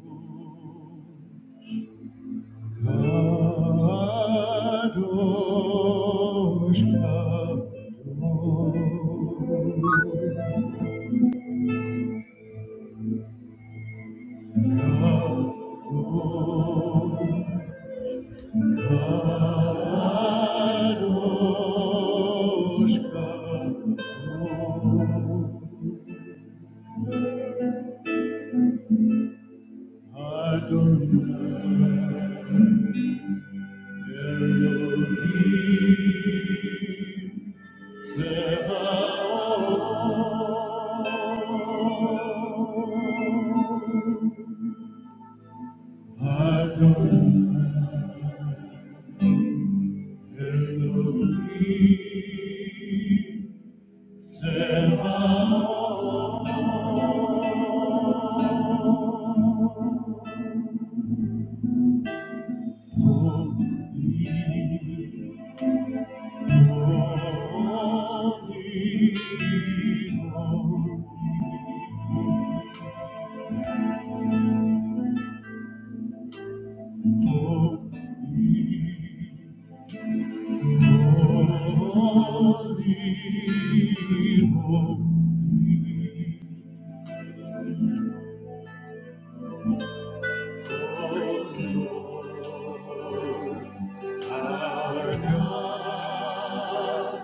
Kadosh, Kadosh, Kadosh, Kadosh, Adonai Elohim Tzebaoth. Adonai Elohim Tzebaoth, holy, holy, holy, holy, holy, our God.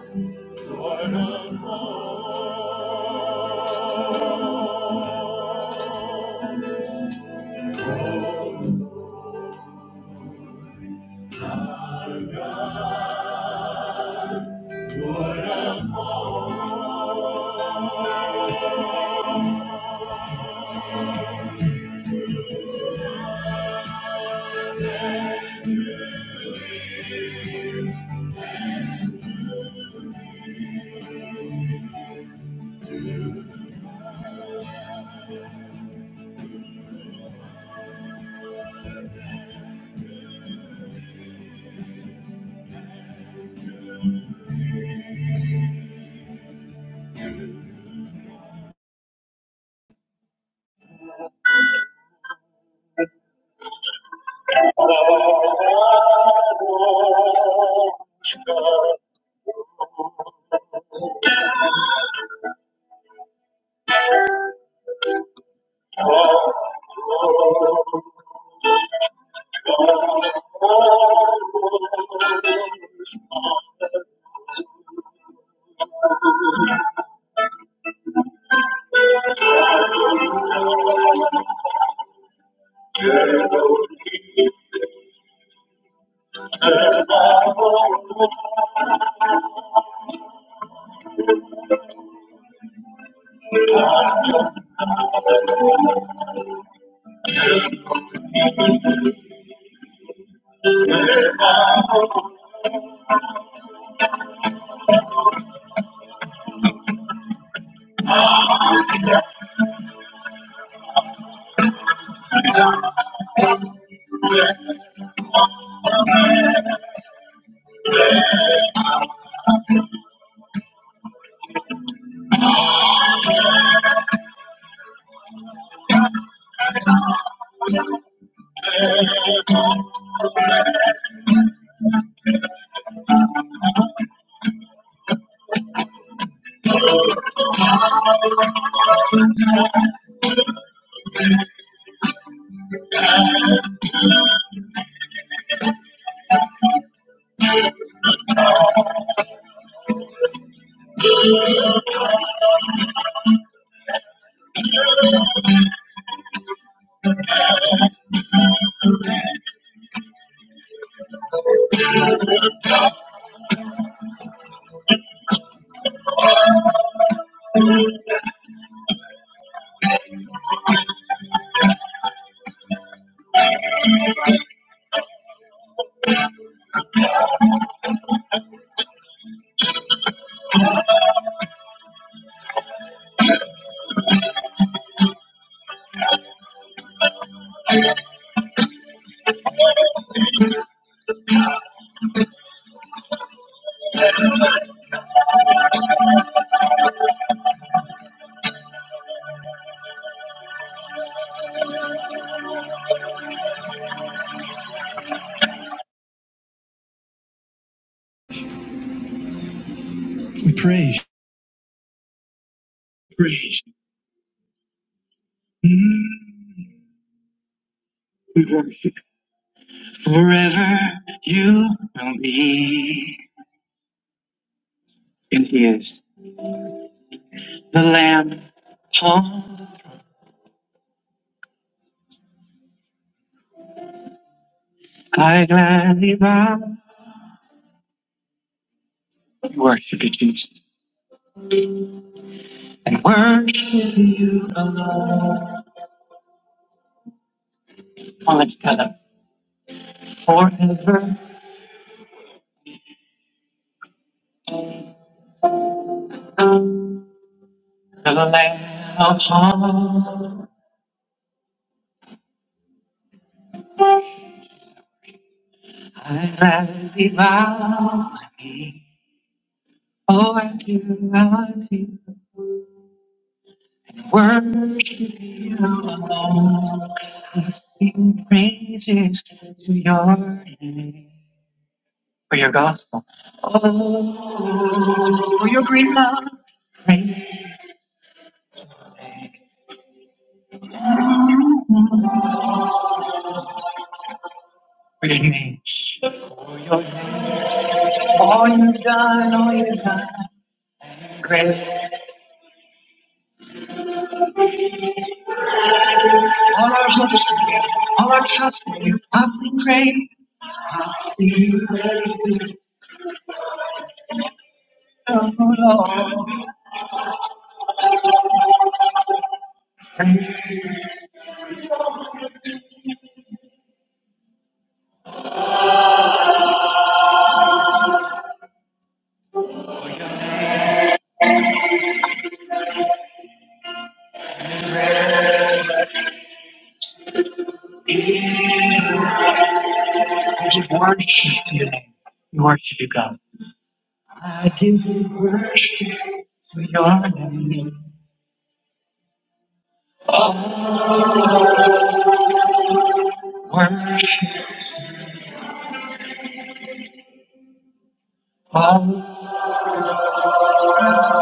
We praise. Praise. We worship. Forever you will be. And he is. the Lamb. Oh, I gladly bow. We worship you, Jesus, and worship you alone. let All together forever. To the Lamb upon I gladly bow. my knee. Oh, I do, I do. Worship you alone. I sing praises to your name. for your gospel. Oh, for your great love, for your name, for your name. All you've done, all you've done, grace. All our hopes, all our trust in you, passing grace, passing grace. Oh Lord, I just worship you, we worship you, God. I do worship for your name, worship. all.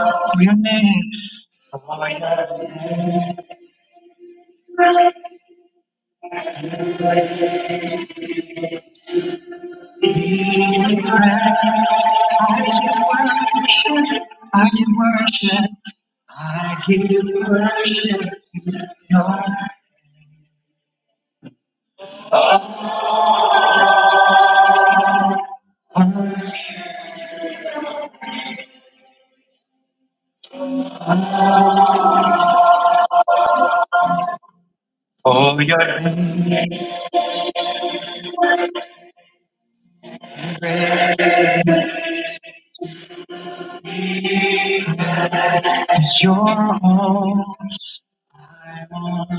Your name, for your name, I give worship, I give you worship, I give worship. For your name is great. As your all. I want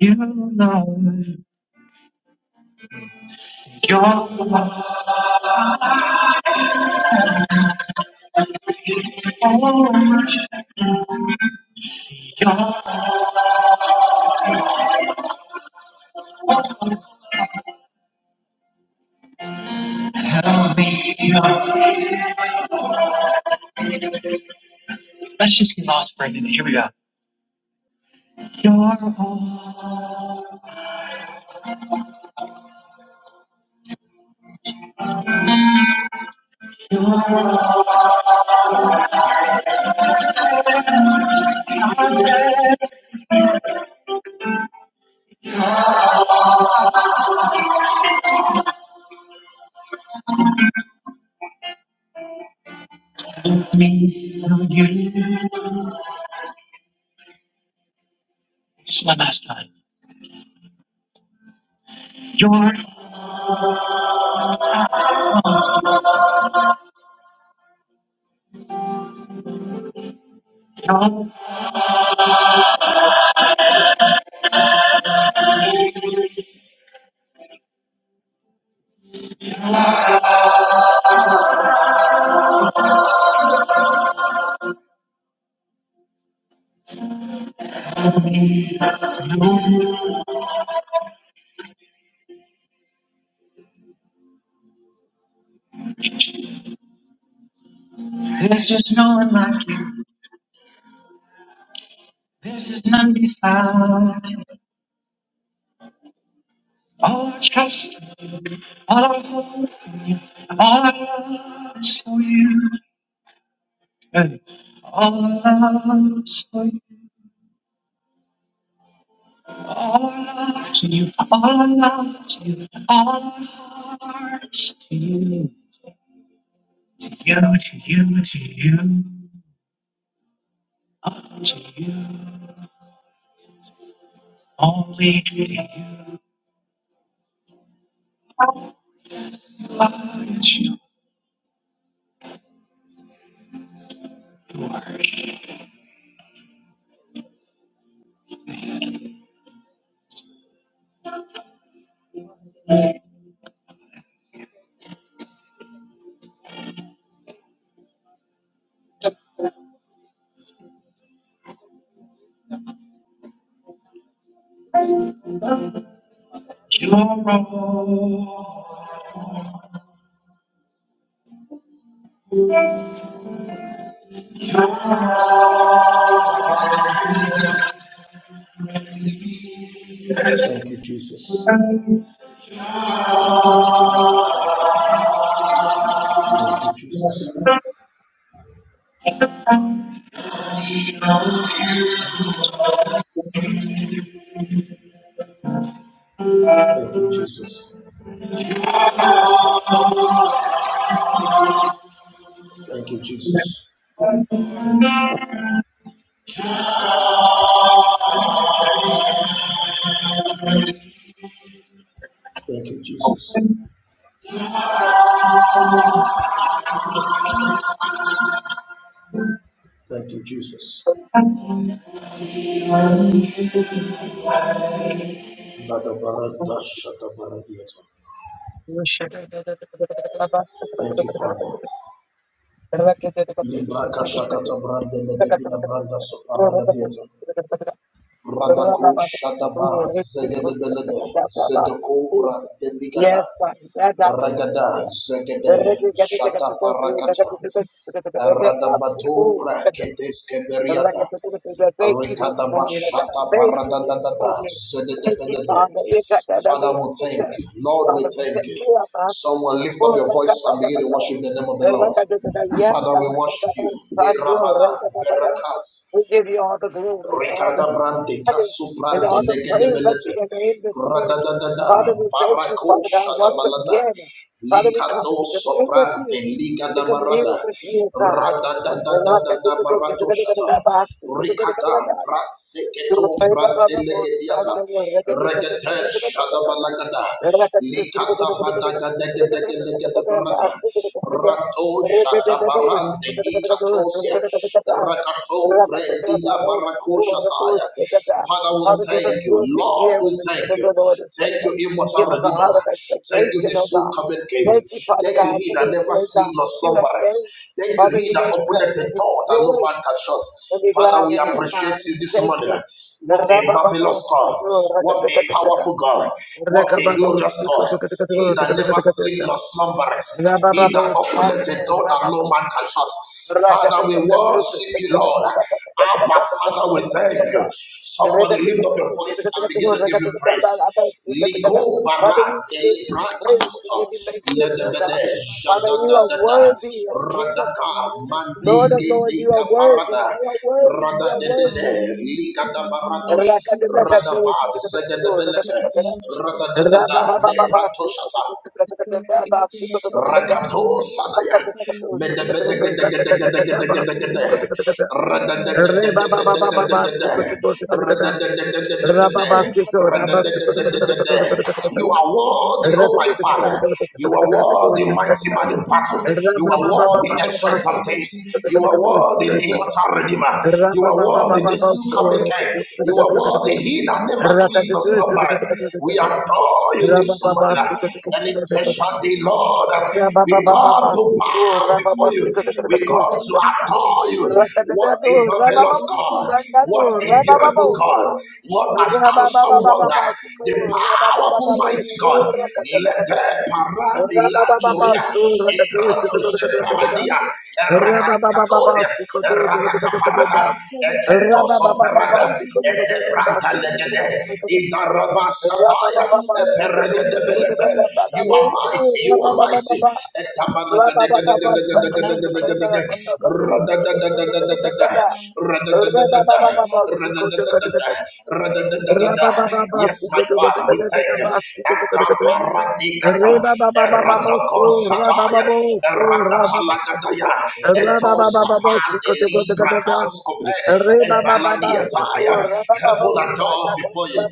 you, Lord. Your love, Oh, worship. Let's just get lost for a minute. Here we go. You're all of me, you. Just one last time. You're all. There's just no one like you. There's just none beside. All our trust, all our hope, all our love is for you. Hey. All our love is for you. All to you, are to you, are to you, you to you to you, all to you, only to you, are to you, are, you are Thank you, Jesus. your Thank you, Jesus. Thank you, Jesus. Thank you, Jesus. Thank you, Jesus. Thank you, Jesus. Dada barada shata baradiata. Thank you, Father. Libra kashakata brande legepina branda soparada diata. Radako shadaba zegedebelede zedoko own. bra deligada. Yes, God. Ragada zegede shata parakata. Radabato Thank brakete Thank skeberiada. you this Rikada morning, oh God. Bashata Thank you Barada this da da morning. Thank you, da. Father. You got that double Father, we sister. thank you. Lord, Father, we we thank thank you. you of us. Someone lift Oh, up your da, da, voice da, and da, da, begin to da. worship the name of the Da, da, Lord. da, da, da. da. Yes, Father, God. we Da, da, worship da. you. God, Be you are right. Rabada, Da, da, da, da. Berakas, We give you all the glory, all the Ricata Brante, honor, Casu and Brante, all the praise of your Legedebelete, name this morning. Father, Radadadada, we thank you, Barako Father God, once Shadabalata, again. Father, we come to Licato commune with you, Soprante, Liga to da commune Barada, with you, God. Rata Radadadadada tutuko Barato tutuko tutuko tutuko Shata, tutuko tutuko tutuko tutuko Ricata, tutuko. Father, give us Bratseketo, good Brante Legediata, Regate Shadabalagada, Licata Badaga Negedegelegedebarata, Rato Shadabarante, Icatosia, Rakato Fredi Labarata. Father, we thank you. to Lord, hear we what we'll the thank Spirit of you. the Lord is Thank saying. you, Give immortal us a heart Redeemer. of Thank you, the expectation, oh soon God. coming King. Thank you, Father Thank you, God, He for that this never day, God. sleep nor You have faith. slumbers. Thank you, Father, He you that worship opened Christ the with door that no joy man can shut. We'll be Father, glad we in it, appreciate God. you We this Thank morning. you. What a marvelous Rabababos, God. ador, What a rakatakataka. powerful God. What a Rakababos, glorious God. He that never sleep rakatakatakatakataka. nor slumbers. He that Rabababos, opened the ador, door that no man rabababos, can shut. Father, we worship you, rakatakatakatakataka. Lord. Abba, Father, we thank you. Somebody lift up your voice and begin to give you praise. Ligo Father, bara you has give you been delibrata praise, named you for soto give the you Lord in the thanksgiving, oh God. mighty ledebede name of Father, you Jesus, are the jadadadada blood of worthy, O Jesus King Christ, of for radaka the Kings. Lord mandi Lord of identify Lord, name you gedeka are today. worthy, parada you are worthy, I you are Identify worthy. radadedede name this likada morning in Rabba the mighty name of radaba Jesus. In zegedebelete the blood of Jesus Christ, I radadadada pray. leprato shata Thank you, Spirit, for everything that you've done unto my Rakato life. Sanaya. For the Lord, I thank you for protecting me over the Medebedegedegedegedegedegede. night. Thank you for my children. Thank you for my Radadadadadadadadadadada. mother. Thank you for my family. I thank you Radadadadadadadada. for my partner, for the Lord, in the Radadadadadadada. mighty name of You are Jesus, in the blood of worthy, oh my Jesus Christ. Father. You are worthy, mighty man in Thank you, battle. Holy You are Spirit, for worthy, everything that ancient you've of done into days. my life. In You are the mighty worthy, name of the immortal Jesus, redeemer. You are in the worthy, the blood of soon coming Jesus king. Christ, You I are pray. worthy, he that never In sleep nor slumber. Jesus' mighty We name. adore you Rabba this Lord, this morning. morning, I And it's thank a you for special day, everything that Lord. you've done unto We my life. come to bow This before you. morning, for the We Lord, I come to thank you for the Lord adore you. Jesus. What a marvelous Everything God. that you've done What upon a my life, in the beautiful mighty God. name of What an Jesus, in the blood awesome of wonder. Jesus The Christ, powerful, I mighty pray, God. Father Lord. Let the In paramilatoria, Jesus' mighty name, I pray. ikratos, paradia, In the blood of eradacatoria, Jesus Christ. And that I eradacaparada, pray that you give me strength in eketosoperada, everything that I do, edebranta everything that legede, I, Rababa I idarabashataya, do upon my life in the mighty name of you are mighty. You are mighty. in the blood of Jesus Christ, the river covers the Kinabalan, Rababa Rakata, the Kinabalan, Yes, my Father, we thank you. Riba Ataparadikata. Kandere, Rakata, the Kinabalan, Eradakosataya. Amen. Eradapalagadaya. Heaven adore before you.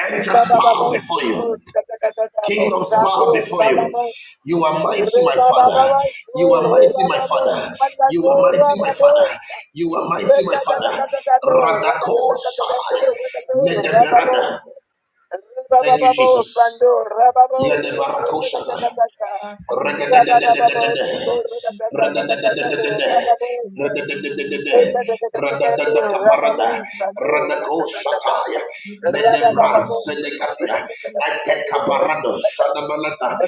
Angels bow before you. Kingdoms bow before you. You are mighty, my Father. You are mighty, my Father. You are mighty, my Father. You are mighty, my Father. Radako Shatai. Medeberada. Rababos, Thank you, Jesus. Medebarako Shatai. Bakandere, Kingdoms Rakata, the Kinabalan, Rababa Kandere, Rakata, the Kinabalan, Riba Kandera, Bakata, the Kinabalan.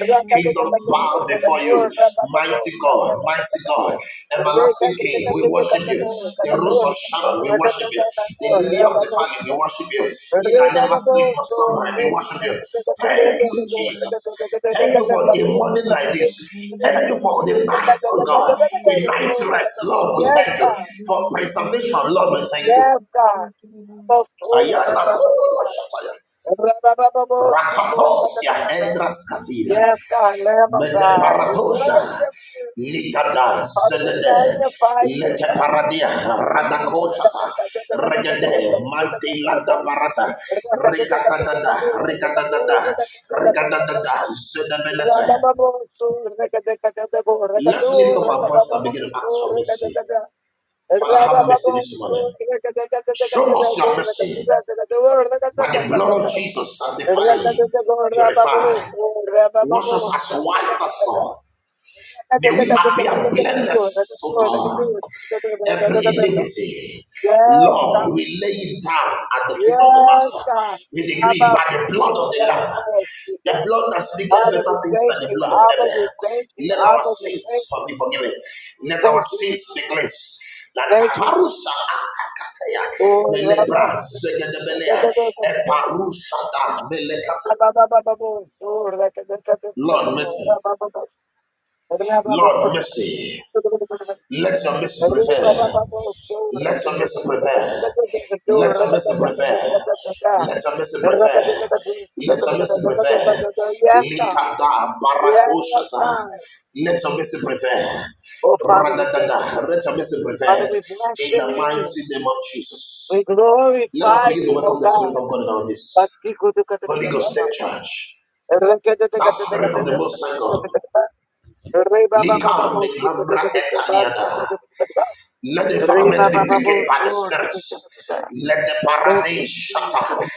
Ribakhandele bow before you, rakata mighty sekiraba, God, mighty God, everlasting King. We worship you, the rose rabakhandele of Sharon. We rakatiraba, worship you, the lily of the valley. We worship you, he that never sleep nor slumber. rabababakhandele We worship you. rakata Thank you, sekiraba, Jesus. Thank you for a morning like this. bakhandele Thank you for the rakata night, oh God. sekiraba, The night rest, Lord, we Yes, thank you. God. For ribakhandele preservation, Lord, we thank you. Yes, rakata God. sekiraba, Yes, Ayana Kopolo Shataya. Rakatosia Endras Katila. God, Lamb of God, we worship you. Likada Father, we Zenede. magnify you, God. Lekeparadia. Radakoshata. Regede. Manti Barata. Rikadadada. Rikadadada. Rikadadada. Zedemelete. Let's lift up our voice and begin to ask for mercy. Father, have mercy this morning. Show us your mercy. By the blood Rabababos, of Jesus, Yes, God. sanctify, purify, wash us as white as snow. May we appear blameless, O God. every iniquity. Lord, we lay it down at the feet of the Yes, Master. God. We decree Abba, by the blood of the Lamb, the blood that speaketh Father, we better things thank than the you. blood of Abba, we thank you. Abel. Let our Abba, we thank sins be you. forgiven. Let our Thank you. sins be Jesus. cleansed. Thank you. Jesus. Oh, Rabba, Rabba, Lord mercy, Rabba, Lord mercy, Rabba, Let your mercy Ri pa pa pa prevail. pa so ra Let ke your ke ke mercy ke ke ke prevail. ke ke do Let ra your ka ta mercy ta ta ta prevail. ta ta ta Let your mercy ra ka ta prevail. ta ta ta Let ta ta your mercy ta ta ta ta prevail. Yes, God. Likada Yes, barakoshata. God. Let your mercy prevail. Oh, Father, we thank you. Radadada. Let your mercy Father, prevail. we bless In your the mighty name. name of We Jesus. Let us glorify begin to you, oh welcome the Spirit God. of God in our midst. Pastiku tu ka ta ta Holy ta Ghost, take ta charge. ra ke ta ta ta That ta ta ta Spirit of the Most High ta ta God. ta ta Re ba ba ba ba ba Lika me si ko ko ko lambra ko ba si ko etaniada. ko ko ko ba Let the Re environment ba ba be ba ba quickened by so the ra ke ta spirits. ta ta Let the Thank you, paradise shatter. Jesus.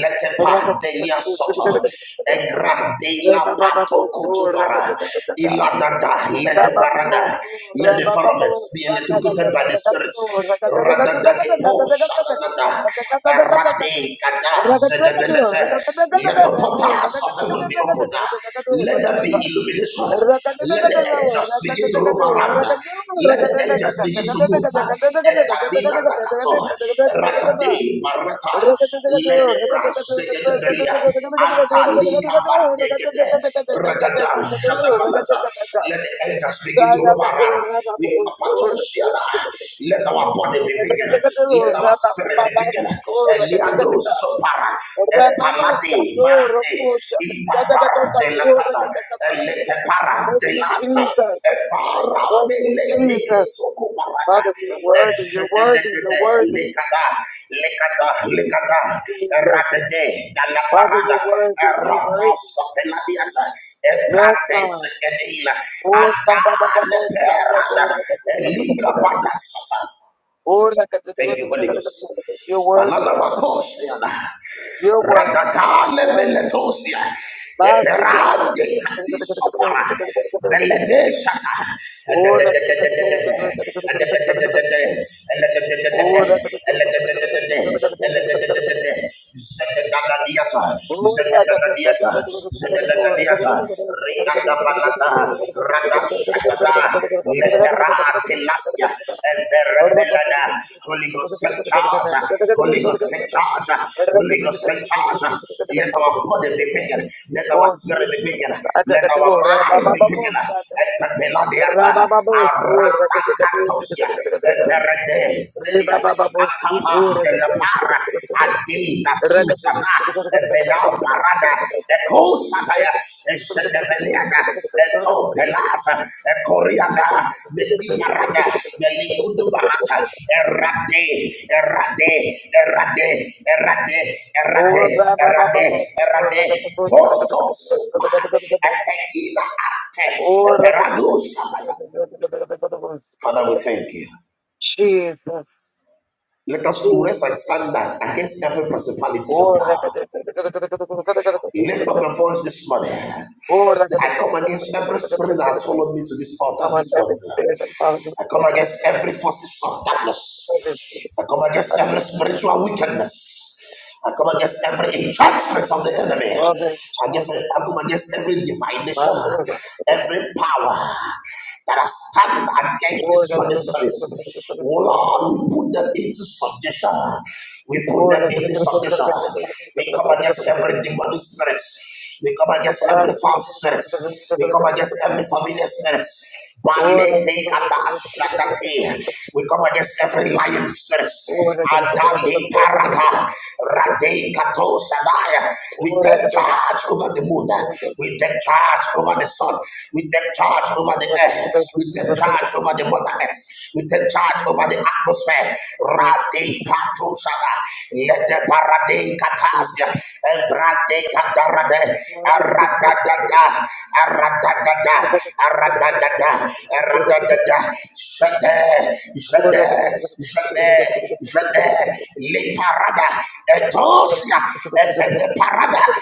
Let the Rakataka, padelia soto. Egra de la pato kotobara. Iladada. Let the barada. Let the environments be electrocuted by the spirits. Radada shalanada. Rade kada zedebelete. Let the portals of heaven be opened. Let there be illumination to be this one. Let the angels begin to move around. Let the angels begin to move. Etabina rakato, rakate Thank you, Jesus. barata, Thank Let the brass zegedebelia, the bandegede, ragada janabalata. Let the angels begin to move around. Let our body be bigger. Let our spirit be bigger. Eliando sopara, Epalade, Mante, Itapara de la Cata, Elecapara de Lasta, Efara you, Meleteke Jesus. Sokuparada, Father, you're worthy. You're Eshedede, worthy. You're worthy, Lecada, Lecada, Lecada, Jesus. Radede, Father, Dalaparada, you're worthy. You're Erata worthy. Sopeladiata, Yes, Eprate God. Sekedila, Or Ada Leperada, Eliga Badasata, the Thank you, Holy Ghost. You're worthy, God. Palanamakosia na. You're worthy. You're Radakale worthy. beletosia. Mas- Eperade katis ofara. Belede shata. Ededededededede. Edededededede. Elededededede. Or Elededededede. the Elededededede. Zededadadiata. Oh, Zededadadiata. Zededadadiata. Rabalata, Rada Shatada, Leperate Lasia, Everepelada, Holy Ghost take charge, Holy Ghost take charge, Holy Ghost take charge. Let our body be quickened, let our spirit be quickened, Jesus. let our mind be quickened. Ekapeladiata, Rabababos, Arataka Eberede, Zidia, Akapa, Delapara, Adeta susana, evena parada, eco sataya, eshendebeliana, eto belata, ecoriana, meti parada, melikudu barata, erade, erade, erade, erade, Oh, erade, ba ba ba ba erade, ba. Oh, da erade, da da poto supa, da da da da. etekina ate, Oh, da da da perado shabaya. da da da Father, we da. thank you. Jesus, Let us raise a Jesus. standard against every principality of Oh, da da power. da da da da Lift da. up your voice this morning. Oh, da Say, da da I da come against every spirit that da da has da. followed me to this come altar on, this baby, morning. baby, baby, baby, baby, follows I come baby, against every forces of darkness. I come against every spiritual wickedness. I come against every enchantment of the enemy. I give- baby, I come against every divination, baby, baby every power that has stand against this morning service. Oh Lord, we put them into subjection. We put them into subjection. We come against every demonic spirit. We come against every false spirit. We come against every familiar spirit. Baletekadashadate. We come against every lion spirit. Adali parata. Radekato sadaya. We take charge over the moon. We take charge over the sun. We take charge over the earth. We take charge over the mother earth. We take charge over the atmosphere. Rade pato sada. Let the parade Brate Catarade, Aratagada, Aratagada, Aratagada, Aratagada, Shade, Shade, Shade, Ora Shade, Le Parada, Etosia, Efende Parada,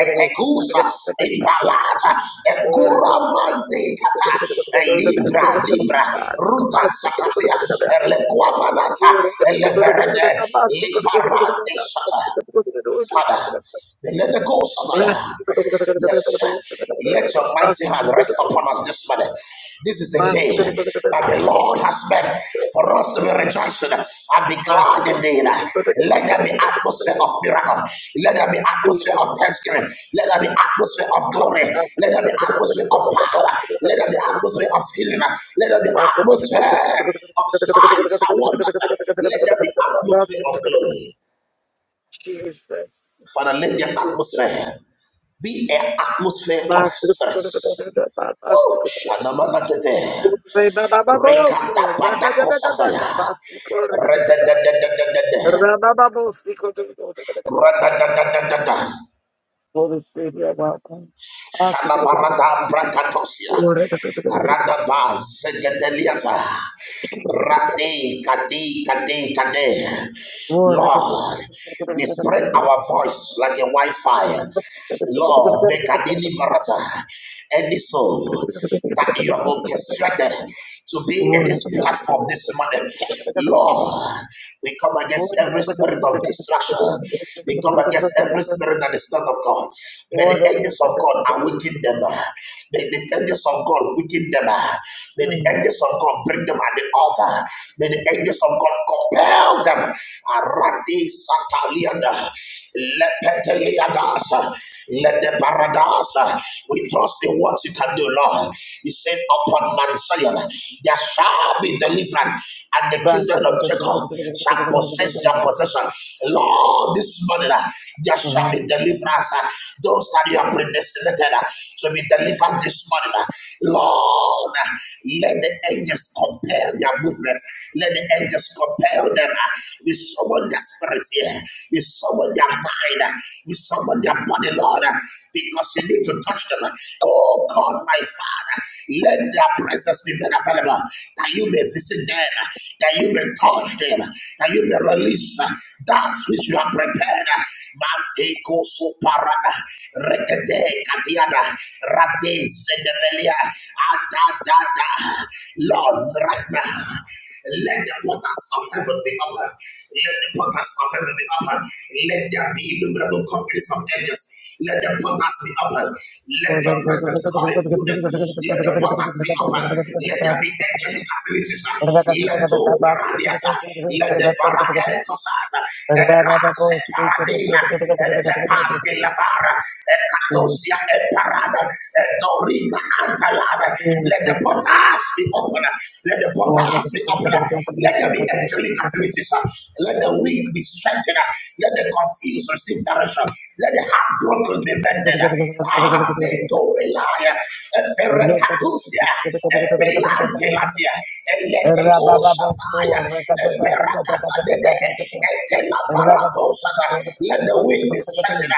Etecusa, Impalata, Ecuramante Cata, Libra, Libra, Ruta Sacatia, Elequamanata, Eleverene, Liparante Shata. Father, let the ghost of fire. Yes, let your mighty hand rest upon us this morning. This is the day that the Lord has made for us to be rejoicing and be glad indeed. Let there be atmosphere of miracle. Let there be atmosphere of thanksgiving. Let there be atmosphere of glory. Let there be atmosphere of Master, power. Let there be atmosphere of healing. Let there be Jesus. atmosphere of signs and wonders. Let there be atmosphere of glory. Jesus. Father, let the atmosphere be an atmosphere of spirits. Oh, Shanamanakete. Rekatapatakosataya. Redadadadadadada. Radadadadadada. Holy Spirit, you're welcome. Shanabarada brakatosia. Radaba zegedeliata. Rade kade kade kade. Lord, we spread our voice like a wildfire. Lord, Bekadini Barata. any soul that you have orchestrated to be in this Jesus. platform this morning. Lord, we come against every spirit of distraction. We come against every spirit that is not of God. May the angels of God awaken them. May the angels of God quicken them. May the angels of God bring them at the altar. May the angels of God come compel them. Arati Sataliana, Lepeteliadasa, Ledebaradasa. We trust in what you can do, Lord. You said, Upon Mount Zion, there shall be deliverance, and the children of Jacob shall possess their possession. Lord, this morning, uh, there shall be deliverance. uh, Those that you have predestinated uh, to be delivered this morning, uh, Lord on. Let the angels compel their movement. Let the angels compel them. We summon their spirit here. We summon their mind. We summon their body, Lord, because you need to touch them. Oh God, my Father, let their presence be made available. That you may visit them. That you may touch them. That you may release that which you have prepared. Manteko soparada. Rekete Katiana Rate Sedebelia Atadada Lord right now let the portals of heaven be open let the portals of heaven be open let there be innumerable companies of angels let the portals be open let your presence come in fullness let the portals be open let there be angelic activities let the Baradiata. let the Varietas e grasse paradina, e tepar la vara, e catosia e parada, e dorina antalada. Let the portals be open. Let the portals be open. Let there be angelic Jesus. activities. Let the weak be strengthened. Let the confused receive direction. Let the heartbroken be Basta. mended. Ah, me to belaya, e ferre catosia, e belante latia, Eleteko Sataya, Eberakata Dede, Etena Barako Sata. Let the wind be strengthened,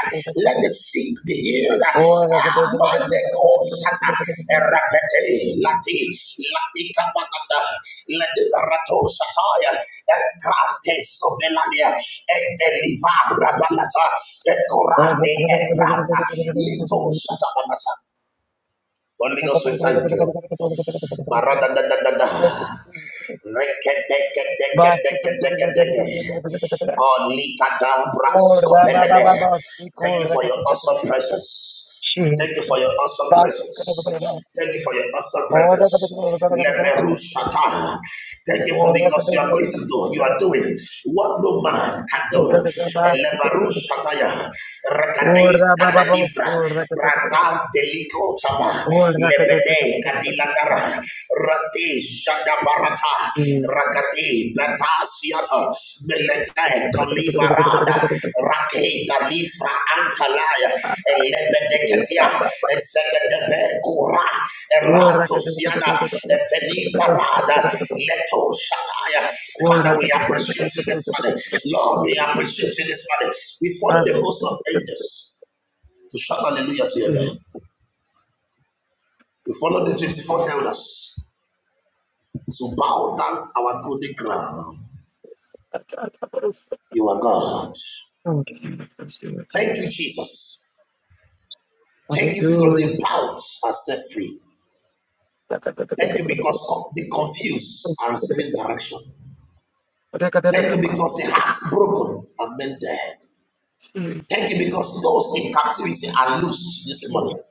let the sick be healed. Amaneko Sata, Erapete, Lati, Lati Kapakata, Lati Barato Sataya, Ekrate Sobelania, Eteliva Rabanata, Ekorande Ebrata, Lito Satabanata. Holy Ghost, we thank you. Maradadadadada. Rekedekadekadekadekadeke. Olikada braskopelede. Thank you for your Or awesome presence. Thank you for Jesus. your awesome Basi kada kada kada. presence. Thank you for your awesome Ora kada kada presence. kada kada kada kada kada. Leberushata. Thank you for Ora because kada kada you are kada kada going to do, kada you kada. are doing what no man can do. Kada kada kada kada kada kada. Leberushataya. Rakadeis Ora ba ba ba ba. kadadivra. Ora kada kada kada. kada. Brata deliko chaba. Ora kada kada kada Lebede kada kada. kadilandara. Basi Rati shadabarata. Jesus. Rakati batasiata. Kada Melegeto kada kada kada kada kada liberada, kada kada. raketa lifra antalaya, Basi kada elebedeketia, ba ba ba. ezekedebe kura, Ora erato kada kada kada kada siana, kada kada eveni parada, kada. leto shanaya. Father, kada we kada kada kada appreciate kada you kada this morning. kada. Lord, we appreciate you this morning. We follow the host kada of angels to shout hallelujah to your name. kada kada. We follow the 24 Jesus. elders to bow down our golden crown. You are God. Oh, Jesus, Thank you, Jesus. Thank you because Hallelujah. the bounds are set free. Thank you because co- the confused are receiving direction. Thank you because the hearts broken are mended. Thank you because those in captivity are loose this morning.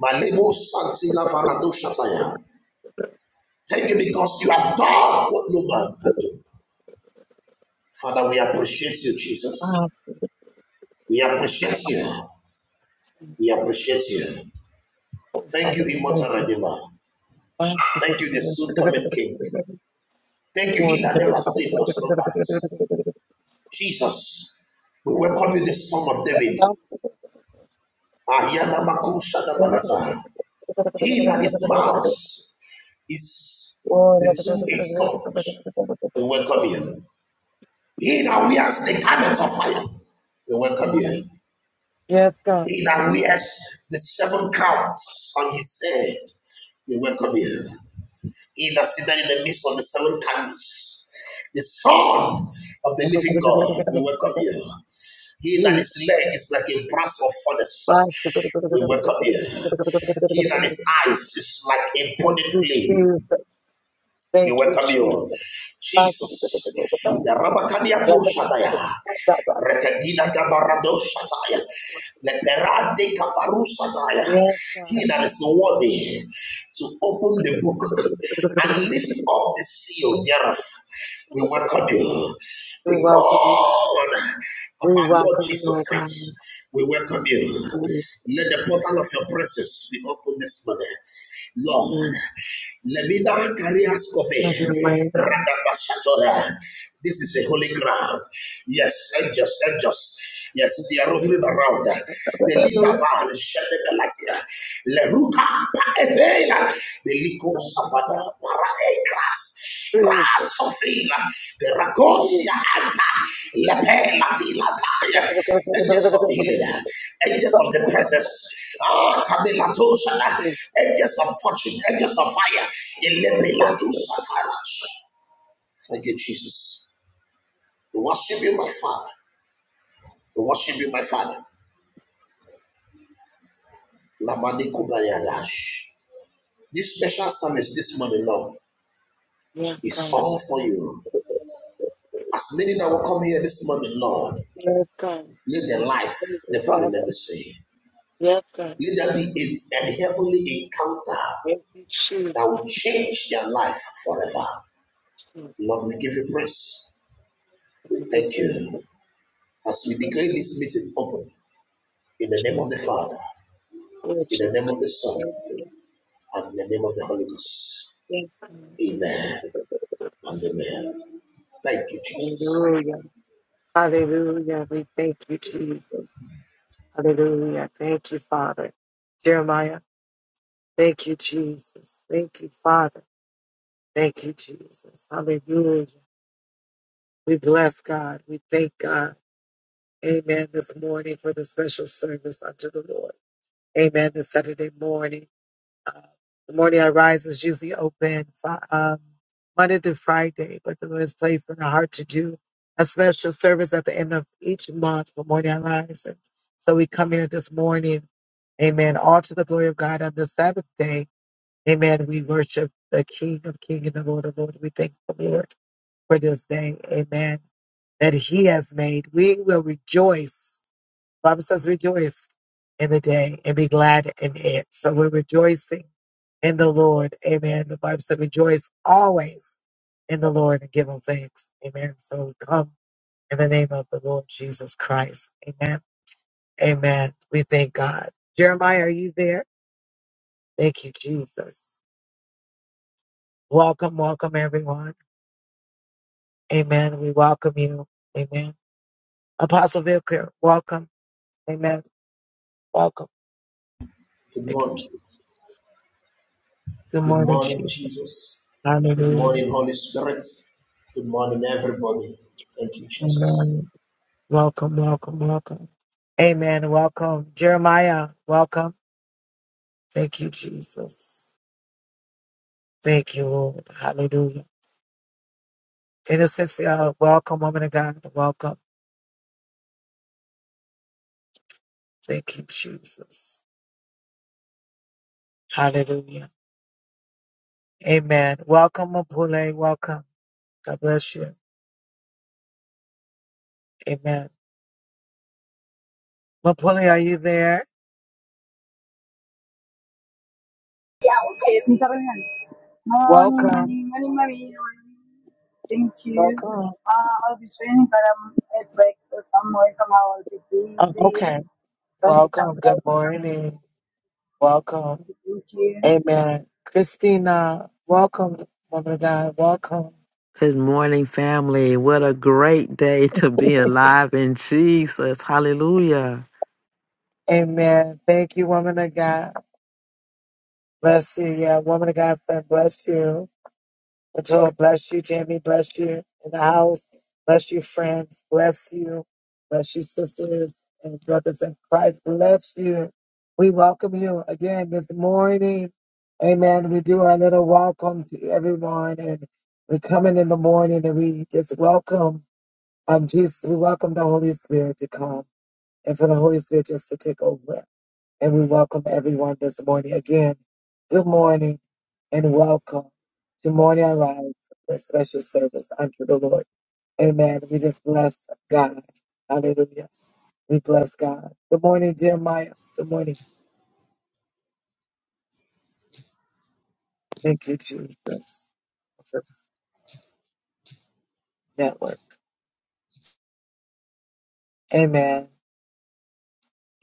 My label Santi Lavarado Shataya. Thank you because you have done what no man can do. Father, we appreciate you, Jesus. We appreciate you. We appreciate you. Thank you, immortal Redeemer. Thank you, the soon coming King. Thank you, He that never sleeps nor slumbers. Jesus, we welcome you, the Son of David. He that is mouth is the two-edged sword. We welcome you. He that wears the garment of fire. We welcome you. Yes, God. He that wears the seven crowns on his head. We welcome you. He that sitteth in the midst of the seven candles, the Son of the living God, we welcome you. He that is leg is like a brass of Thank furnace, we welcome you. He that is eyes is like a burning you, flame, Jesus. we Thank you, welcome you. Jesus. Jesus. The Yarabakadiato shadaya, Rekadina Gabarado Shataya. Leperade Kaparu Shataya. Yes, God. He that is worthy to open the book and lift up the seal thereof. We welcome you. We The welcome you, God. God of We our Lord welcome you, Jesus Lord God. Christ. We welcome you. Yes. Let the portal of your presence be open this morning. Lord, Mm. let me not carry us coffee. Have your way, God. Radabashatora. This is a holy ground. Yes, angels, angels. Yes, they are roving Jesus. around. The Litaban, Shedebelatia, Leruka, Paetela, the lico Liko Safada, Paraekras, Grasofila, the Ragosia Jesus. Anta, Lepela Dilataya, Angels of Jesus. Healing, Angels Father, of the I don't want Presence, Ah, Camilla Tosana, to Angels of Fortune, Angels of Fire, be Elebela deserted. Dusatarash. Thank you, Jesus. We worship you, my Father. We worship you, my Father. Lamaniko Bariadash. This special service this morning, Lord, Yes, is God. all for you. Yes, As many that will come here this morning, Lord, Yes, God. let their life Thank you, never remain Father. the same. Yes, God. Let there be a, an heavenly encounter Thank you, that will Jesus. change their life forever. Jesus. Lord, we give you praise. We Thank you, thank you. Jesus. As we Thank declare you, this meeting open, in the name of the Jesus. Father, Oh, in the Jesus. name of the Son, Thank you. and in the name of the Holy Ghost. Yes, God. Thank you, Amen thank you, thank you, thank you. and amen. Thank you, Jesus. Hallelujah. Hallelujah. We thank you, Jesus. Hallelujah. Thank you, Father. Jeremiah, thank you, Jesus. Thank you, Father. Thank you, Jesus. Hallelujah. We bless God. We thank God. Amen. This morning for the special service unto the Lord. Amen. This Saturday morning. Uh, the morning I rise is usually open fi- um, Monday through Friday, but the Lord has placed in our heart to do a special service at the end of each month for morning I rise. And so we come here this morning. Amen. All to the glory of God on the Sabbath day. Amen. We worship the King of King and the Lord of Lord. We thank the Lord. for this day. Amen. That he has made. We will rejoice. The Bible says rejoice in the day and be glad in it. So we're rejoicing in the Lord. Amen. The Bible says rejoice always in the Lord and give him thanks. Amen. So we come in the name of the Lord Jesus Christ. Amen. Amen. We thank God. Jeremiah, are you there? Thank you, Jesus. Welcome, welcome everyone. Amen. We welcome you. Amen. Apostle Vicar, welcome. Amen. Welcome. Good Thank you, morning. Jesus. Good Good morning, morning, Jesus. Jesus. Good Hallelujah. morning, Holy Spirit. Good morning, everybody. Thank you, Jesus. Amen. Welcome, welcome, welcome. Amen. Welcome. Jeremiah, welcome. Thank you, Jesus. Thank you, Lord. Hallelujah. Innocentia, welcome, woman of God. Welcome. Thank you, Jesus. Hallelujah. Amen. Welcome, Mapule. Welcome. God bless you. Amen. Mapule, are you there? Isabel Nani. Morning, Welcome. morning, morning, morning. Thank you. Welcome. Uh, I'll be training, but I'm at work, so somewhere, somehow I'll be Oh, busy. okay. Don't be Welcome. Good surprised. morning. Welcome. Thank you. Amen. Christina, welcome, woman of God. Welcome. Good morning, family. What a great day to be alive in Jesus. Hallelujah. Amen. Thank you, woman of God. Bless you. Yeah, woman of God, friend, bless you. Latoya, bless you. Tammy, bless you in the house. Bless you, friends. Bless you. Bless you, sisters and brothers in Christ. Bless you. We welcome you again this morning. Amen. We do our little welcome to everyone, and we come in in the morning and we just welcome um, Jesus. We welcome the Holy Spirit to come and for the Holy Spirit just to take over and we welcome everyone this morning. Again, good morning and welcome to Morning Arise for a special service unto the Lord. Amen. We just bless God. Hallelujah. We bless God. Good morning, Jeremiah. Good morning. Thank you, Jesus. Jesus Network. Amen.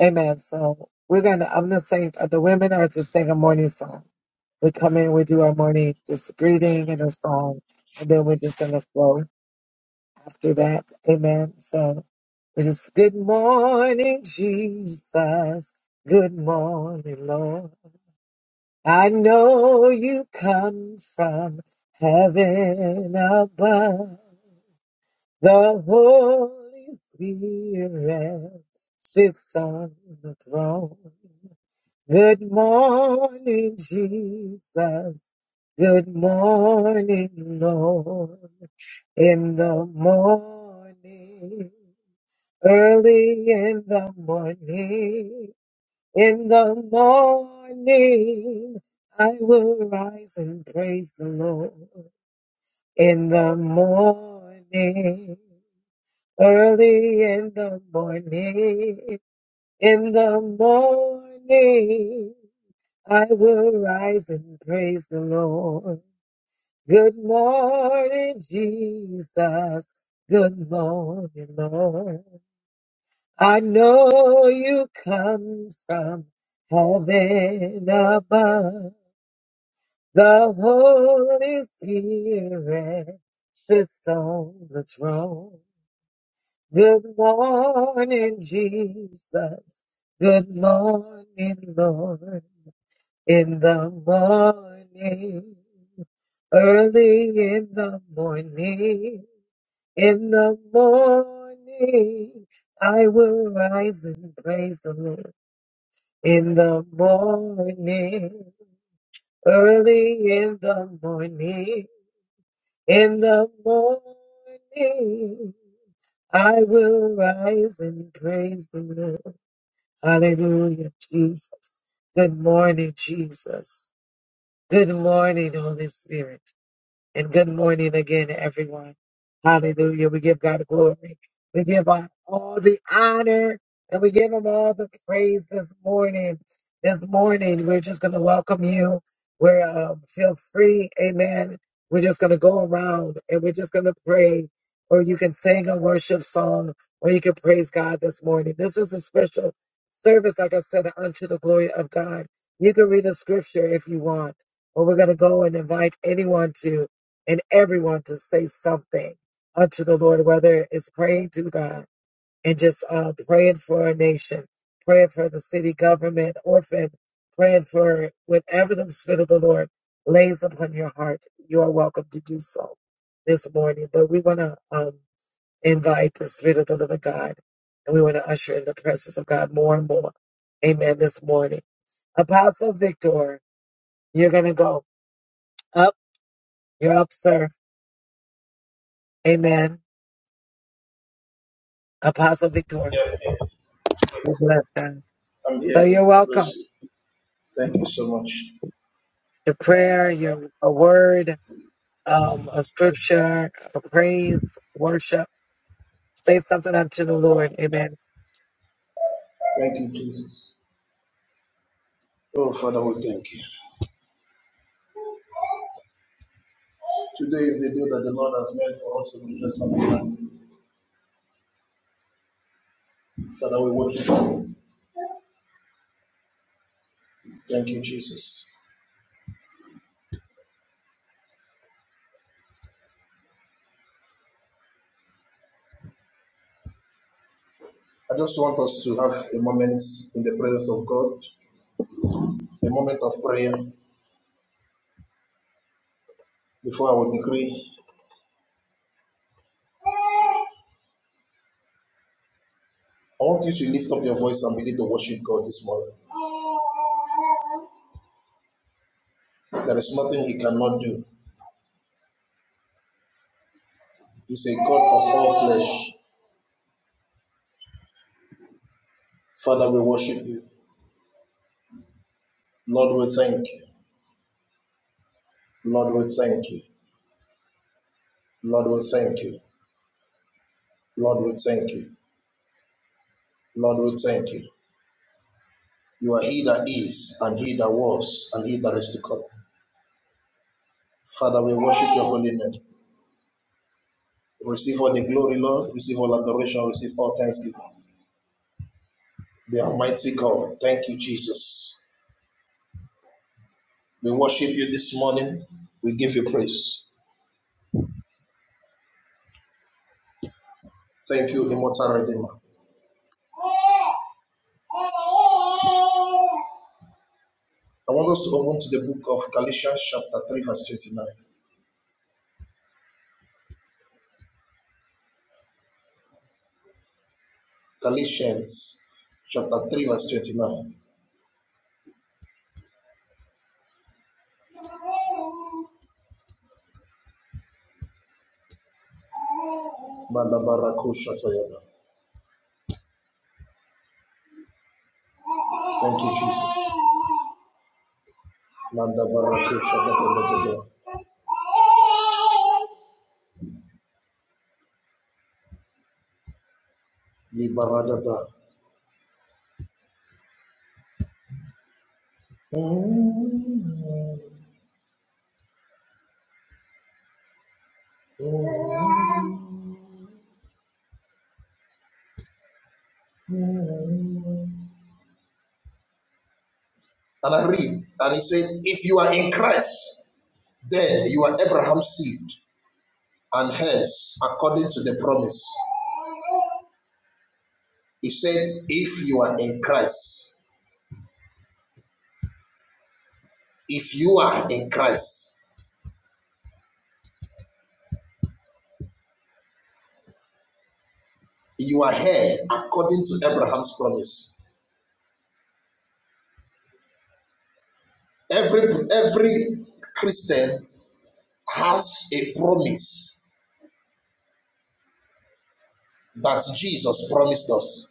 Amen. So we're gonna I'm gonna sing uh, the women are to sing a morning song. We come in, we do our morning just greeting and a song, and then we're just gonna flow after that. Amen. So it is good morning, Jesus. Good morning, Lord. I know you come from heaven above. The Holy Spirit sits on the throne. Good morning, Jesus. Good morning, Lord. In the morning. Early in the morning, in the morning, I will rise and praise the Lord. In the morning, early in the morning, in the morning, I will rise and praise the Lord. Good morning, Jesus. Good morning, Lord. I know you come from heaven above. The Holy Spirit sits on the throne. Good morning, Jesus. Good morning, Lord. In the morning, early in the morning, in the morning, I will rise and praise the Lord. in the morning, early in the morning, in the morning, I will rise and praise the Lord. Hallelujah, Jesus. Good morning, Jesus. Good morning, Holy Spirit. And good morning again, everyone. Hallelujah. We give God glory. We give God all the honor and we give him all the praise this morning. This morning, we're just going to welcome you. We're um, feel free. Amen. We're just going to go around and we're just going to pray or you can sing a worship song or you can praise God this morning. This is a special service, like I said, unto the glory of God. You can read a scripture if you want, or we're going to go and invite anyone to and everyone to say something unto the Lord, whether it's praying to God and just uh, praying for our nation, praying for the city government, orphan, praying for whatever the Spirit of the Lord lays upon your heart, you're welcome to do so this morning. But we want to um, invite the Spirit of the living God and we want to usher in the presence of God more and more. Amen. This morning. Apostle Victor, you're going to go up. You're up, sir. Amen. Apostle Victor. Yeah, yeah. God bless God. I'm here. So you're God bless welcome. you. Thank you so much. Your prayer, your a word, um, a scripture, a praise, worship. Say something unto the Lord. Amen. Thank you, Jesus. Oh, Father, we thank you. Today is the day that the Lord has made for us to be blessed and be glad. Father, we worship you. Thank you, Jesus. I just want us to have a moment in the presence of God, a moment of prayer before I our decree. I want you to lift up your voice and begin to worship God this morning. There is nothing he cannot do. He's a God of all flesh. Father, we worship you. Lord, we thank you. Lord, we thank you. Lord, we thank you. Lord, we thank you. Lord, we thank you. You are he that is, and he that was, and he that is to come. Father, we worship your holy name. Receive all the glory, Lord. Receive all adoration. Receive all thanksgiving. The Almighty God. Thank you, Jesus. We worship you this morning. We give you praise. Thank you, immortal Redeemer. I want us to open to the book of Galatians, chapter 3, verse 29. Galatians, chapter 3, verse 29. Thank you, Jesus. And I read, and he said, If you are in Christ, then you are Abraham's seed and hence, according to the promise. He said, If you are in Christ, if you are in Christ, you are here according to Abraham's promise. Every, every Christian has a promise that Jesus promised us.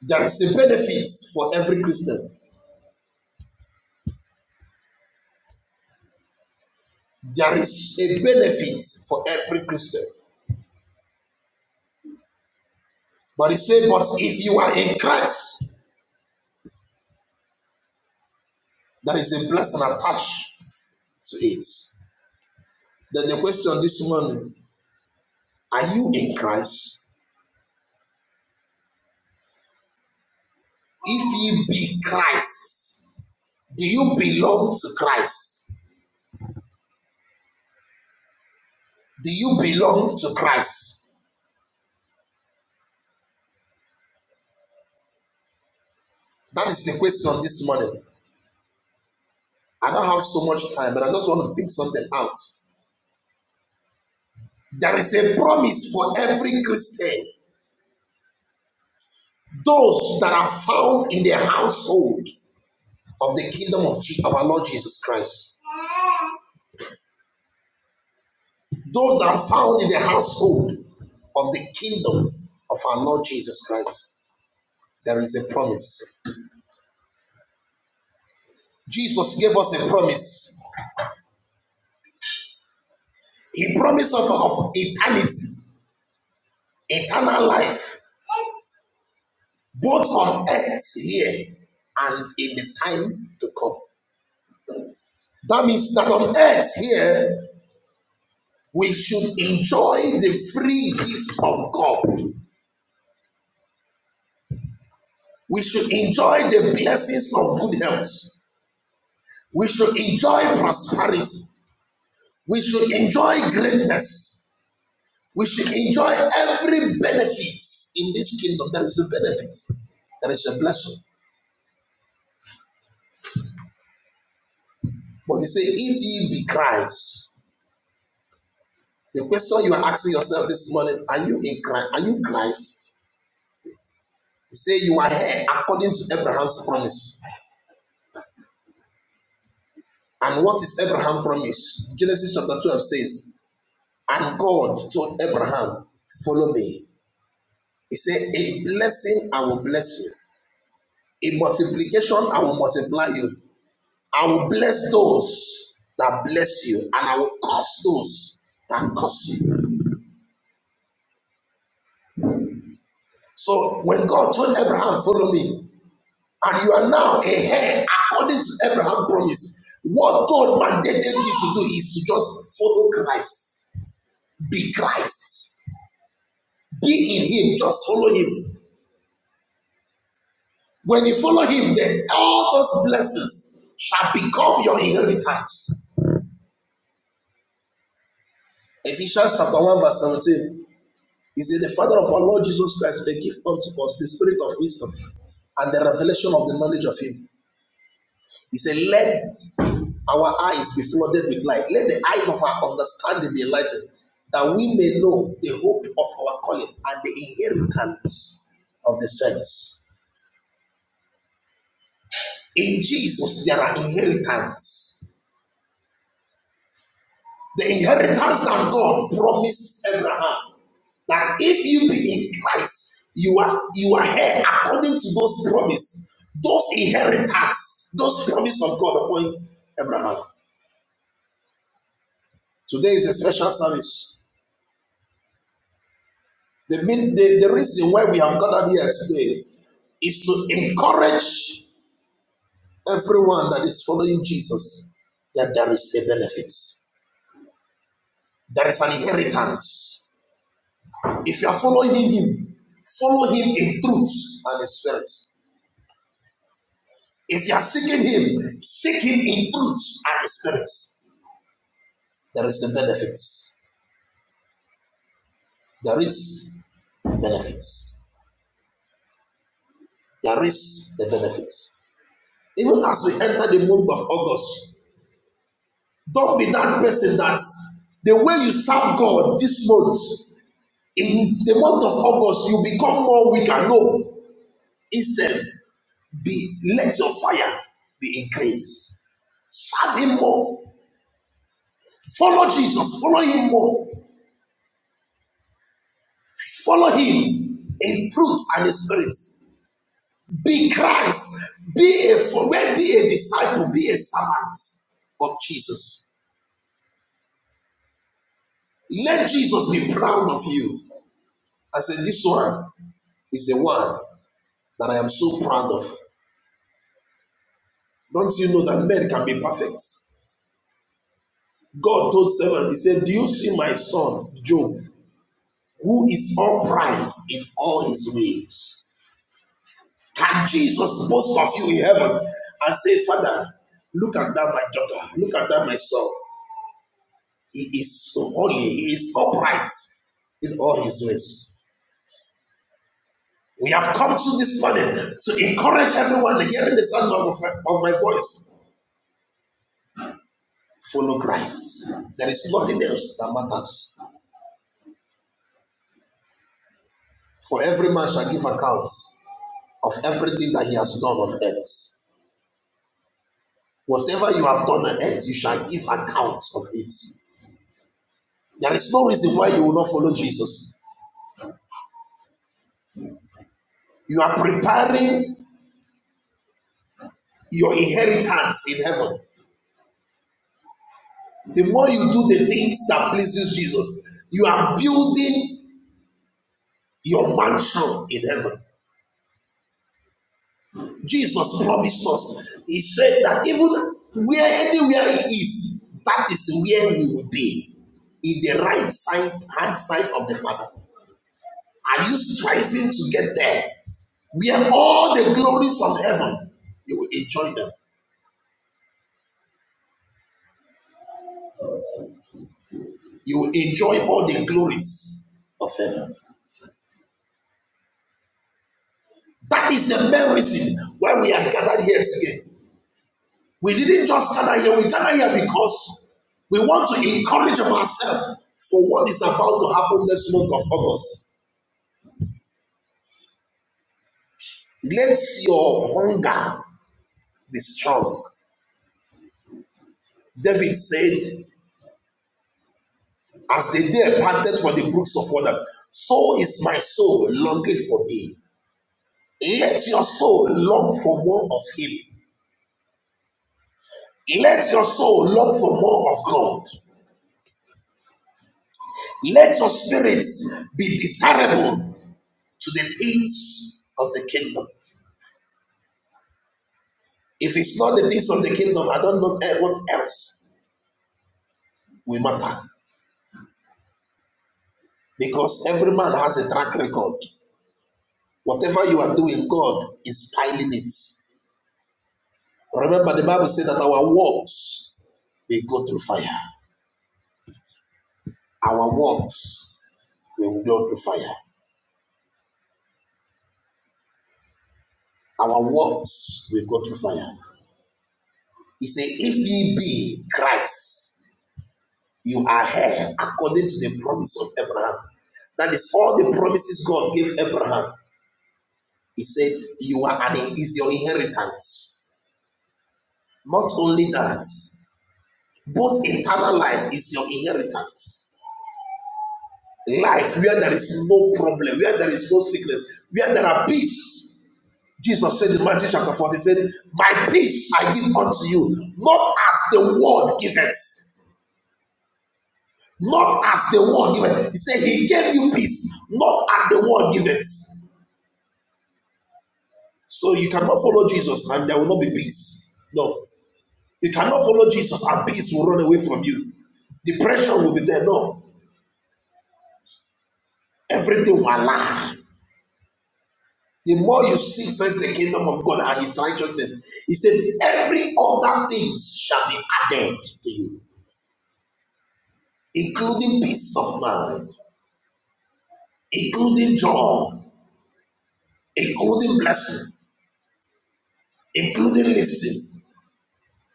There is a benefit for every Christian. There is a benefit for every Christian. But he said, but if you are in Christ, there is a blessing attached to it. Then the question this morning, are you in Christ? If ye be Christ, do you belong to Christ? Do you belong to Christ? That is the question this morning. I don't have so much time, but I just want to pick something out. There is a promise for every Christian, those that are found in the household of the kingdom of, Je- of our Lord Jesus Christ, those that are found in the household of the kingdom of our Lord Jesus Christ. There is a promise. Jesus gave us a promise. He promised us of eternity, eternal life, both on earth here and in the time to come. That means that on earth here, we should enjoy the free gift of God. We should enjoy the blessings of good health. We should enjoy prosperity. We should enjoy greatness. We should enjoy every benefit in this kingdom. There is a benefit, there is a blessing. But they say, if ye be Christ, the question you are asking yourself this morning, are you in Christ? Are you Christ? You say you are here according to Abraham's promise. And what is Abraham promise? Genesis chapter 12 says, And God told Abraham, Follow me. He said, In blessing, I will bless you. In multiplication, I will multiply you. I will bless those that bless you, and I will curse those that curse you. So when God told Abraham, Follow me, and you are now a heir according to Abraham's promise, what God mandated you to do is to just follow Christ, be Christ. Be in him, just follow him. When you follow him, then all those blessings shall become your inheritance. Ephesians chapter 1, verse 17. He said, The Father of our Lord Jesus Christ may give unto us the spirit of wisdom and the revelation of the knowledge of him. He said, Let our eyes be flooded with light. Let the eyes of our understanding be enlightened, that we may know the hope of our calling and the inheritance of the saints. In Jesus, there are inheritance. The inheritance that God promised Abraham that if you be in Christ, you are you are here according to those promises. those inheritance, those promises of God upon Abraham. Today is a special service. The, mean, the, the reason why we have gathered here today is to encourage everyone that is following Jesus that there is a benefit. There is an inheritance If you are following him, follow him in truth and in spirit. If you are seeking him, seek him in truth and in spirit. There is the benefits. There is the benefits. There is the benefits. Even as we enter the month of August, don't be that person that the way you serve God this month, in the month of August, you become more weak and no. Instead, be let your fire be increased. Serve him more. Follow Jesus. Follow him more. Follow him in truth and in spirit. Be Christ. Be a follower. Be a disciple. Be a servant of Jesus. Let Jesus be proud of you. I said, this one is the one that I am so proud of. Don't you know that men can be perfect? God told Seven, He said, Do you see my son, Job, who is upright in all his ways? Can Jesus boast of you in heaven and say, Father, look at that, my daughter, look at that, my son. He is so holy, he is upright in all his ways. We have come to this morning to encourage everyone hearing the sound of my, of my voice. Follow Christ. There is nothing else that matters. For every man shall give accounts of everything that he has done on earth. Whatever you have done on earth, you shall give accounts of it. There is no reason why you will not follow Jesus. You are preparing your inheritance in heaven. The more you do the things that pleases Jesus, you are building your mansion in heaven. Jesus promised us. He said that even where anywhere he is, that is where we will be. In the right side hand side of the Father. Are you striving to get there? where all the glories of heaven, you will enjoy them. You will enjoy all the glories of heaven. That is the main reason why we are gathered here today. We didn't just gather here, we gather here because we want to encourage of ourselves for what is about to happen this month of August. Let your hunger be strong. David said, As the day parted for the brooks of water, so is my soul longing for thee. Let your soul long for more of him. Let your soul long for more of God. Let your spirits be desirable to the things of the kingdom. If it's not the things of the kingdom, I don't know eh, what else will matter. Because every man has a track record. Whatever you are doing, God is piling it. Remember, the Bible says that our works will go through fire. Our works will go through fire. Our works will go through fire. He said, If ye be Christ, you are here according to the promise of Abraham. That is all the promises God gave Abraham. He said, You are an is your inheritance. Not only that, but eternal life is your inheritance. Life where there is no problem, where there is no sickness, where there are peace. Jesus said in Matthew chapter 4, he said, My peace I give unto you, not as the world giveth. Not as the world giveth. He said, He gave you peace, not as the world giveth. So you cannot follow Jesus and there will not be peace. No. You cannot follow Jesus and peace will run away from you. Depression will be there. No. Everything will align. The more you seek first the kingdom of God and his righteousness, he said, every other thing shall be added to you, including peace of mind, including joy, including blessing, including lifting.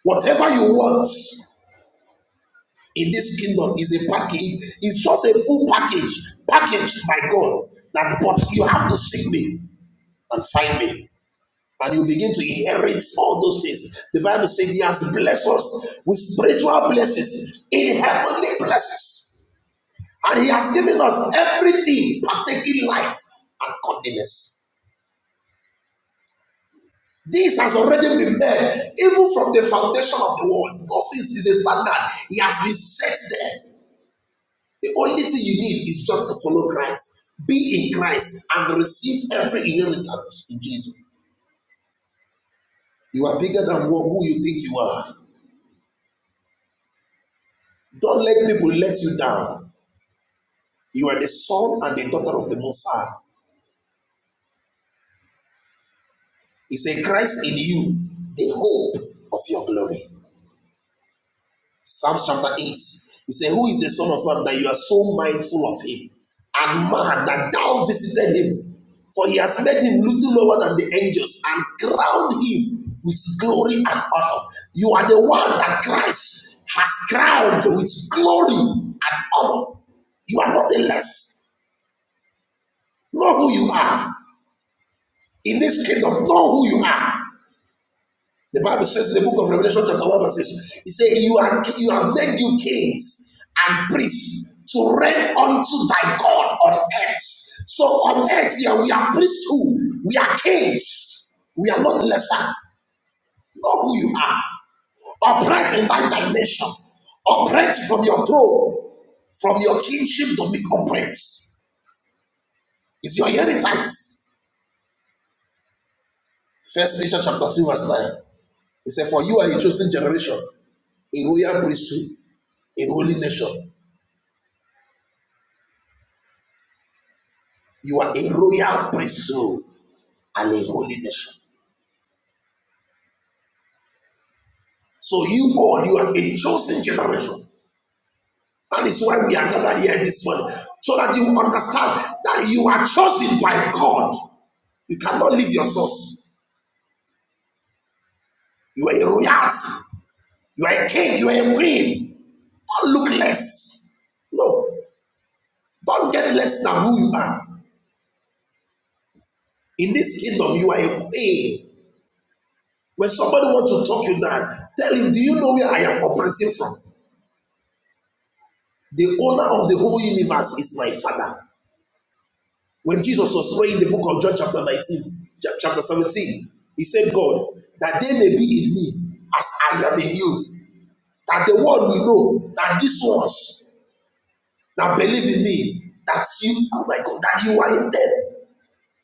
Whatever you want in this kingdom is a package, it's just a full package, packaged by God. That but you have to seek me and find me. and you begin to inherit all those things. The Bible says He has blessed us with spiritual blessings in heavenly places, and He has given us everything partaking life and godliness. This has already been made, even from the foundation of the world. Those things is a standard. He has been set there. The only thing you need is just to follow Christ, be in Christ, and receive every inheritance in Jesus. You are bigger than who you think you are. Don't let people let you down. You are the son and the daughter of the Most High. He said, Christ in you, the hope of your glory. Psalms chapter 8. He said, Who is the Son of Man that you are so mindful of him? And man that thou visited him. For he has made him little lower than the angels and crowned him with glory and honor. You are the one that Christ has crowned with glory and honor. You are not the less. Know who you are. In this kingdom, know who you are. The Bible says in the book of Revelation, chapter 1, verse 6, it says, you, are, you have made you kings and priests to reign unto thy God on earth. So on earth here, we are priesthood, we are kings, we are not lesser. Know who you are. Operate in thy dimension. Operate from your throne, from your kingship to make operates. It's your inheritance. First Peter chapter 2, verse 9. It said, For you are a chosen generation. a royal priesthood, a holy nation. You are a royal priesthood and a holy nation. So you all, you are a chosen generation. That is why we are gathered here this morning, so that you understand that you are chosen by God. You cannot leave your source. You are a royalty. You are a king. You are a queen. Don't look less. No. Don't get less than who you are. In this kingdom, you are a queen. When somebody wants to talk you down, tell him, Do you know where I am operating from? The owner of the whole universe is my father. When Jesus was praying in the book of John, chapter 19, chapter 17, he said, God, that they may be in me as I am in you, that the world will know that these ones that believe in me, that you are my God, that you are in them.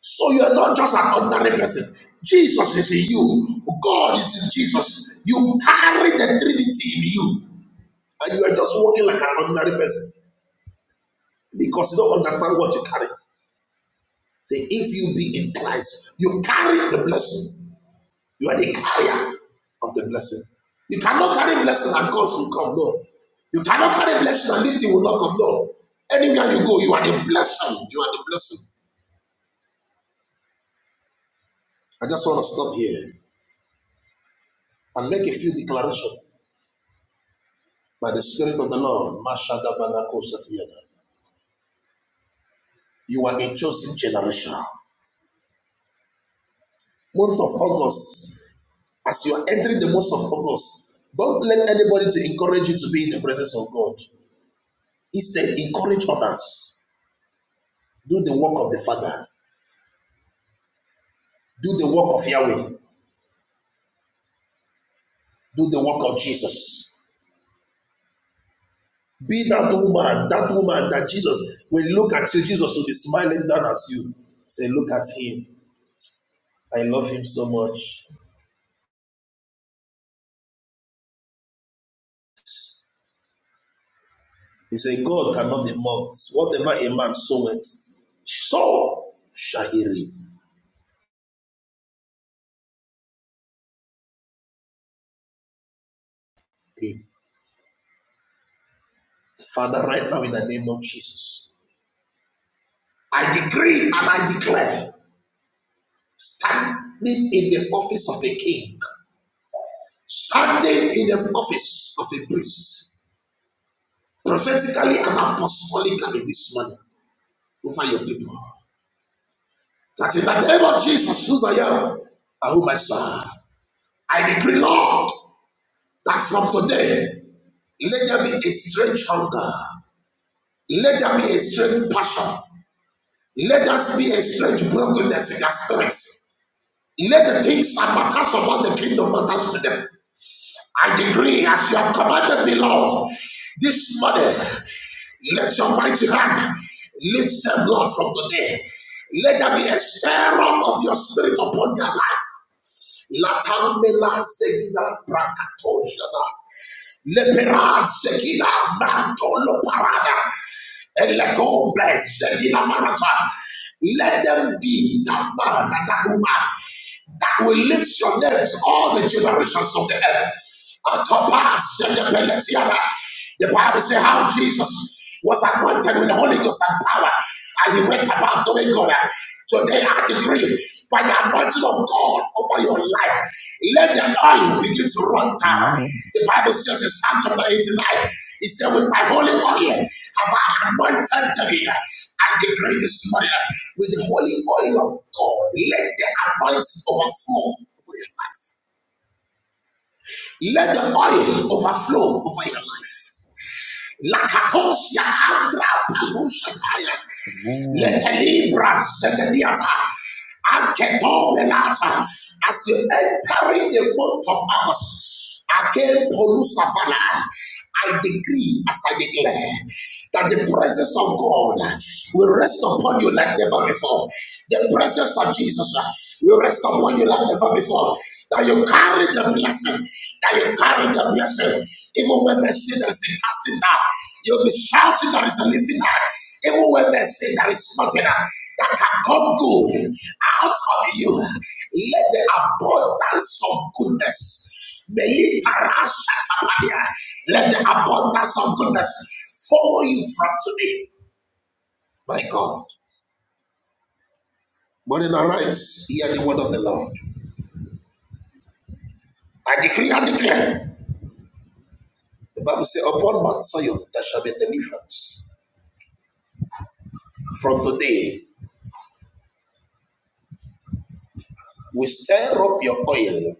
So you are not just an ordinary person. Jesus is in you. God is in Jesus. You carry the Trinity in you. and you are just walking like an ordinary person because you don't understand what you carry. Say, if you be in Christ, you carry the blessing. You are the carrier of the blessing. You cannot carry blessings and curse will come. No. You cannot carry blessings and lifting will not come. No. Anywhere you go, you are the blessing. You are the blessing. I just want to stop here and make a few declarations by the Spirit of the Lord. Mashadabalakosatiyada. You are a chosen generation. Month of August as you are entering the month of August, don't let anybody to encourage you to be in the presence of God. He said, encourage others. Do the work of the Father. Do the work of Yahweh. Do the work of Jesus. Be that woman, that woman that Jesus, when you look at you, Jesus will be smiling down at you. Say, look at him. I love him so much. He said, God cannot be mocked. Whatever a man soweth, so shall he reap. Father, right now in the name of Jesus, I decree and I declare standing in the office of a king, standing in the office of a priest, prophetically and apostolically this morning over your people. That in the name of Jesus, whose I am and whom I serve, I decree, Lord, that from today, let there be a strange hunger. Let there be a strange passion. Let us be a strange brokenness in their spirits. Let the things and matters about the kingdom matters to them. I decree as you have commanded me, Lord, this morning, let your mighty hand lift them, Lord, from today. Let there be a stir up of your spirit upon their life. Lepera sekila mantolo parada. Elekombe sekila marata. Let them be that man and that woman that will lift your names all the generations of the earth. Atapa selepeletiana. The Bible says how Jesus was anointed with the Holy Ghost and power, and he went about doing good. Today I decree by the anointing of God over your life, let the oil begin to run down. The Bible says in Psalm chapter 89, it said, With my holy oil have I anointed David. I decree this morning with the holy oil of God, let the anointing overflow over your life. Let the oil overflow over your life. Lakatosia andra palushataya. Letelibra sedeniata. Anketo melata. As you enter in the month of August, again polusafala. I decree as I declare that the presence of God will rest upon you like never before. The presence of Jesus will rest upon you like never before. That you carry the blessing, that you carry the blessing. Even when they say there is a casting down, you'll be shouting there is a lifting up. Even when they say there is nothing that can come good out of you, let the abundance of goodness Meliparashatapadia. Let the abundance of goodness follow you from today. My God. Morning arise, hear the word of the Lord. I decree and declare. The Bible says, Upon Mount Zion there shall be deliverance. From today, we stir up your oil,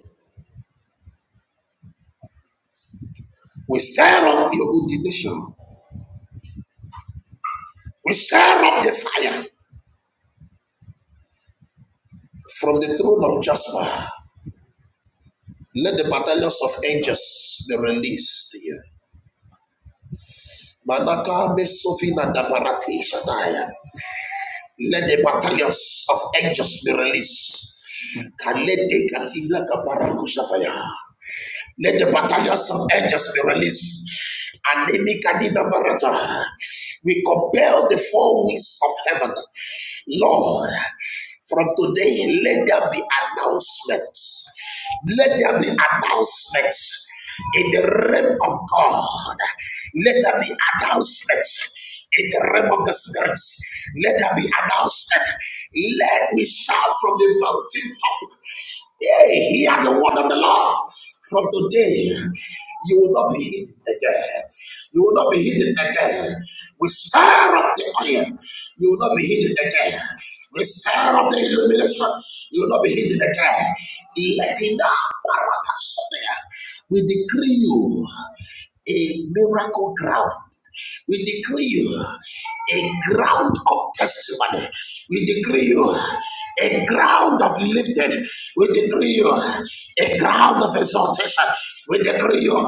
we stir up your ordination, we stir up the fire from the throne of Jasper. Let the battalions of angels be released here. Manaka Mesovina Dabarati Shadaya. Let the battalions of angels be released. Kalede katila kabarakushataya. Let the battalions of angels be released. And Nimikadina Barata, we compel the four winds of heaven. Lord, from today, let there be announcements. Let there be announcements in the realm of God. Let there be announcements in the realm of the spirits. Let there be announcement. Let we shout from the mountain top. Hey, hear the word of the Lord. From today, you will not be hidden again. You will not be hidden again. We stir up the iron. You will not be hidden again. We stir up the illumination. You will not be hidden again. Lekinda paratasomea. We decree you a miracle ground. We decree you a ground of testimony. We decree you a ground of lifting. We decree you a ground of exaltation. We decree you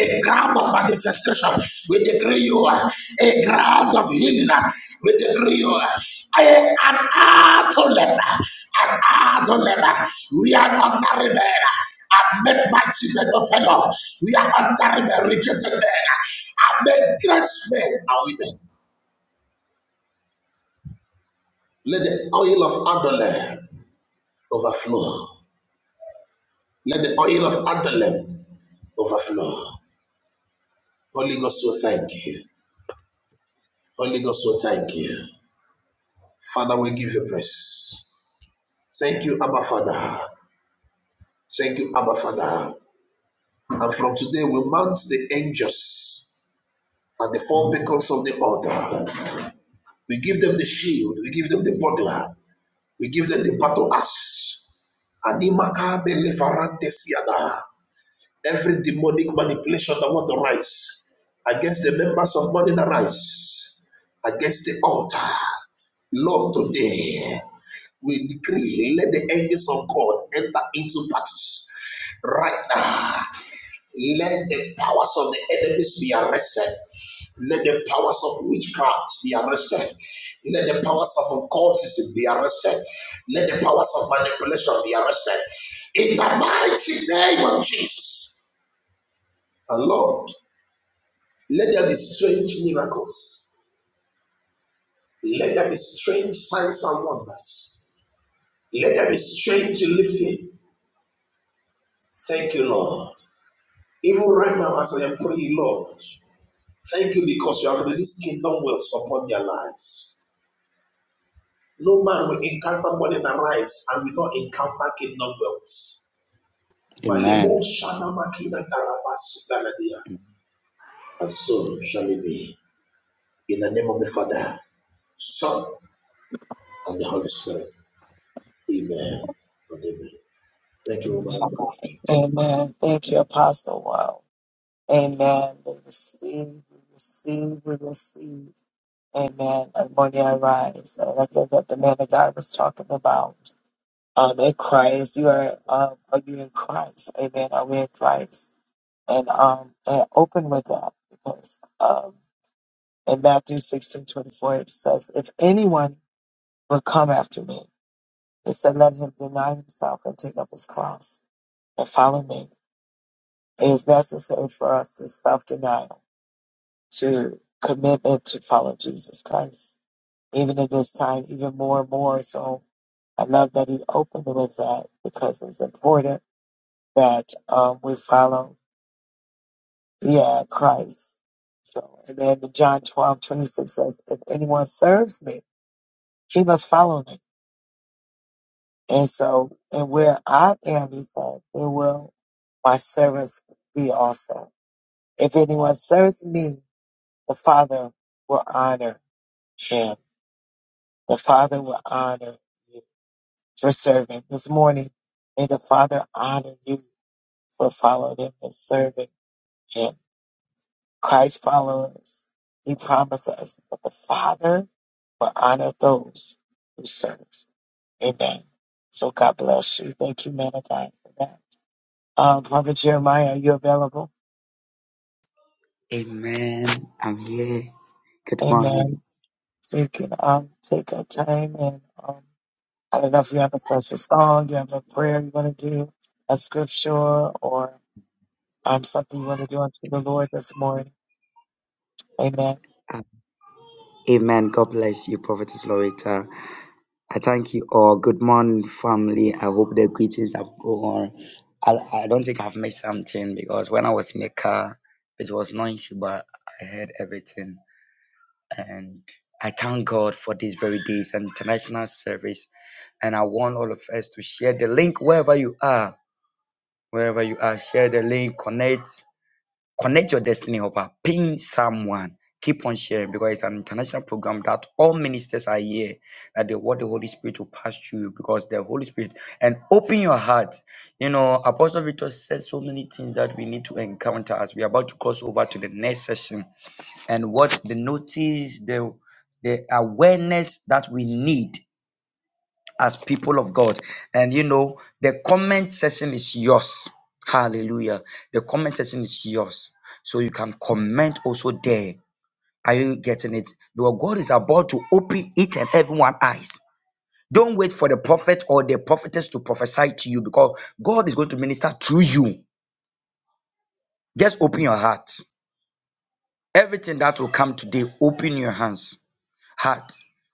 a ground of manifestation. We decree you a a ground of healing. uh, We decree you uh, a- an atolen, an atolen. We are under the men. I met my children of fellow. We are honoring the rejected men. I made great men and women. Let the oil of Adolem overflow. Let the oil of Adolem overflow. Holy Ghost will thank you. Holy Ghost will thank you. Father, we give you praise. Thank you, Abba Father. Thank you, Abba Father. And from today, we mount the angels at the front of the altar. We give them the shield, the buckler. We give them the battle axe. Anima abe lefarantes yada. Every demonic manipulation that want to rise against the members of Morning Arise, against the altar, Lord, today we decree, let the angels of God enter into battles right now Let the powers of the enemies be arrested. Let the powers of witchcraft be arrested. Let the powers of occultism be arrested. Let the powers of manipulation be arrested. In the mighty name of Jesus. And Lord, let there be strange miracles. Let there be strange signs and wonders. Let there be strange lifting. Thank you, Lord. Even right now, as I am praying, Lord, thank you because you have released kingdom wealth upon their lives. No man will encounter money and rise and will not encounter kingdom wealth. Amen. Malemo Amen. shana makina daraba sugaladia. And so shall it be. In the name of the Father, Son, and the Holy Spirit. Amen. And amen. Thank you, woman of God. Amen. Thank you, Apostle. Wow. Amen. We receive, we receive, we receive. Amen. And morning, I rise, and I think that the man of God was talking about um, in Christ, you are, um, are you in Christ? Amen. Are we in Christ? And, um, and open with that because, um. In Matthew sixteen twenty four, it says, If anyone will come after me, it said, let him deny himself and take up his cross and follow me. It is necessary for us to self denial, to commitment to follow Jesus Christ, even in this time, even more and more. So I love that he opened with that because it's important that um, we follow, yeah, Christ. So, and then John twelve twenty six says, If anyone serves me, he must follow me. And so, and where I am, he said, there will my servants be also. If anyone serves me, the Father will honor him. The Father will honor you for serving. This morning, may the Father honor you for following him and serving him. Christ followers, he promised us that the Father will honor those who serve. Amen. So God bless you. Thank you, man of God, for that. Uh, Prophet Jeremiah, are you available? Amen. I'm here. Good morning. Amen. So you can um, take a time and um, I don't know if you have a special song, you have a prayer you want to do, a scripture, or um, something you want to do unto the Lord this morning. Amen. Uh, Amen. God bless you, Prophetess Loretta. I thank you all. Good morning, family. I hope the greetings have gone. I, I don't think I've missed something because when I was in the car, it was noisy, but I heard everything. And I thank God for this very day's international service. And I want all of us to share the link wherever you are. Wherever you are, share the link, connect, connect your destiny hopper, ping someone. Keep on sharing because it's an international program that all ministers are here. That the what the Holy Spirit will pass through you because the Holy Spirit and open your heart. You know, Apostle Victor said so many things that we need to encounter as we are about to cross over to the next session and what the notice, the the awareness that we need as people of God. And you know, the comment section is yours. Hallelujah. The comment section is yours. So you can comment also there. Are you getting it? Your God is about to open each and everyone's eyes. Don't wait for the prophet or the prophetess to prophesy to you because God is going to minister through you. Just open your heart. Everything that will come today, open your hands heart,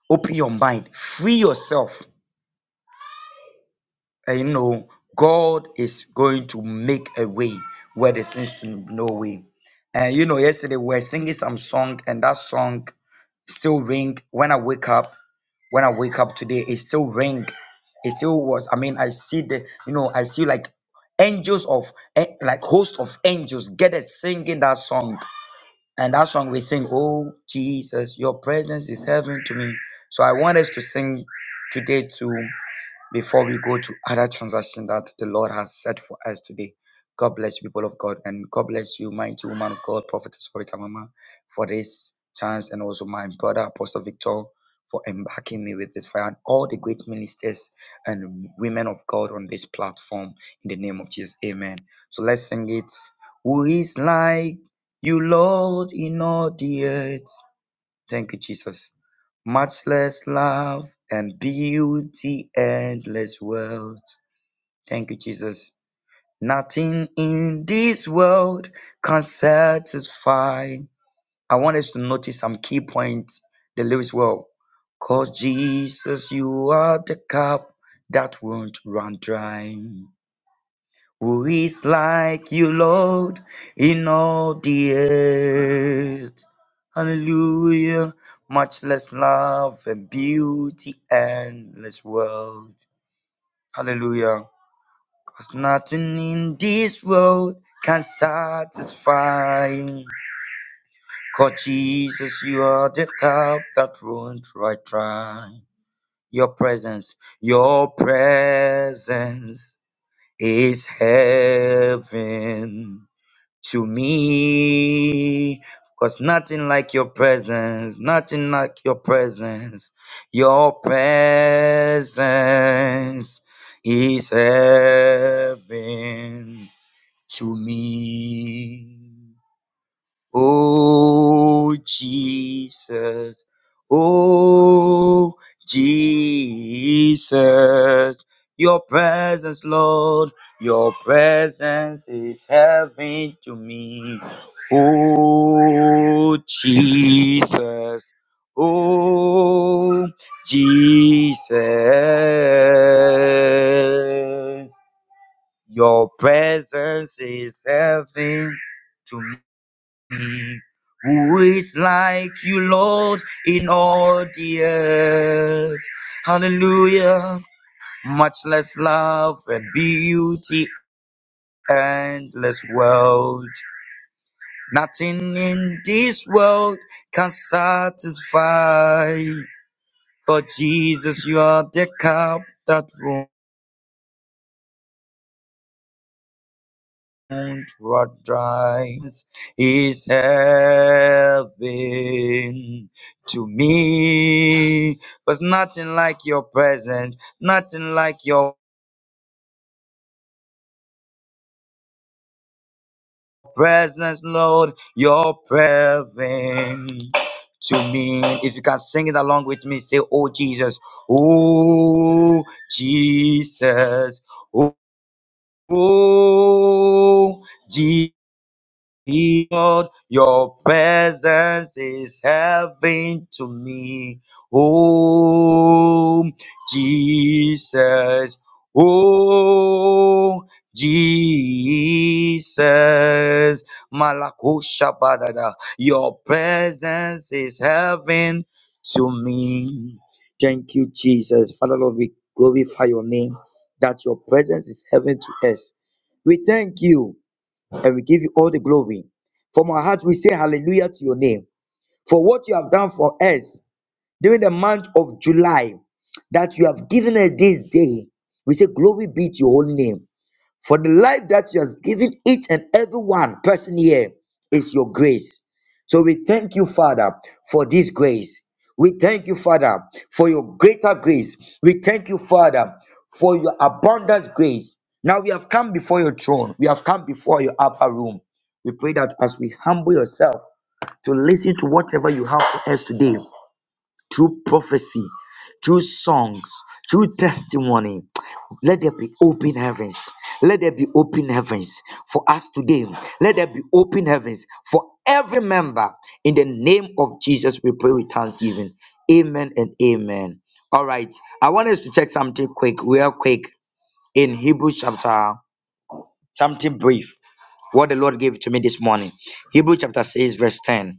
open your mind, free yourself. And you know, God is going to make a way where there seems to be no way. And you know, yesterday we were singing some song, and that song still ring when I wake up. When I wake up today, it still ring. It still was. I mean, I see the, you know, I see like angels of eh, like host of angels get us singing that song And that song we sing, Oh Jesus, your presence is heaven to me. So I want us to sing today too before we go to other transaction that the Lord has set for us today. God bless you, people of God, and God bless you, mighty woman of God, prophetess Rita Mama, for this chance, and also my brother Apostle Victor for embarking me with this fire, and all the great ministers and women of God on this platform. In the name of Jesus, Amen. So let's sing it. Who is like you, Lord, in all the earth? Thank you, Jesus. Matchless love and beauty, endless wealth. Thank you, Jesus. Nothing in this world can satisfy. I want us to notice some key points. The lyrics well. Cause Jesus, you are the cup that won't run dry. Who is like you, Lord, in all the earth? Hallelujah. Much less love and beauty, endless world. Hallelujah. Cause nothing in this world can satisfy. Cause Jesus, you are the cup that won't right dry. Your presence, your presence is heaven. to me. Cause nothing like your presence, nothing like your presence. Your presence is heaven to me. Oh Jesus, oh Jesus, your presence, Lord, your presence is heaven to me. Oh Jesus, oh Jesus, your presence is heaven to me me. Who is like you, Lord, in all the earth? Hallelujah. Much less love and beauty, endless world. Nothing in this world can satisfy. But Jesus, you are the cup that and what drives is heaven to me. Cause nothing like your presence, nothing like your presence, Lord, your presence to me. If you can sing it along with me, say, Oh Jesus, oh Jesus, oh Jesus. Lord, your presence is heaven to me. Oh, Jesus. Oh, Jesus. Malakosha badada. Your presence is heaven to me. Thank you, Jesus. Father, Lord, we glorify your name that your presence is heaven to us. We thank you and we give you all the glory. From our heart, we say hallelujah to your name for what you have done for us during the month of July, that you have given us this day. We say, Glory be to your holy name. For the life that you has given each and every one person here is your grace. So we thank you, Father, for this grace. We thank you, Father, for your greater grace. We thank you, Father, for your abundant grace. Now we have come before your throne. We have come before your upper room. We pray that as we humble yourself to listen to whatever you have for us today, through prophecy, through songs, through testimony. Let there be open heavens. Let there be open heavens for us today. Let there be open heavens for every member. In the name of Jesus, we pray with thanksgiving. Amen and amen. All right. I want us to check something quick, real quick, in Hebrews chapter, something brief, what the Lord gave to me this morning. Hebrew chapter 6, verse 10.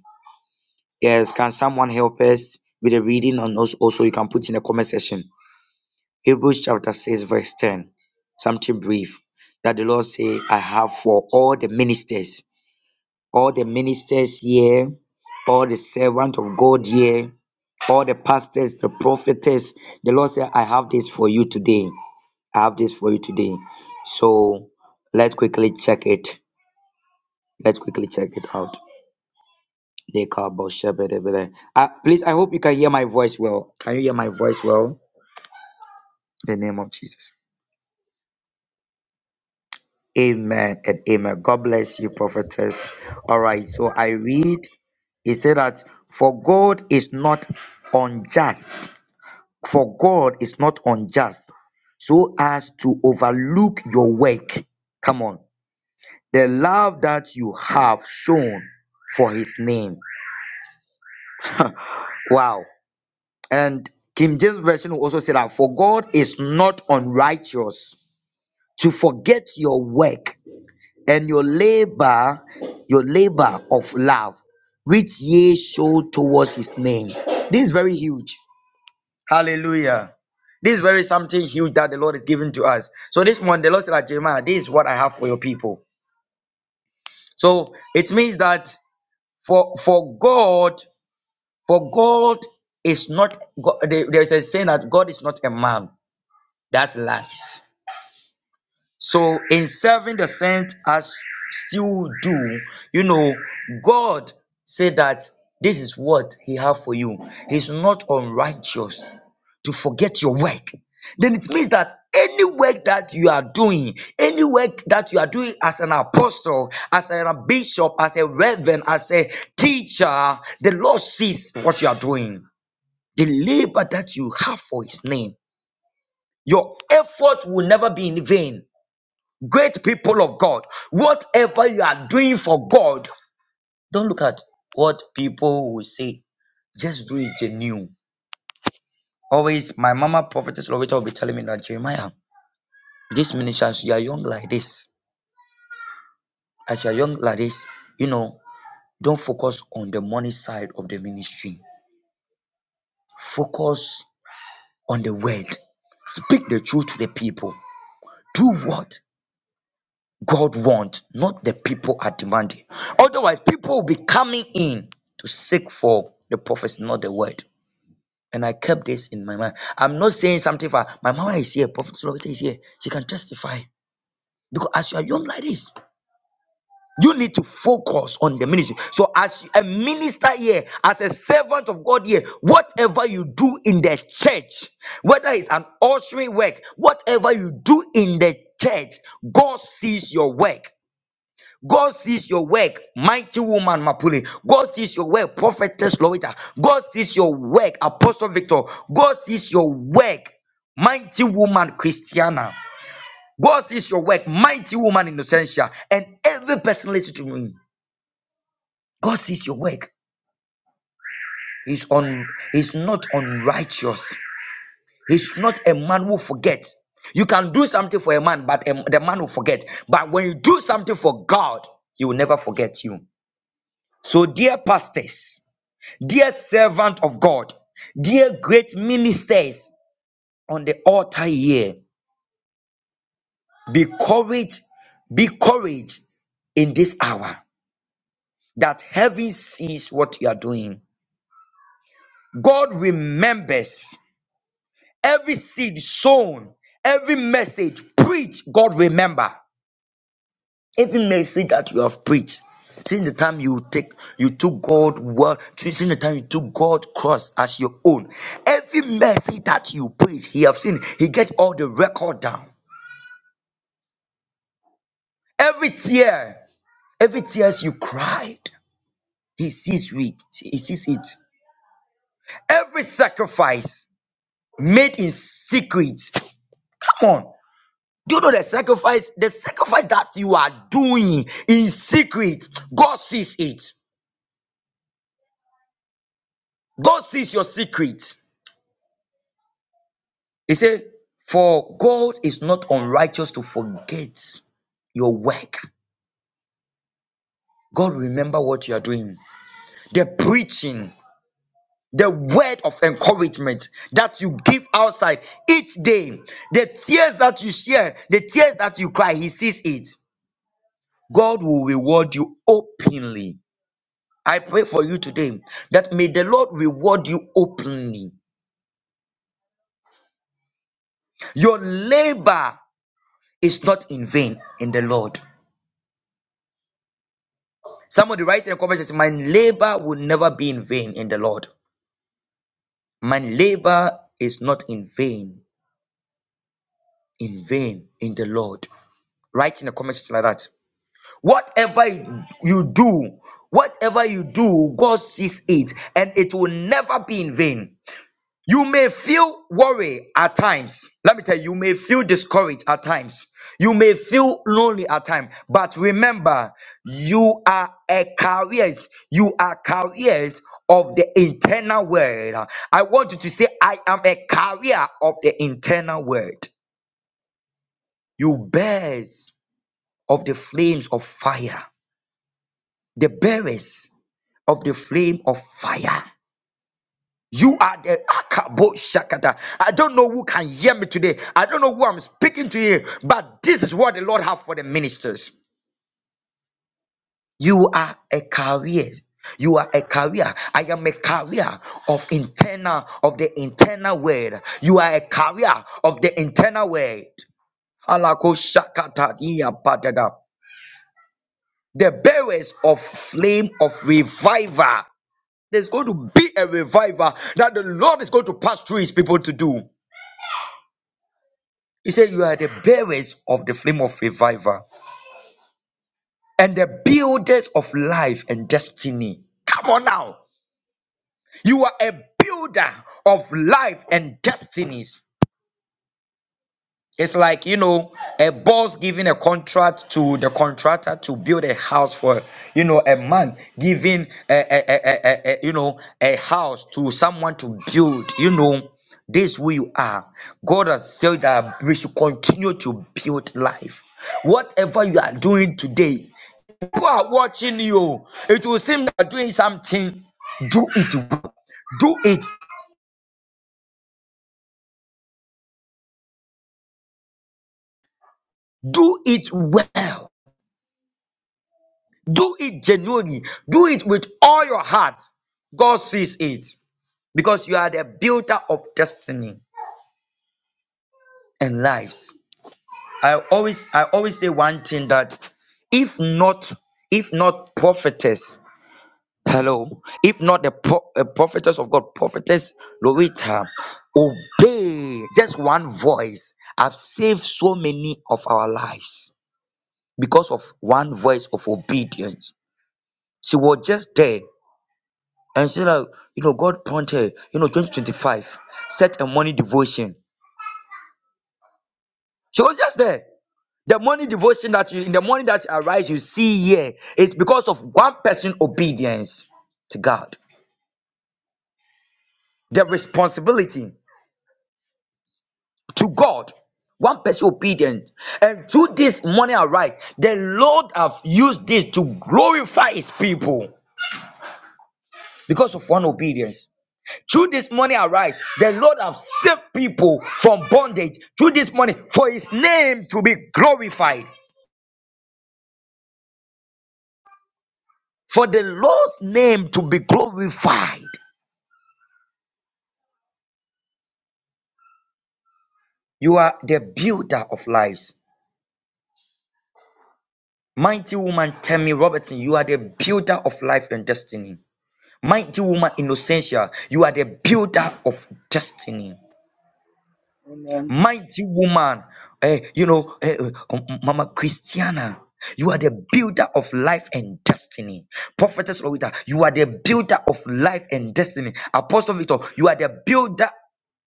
Yes, can someone help us with a reading? And also, also you can put in the comment section. Hebrews chapter 6, verse 10. Something brief. That the Lord say, I have for all the ministers, all the ministers here, all the servant of God here, all the pastors, the prophetess. The Lord said, I have this for you today. I have this for you today. So let's quickly check it. Let's quickly check it out. They call Boshebedebede. Uh, please, I hope you can hear my voice well. Can you hear my voice well? In the name of Jesus. Amen and amen. God bless you, prophetess. All right, so I read. He said that for God is not unjust. For God is not unjust so as to overlook your work. Come on. The love that you have shown for his name. Wow. And King James Version will also say that, For God is not unrighteous to forget your work and your labor, your labor of love, which ye show towards his name. This is very huge. Hallelujah. This is very something huge that the Lord is giving to us. So this morning, the Lord said, that, Jeremiah, this is what I have for your people. So it means that for for God, for God is not God, there there is a saying that God is not a man. That's lies. So in serving the saint as still do, you know, God said that this is what he have for you. He's not unrighteous to forget your work. Then it means that any work that you are doing, any work that you are doing as an apostle, as a bishop, as a reverend, as a teacher, the Lord sees what you are doing. The labor that you have for his name, your effort will never be in vain Great people of God, whatever you are doing for God, don't look at what people will say. Just do it genuine. Always, my mama prophetess Loretta will be telling me that Jeremiah, this ministry, as you are young like this, as you are young like this, you know, don't focus on the money side of the ministry. Focus on the word. Speak the truth to the people. Do what? God wants, not the people are demanding. Otherwise, people will be coming in to seek for the prophecy, not the word. And I kept this in my mind. I'm not saying something for my mama is here, Prophet Slovita is here. She can testify. Because as you are young like this, you need to focus on the ministry. So, as a minister here, as a servant of God here, whatever you do in the church, whether it's an ushering work, whatever you do in the church, God sees your work. God sees your work, mighty woman Mapule. God sees your work, prophetess Lorita. God sees your work, Apostle Victor. God sees your work, mighty woman Christiana. God sees your work, mighty woman Innocentia. And every person listen to me. God sees your work. He's on. He's not unrighteous. He's not a man who forgets. You can do something for a man, but um, the man will forget. But when you do something for God, He will never forget you. So, dear pastors. Dear servant of God, dear great ministers on the altar here, be courage, be courage in this hour that heaven sees what you are doing. God remembers every seed sown, every message preached, God remember. Every message that you have preached, since the time you take you took God word, since the time you took God cross as your own, every message that you preach, He have seen, He get all the record down. Every tear, every tears you cried, He sees it. He sees it. Every sacrifice made in secret. Come on. Do you know the sacrifice? The sacrifice that you are doing in secret, God sees it. God sees your secret. He said, For God is not unrighteous to forget your work. God remember what you are doing. The preaching, the word of encouragement that you give outside each day, the tears that you share, the tears that you cry, He sees it. God will reward you openly. I pray for you today that may the Lord reward you openly. Your labor is not in vain in the Lord. Somebody write in the comment section, my labor will never be in vain in the Lord. My labor is not in vain, in vain in the Lord. Write in the comment section like that. Whatever you do, whatever you do, God sees it and it will never be in vain. You may feel worry at times. Let me tell you, you may feel discouraged at times. You may feel lonely at times. But remember, you are a carriers. You are carriers of the internal word. I want you to say, I am a carrier of the internal word. You bears of the flames of fire. The bearers of the flame of fire. You are the Akabo Shakata. I don't know who can hear me today. I don't know who I'm speaking to here, but this is what the Lord have for the ministers. You are a career. You are a carrier. I am a carrier of internal of the internal word. You are a carrier of the internal word. Alako Shakata iya patada. The bearers of flame of revival. There's going to be a revival that the Lord is going to pass through his people to do. He said, You are the bearers of the flame of revival and the builders of life and destiny. Come on now. You are a builder of life and destinies. It's like, you know, a boss giving a contract to the contractor to build a house for, you know, a man giving a, a, a, a, a- you know, a house to someone to build, you know, this is who you are. God has said that we should continue to build life. Whatever you are doing today, people are watching you. It will seem that you are doing something. Do it. well. Do it. Do it well. Do it genuinely. Do it with all your heart. God sees it because you are the builder of destiny and lives. I always I always say one thing that if not if not prophetess hello if not the pro- uh, prophetess of God prophetess Loretta obey just one voice i have saved so many of our lives because of one voice of obedience. She was just there And Sarah, you know, God pointed, you know, 2025, set a morning devotion. She was just there. The morning devotion that you, in the morning that you arise, you see here, it's because of one person obedience to God. The responsibility to God. One person obedient. And through this morning arise, the Lord have used this to glorify his people because of one obedience. Through this money arise, the Lord have saved people from bondage. Through this money, for his name to be glorified. For the Lord's name to be glorified. You are the builder of lives. Mighty woman Tammy Robertson, you are the builder of life and destiny. Mighty woman Innocentia, you are the builder of destiny. Amen. mighty woman, eh, you know, eh, eh, um, Mama Christiana. You are the builder of life and destiny. Prophetess Lorita, you are the builder of life and destiny. Apostle Victor, you are the builder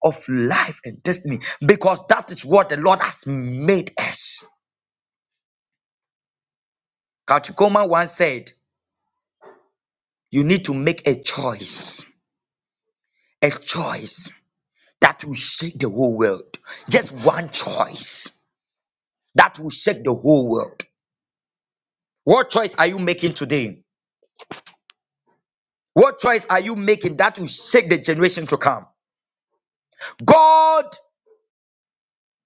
of life and destiny because that is what the Lord has made us. Katikoma once said, You need to make a choice, a choice that will shake the whole world. Just one choice that will shake the whole world. What choice are you making today? What choice are you making that will shake the generation to come? God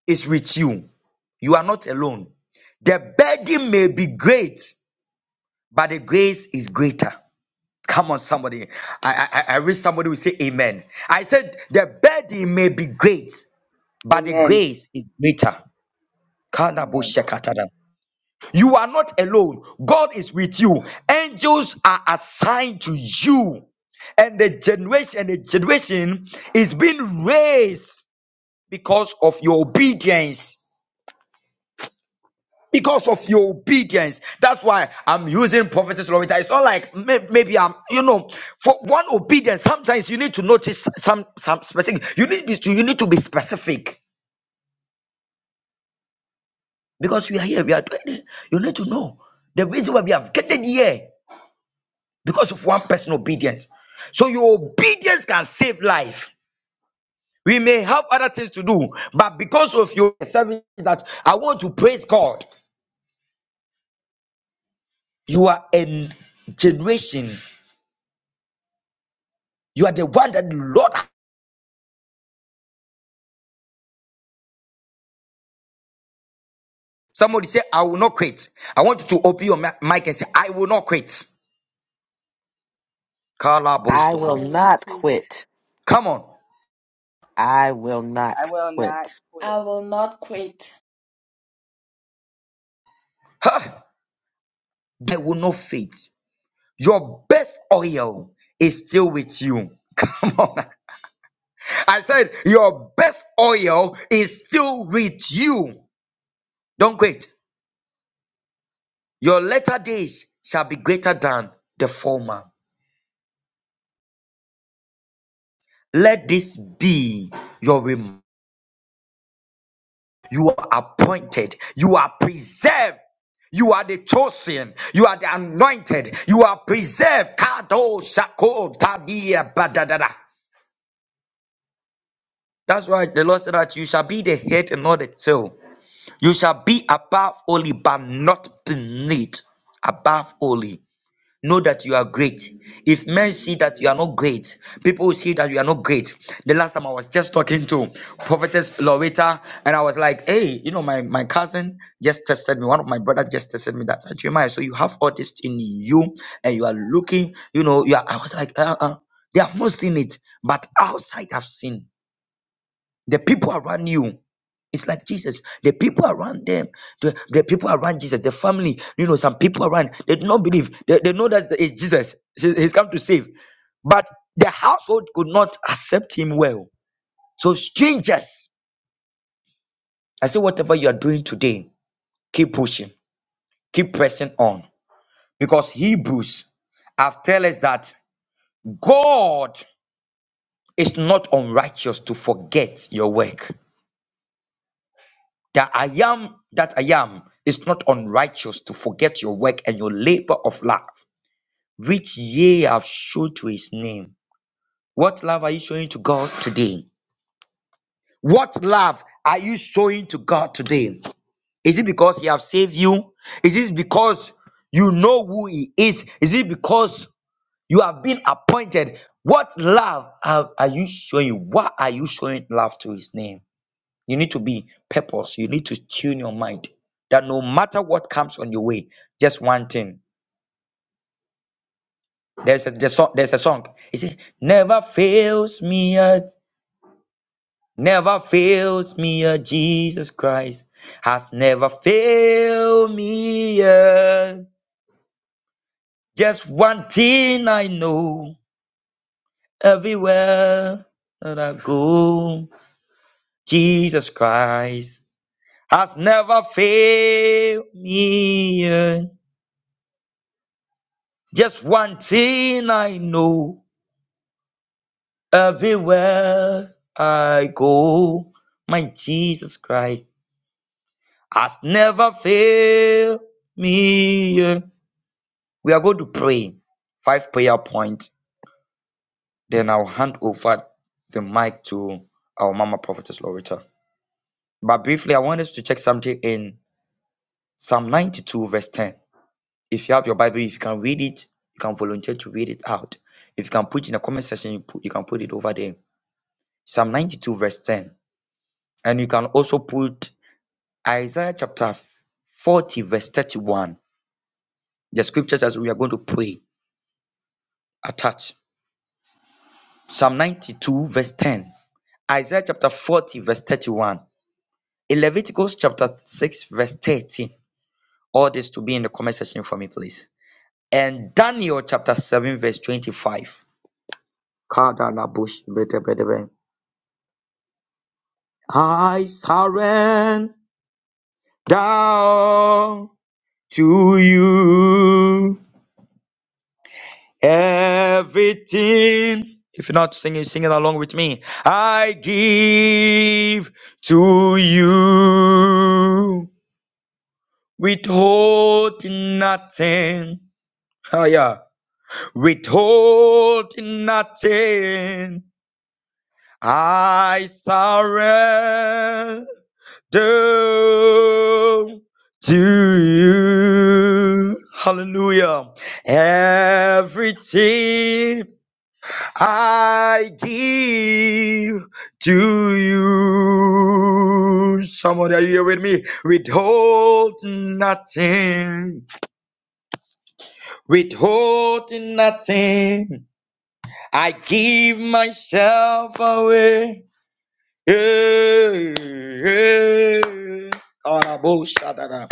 is with you. You are not alone. The burden may be great, but the grace is greater. Come on, somebody. I, I, I I wish somebody would say amen. I said, the burden may be great, but the Amen. grace is greater. Amen. Kalaboshekatana. You are not alone. God is with you. Angels are assigned to you. And the generation, and the generation is being raised because of your obedience. Because of your obedience. That's why I'm using prophetess Loretta. It's not like may- maybe I'm, you know, for one obedience, sometimes you need to notice some some specific. You need to you need to be specific because we are here, we are doing it. You need to know the reason why we have gathered here because of one person obedience. So your obedience can save life. We may have other things to do, but because of your service, that I want to praise God. You are a generation. You are the one that the Lord. Somebody say, I will not quit. I want you to open your mi- mic and say, I will not quit. Kala I will not quit. Come on. I will I not will not quit. quit. Huh? I will not fade. Your best oil is still with you. Come on. I said, Your best oil is still with you. Don't quit. Your latter days shall be greater than the former. Let this be your reminder You are appointed. You are preserved. You are the chosen. You are the anointed. You are preserved. Kado shako tabia badadada. That's why the Lord said that you shall be the head and not the tail. You shall be above only, but not beneath. Above only. know that you are great. If men see that you are not great, people will see that you are not great. The last time I was just talking to Prophetess Loretta, and I was like, hey, you know, my, my cousin just tested me. One of my brothers just tested me that Jeremiah, so you have all this in you, and you are looking, you know, you are, I was like, uh, uh, they have not seen it, but outside I've seen. The people around you, it's like Jesus. The people around them, the, the people around Jesus, the family, you know, some people around, they do not believe. They, they know that it's Jesus. He's he's come to save. But the household could not accept him well. So, strangers, I say, whatever you are doing today, keep pushing, keep pressing on. Because Hebrews have tell us that God is not unrighteous to forget your work. that I am that I am is not unrighteous to forget your work and your labor of love, which ye have showed to his name. What love are you showing to God today? What love are you showing to God today? Is it because he have saved you? Is it because you know who he is? Is it because you have been appointed? What love are, are you showing? Why are you showing love to his name? You need to be purpose. You need to tune your mind that no matter what comes on your way, just one thing. There's a there's a, there's a song. It says, "Never fails me yet." Never fails me yet. Jesus Christ has never failed me yet. Just one thing I know everywhere that I go, Jesus Christ has never failed me yet. Just one thing I know everywhere I go, my Jesus Christ has never failed me. We are going to pray five prayer points, then I'll hand over the mic to our Mama Prophetess Loretta. But briefly, I want us to check something in Psalm 92, verse 10. If you have your Bible, if you can read it, you can volunteer to read it out. If you can put it in the comment section, you, put, you can put it over there. Psalm 92, verse 10. And you can also put Isaiah chapter 40, verse 31, the scriptures as we are going to pray, attach. Psalm 92, verse 10. Isaiah chapter 40, verse 31. In Leviticus chapter 6, verse 13. All this to be in the comment section for me, please. And Daniel chapter 7, verse 25. Kadalabush, bete, bete, bete. I surrender to you. Everything. If you're not singing, sing it along with me. I give to you. Withhold nothing. Oh, yeah. Withhold nothing. I surrender to you. Hallelujah. Everything I give to you. Somebody, are you here with me? Withhold nothing. Withhold nothing. I give myself away. Yeah, yeah. Karaboshadada.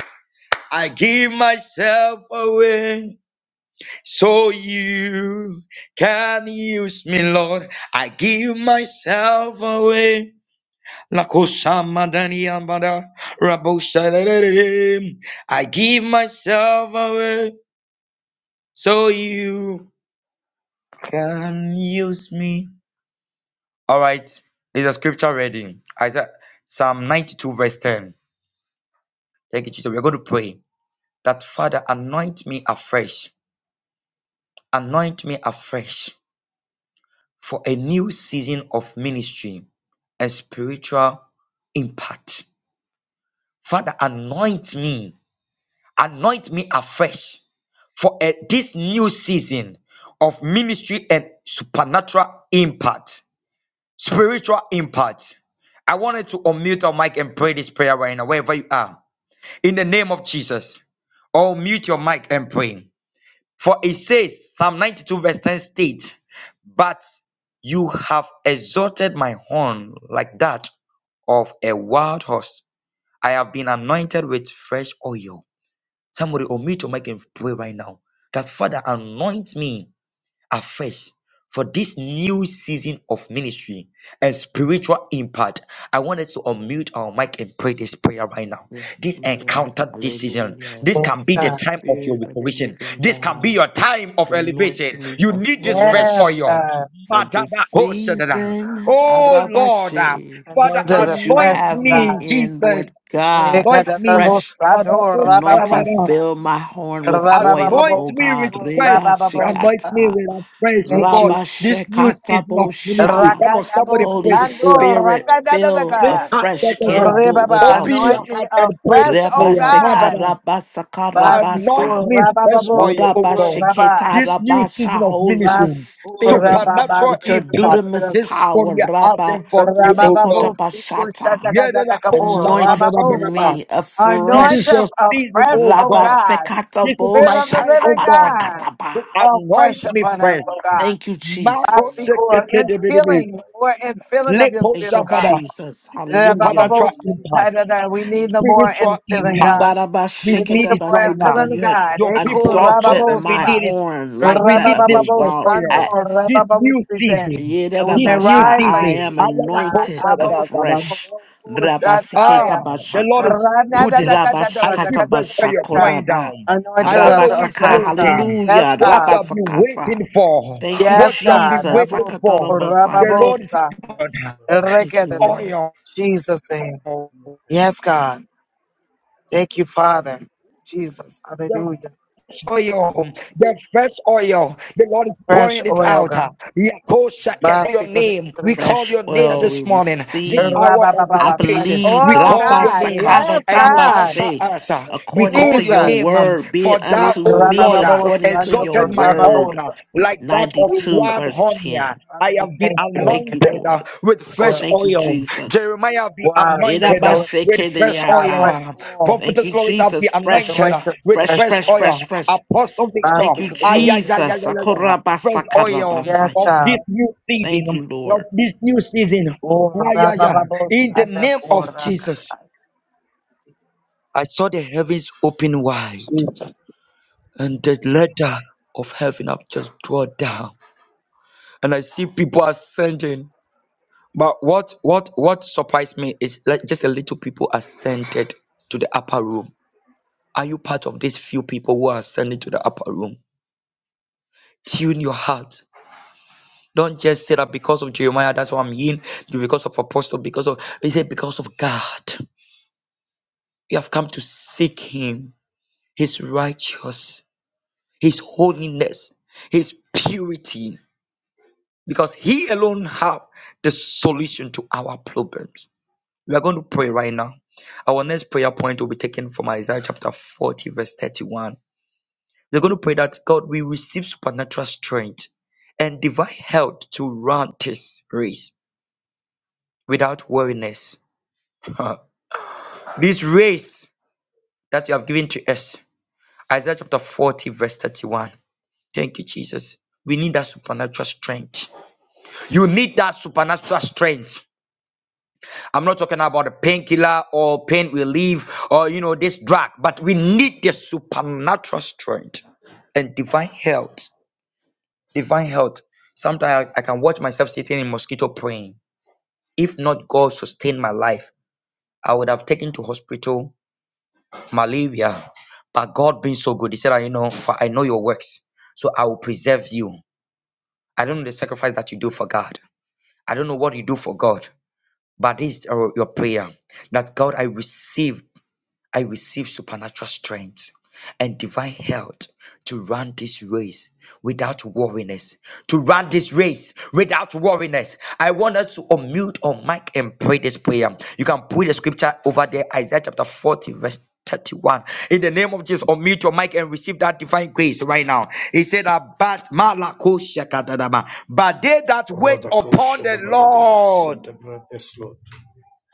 I give myself away so you can use me, Lord. I give myself away I give myself away so you can use me. All right, is a scripture reading. Isaiah Psalm 92, verse 10. Thank you, Jesus. We're going to pray that Father, anoint me afresh, anoint me afresh for a new season of ministry and spiritual impact. Father, anoint me, anoint me afresh for eh, this new season of ministry and supernatural impact, spiritual impact. I wanted to unmute your mic and pray this prayer right now, wherever you are. In the name of Jesus, or mute your mic and pray. For it says, Psalm 92, verse 10 states, But you have exalted my horn like that of a wild horse. I have been anointed with fresh oil. Somebody unmute your mic and pray right now that Father, anoint me afresh for this new season of ministry and spiritual impact. I wanted to unmute our mic and pray this prayer right now. Yes, This Lord. encounter this season. Hallelujah. This can Yes, be the God. time of your Spirit of the restoration. living This can be God, your time of anoint elevation. me You need this fresh Yes, afresh oil. God. for this Madadakoshadada. season, Oh Lord, ah, Arabashi, Father, Anoint us that you afresh, anoint oh have me me, God. in, Lord Jesus. God. Anoint me. fresh. Ekadadabosa, do Anointing, rababosa, Father, fill my horn with Anoint oil, O me rabababosi, with God. ko Reba praise. Anoint rabababosa. me shikata. with praise, oh Thank God. you, Rabba This new Jesus. shekata season of ministry. bosha. Come on, somebody Rakadabo pray Holy I'm this not prayer. Sando afraid, Spirit, Lord. fill Make Rakadabaka. I'm not heart afraid shut afresh. for this new Can't down. do it season. Ribaba, Open without anoint your you. me heart and pray this afresh, O Reba prayer. God. Madam, sekaraba anoint sakarabasa. Basikur me fresh Rabababo oil, Oraba oh Sikur God. Rabba. bashiketa, This new season rabasha. of Holy ministry, Basikur Spirit, Rabba supernatural with your impact. dunamis Basikur This is what power. we are Rabba asking from you, oh God. Rabababo sekota Sikur bashata. Shatakatakabu Anoint Rababosa. Yedadakosabadanabadaba. me This Anoint is us your afresh season, afresh, oh O God. God. This is Rabasekatabo Spirit my I'm of the not time, from oh living the God. fresh God. of shatapasakataba. to Fall anoint fresh me upon the us, fresh. O mountain. God. Fresh Thank you, Marco of the Jesus. Basikur, mountain, in Sekete fall on me, filling, Lord. or in filling of your Lepo Thank spirit, O you, God. Sabada, Jesus. Yeah, Thank ba- ba- you, Hallelujah. bo- supernatural speak, Jesus. da- impact, da- We need Thank the you, more Lord. spiritual infilling, God. impact. We We need need the it more right now. Mbarabashekadabasakata. infilling, You had God. Your people, Eku your exalted children, we my rababosa, need it. horn like We that need of a this fresh wild rababababosando, oil. ass. This new rabababosite. season, Thank you, And we may this Jesus. new Yedadabasha. Thank rise you, like I season. Jesus. eagles, am Ayana Ko God. anointed Abosu, Sadada. afresh. roku, Ah, shataya. Rabasekataba the Lord Amen. is ra Amen. na putting. I see Rabashakata fresh oil pouring Bashakoraba. down. I Anointed don't us know who is Rabasaka. afresh, God. waiting. Yes, Hallelujah. What God. you have been Rabasakata. waiting for. Thank you, Yes, What you have been God. Jesus. waiting I'm not Abosu, for. from Sakatana the The Sunday. Lord is rababosa, mountain, Lord. Thank you, rekadada. Lord. pouring Jesus' I'm name. not oil. from the fresh. Yes, God. Thank you, Father. Jesus. Hallelujah. fresh oil, the fresh oil. The Lord is Fresh pouring it oil, out. God. Fresh on the Yakoshakete, Lord. Your Fresh Basika- name. oil, We Lord. call Fresh your name oil we this morning, this receive. hour Fresh of oil, I Rabababa. Lord. Fresh visitation. Fresh believe We oil, oil, call Lord. Draba your God. name uh, Yes, Sakata and you I'm God. not answer Dabashe. from the us. uh. fresh We oil, According call to Lord. your your Jesus. name um, word, be for it thou, unto O me Lord, uh, Rabababa. according to Sando. your exalted my horn word. uh, Rababosa. like that of 92 Jesus. wild verse honey. uh, 10. Father, I we have been thank you. Thank We you, thank anointed you uh, Lord. for the with fresh fresh oil. Thank you, oil. Jesus. Jeremiah be Wow, fresh anointed uh, oil in the Erabashe with spirit, Let oh me fresh be God. oil. kedeyaka. Fresh uh, reminded of oil. fresh Thank Prophetess you, fire. Loretta be Jesus. Fresh, anointed Anointed uh, with Thank with you, fresh fresh, fresh fresh, Jesus. oil. fresh, oil. fresh. Apostle Thank Victor, you, Basika- Thank ah, you, yeah, yeah, Jesus. yeah, yeah, Jesus. yeah, yeah. fresh Thank you, oil um, Yes, Jesus. of Sakorabasakadabasaya. God. this new season, Thank um, you, of Lord. this new season. Ah, yeah, yeah. In the name of Jesus, I saw the heavens open wide Jesus. and the ladder of heaven have just drawn down. And I see people ascending. But what what what surprised me is like just a little people ascended to the upper room. Are you part of these few people who are ascending to the upper room? Tune your heart. Don't just say that because of Jeremiah, that's why I'm in, because of apostle, because of he said, because of God. You have come to seek him, his righteous, his holiness, his purity, because he alone have the solution to our problems. We are going to pray right now. Our next prayer point will be taken from Isaiah chapter 40, verse 31. We're going to pray that God will receive supernatural strength and divine health to run this race without weariness. this race that you have given to us. Isaiah chapter 40, verse 31. Thank you, Jesus. We need that supernatural strength. You need that supernatural strength. I'm not talking about a painkiller or pain relief or you know this drug, but we need the supernatural strength and divine health. Divine health. Sometimes I, I can watch myself sitting in mosquito praying. If not God sustain my life, I would have taken to hospital malaria. But God being so good, He said, "I you know, for I know your works, so I will preserve you. I don't know the sacrifice that you do for God. I don't know what you do for God, but this is your your prayer that God, I receive." I receive supernatural strength and divine health to run this race without worriness. To run this race without worriness. I want us to unmute on mic and pray this prayer. You can put the scripture over there, Isaiah chapter 40, verse 31. In the name of Jesus, unmute your mic and receive that divine grace right now. He said that but Malako Shakadadaba. But they that wait upon Radakosha the dabadaga Lord. sedebra yes Lord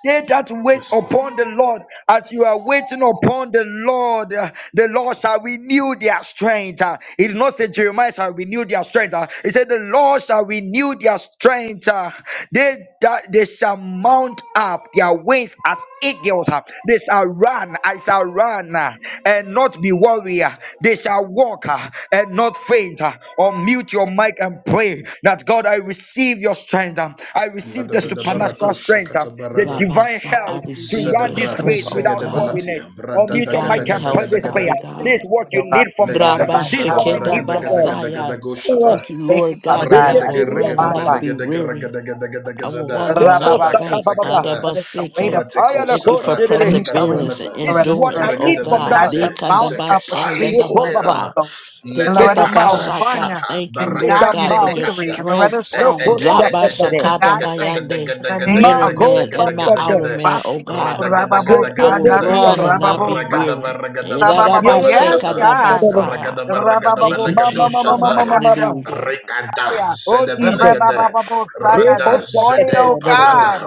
They that wait yes Lord. upon the Lord, as you are waiting upon the Lord, uh, the Lord shall renew their strength. Uh, He did not say Jeremiah shall renew their strength. Uh, He said the Lord shall renew their strength. Uh, They that they shall mount up their wings as eagles. Uh, They shall run. I shall run. Uh, and not be warrior. They shall walk uh, and not faint. uh, Or mute your mic and pray that God, I receive your strength. um, I receive Lada the da Thank da you, supernatural Jesus. barakosha strength, um, the katabarada divine Rabasa, That I I health receive to your receive run Supernatural your strength this zedebra strength, race and the oh without divine God. help. weariness. zegedebalatia Or brada mute your daga Divine mic daga and pray daga health, this daga da Father prayer. This strength is God. this what morning, you oh Thank God. need you, from God. Jesus. uh, legedege Divine This is shada what health, I baraga Rabashikeda need healing, from daga God, daga God. Thank daga Basaya. deliverance, thank you, God. Oh, dago Thank Jesus. you, Thank you, Lord Father God, that God. I Ragada I will just Thank run Ragada Ragada and you, lost not sheketeriyabaraba, be people. Ragada Jesus. Let weary. I will walk and not faint. lekosakabababa, Thank you, us Jesus. wait Adabasike. upon the Lord, Thank you for and he ayalakosirere. shall Thank perseverance you, and renew This Jesus. is Loretta's what endurance, I strength. oh need Thank you, from And I God. God. Jesus. shall mount up with wings Thank you, with Jesus. Ekobaba, Dekandabashandedabasai. eagles, Shut and This Loretta shall amount, Thank run you, Dekatabasaka. Jesus. Thank you, and this Lord not get God, for amount. your weary, and Loretta strength. shall Loko walk and shakatade. Labasakada not faint. Mayande, In the name inner of Mako man Jesus. and my outer papape. man, oh Basiku God. Ragada rababosa, I will nado run Sekretariada. and not be rababosa. weary. baragada Rabababa, balagada yes, Yerebo bashata God. sekatadaba. Edadabasekadabasaya. Ragada baragada Thank you, Rabababosa, Mama balagado mama mama Jesus. shata mama mama. Hallelujah. Rikada Oh Jesus. zedebenegede Re-ba-ba-ba-bo-shanda. Leko rada This morning, zede oh shakatade. God, parada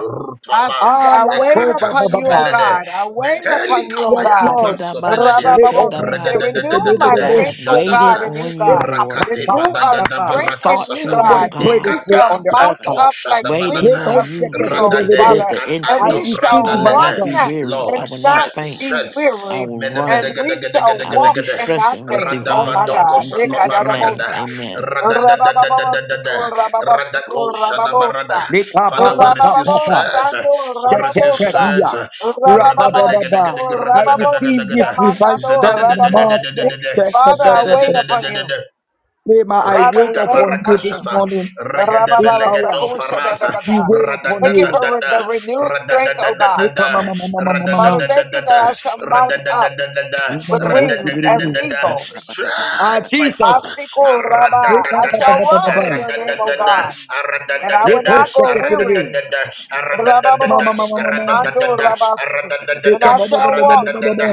I rutaba see that I Ala wait ko ekrata upon you, oh papapa. sapelede God. I I trust wait in you meteli upon you, alone. oh Yes kamaya God. Lord. maso belede Leko man Rabababosite, Dekedabashekadaba. Renew sekatade. my As I redededededede strength, have You oh can God, waited jadada in stand you, on with you, me. God. Lord, Rakate Renew our That Badagada I and may strength in rise sought you, up Barakasata you, as a oh Somebody God. pray citizen God, We of this prayer shall on Ekata Christ. the mount altar. Pato up like That I may waiting wings Shadabalata Leko on join of in you that to eagles, spirit. Radade shakatade. did Father, the You, Kata and I do we increase. shall receive I Katado will divine not lede, be run strength. weary. and I Lord will not not strength faint. be Father, that we I weary, strength will pray. and run. we shall I will walk be Menebedegedegedegedegede and not strengthened with faint. Oh divine my health Radabadoko God. in Jesus' Amen. name. Sakoparagada Rekadadabosa. Amen. Amen. Amen. Rababababasiko, Amen. Radadadadadadada Thank you, Jesus. rabababasiko, Radako Shadabarada. rababosa. Leka ba Father, we ba Thank ba you, receive ba Jesus. ba. strength. Rabababosando, We receive Thank rababosa. you, strength. Sheketadia. Jesus. Rabadababa. Rabababasiko, I receive rababosite, this Maradabelegedegedegragadagadagadagada. divine mandando, strength. Mark. rababosite. Thank Zededededededededede. you, Father, Jesus. I Sheketadia. wait upon you. Zedededededededede. Rema, I Father, we wait Rikata wait upon you upon this you. barakashata, morning, this regedebelegedo hour. Rabababasako, Thank you, farata, We shadadagada. Jesus. wait upon Thank you for you. re- radadadadada, the renewed strength, oh God. Neka radadadadadada, ma ma ma ma ma ma ma Father, ma. thank you radadadadadada, that I shall mount up radadadadadada, Ma with ma Yes, wings Lord. as ma. Yes, radadadadadada. Lord. eagles. Thank you for renewed Ah, Strength, my strength. father. Jesus. Asiko, rabba. Neka I pa pa shall pa pa pa Aradadadada, pa. Thank run in you your for name, oh Radadadada, God. restoration. Thank you and for I will aradadadada, Neko not healing. go sheketadia. weary. aradadadada, Ma aradadadada, ma ma ma Rabababosite, ma ma. mando aradadadada, rabasite. And aradadadada, Neka I ba ba ba shall ba ba walk ba ba ba aradadadada. ba.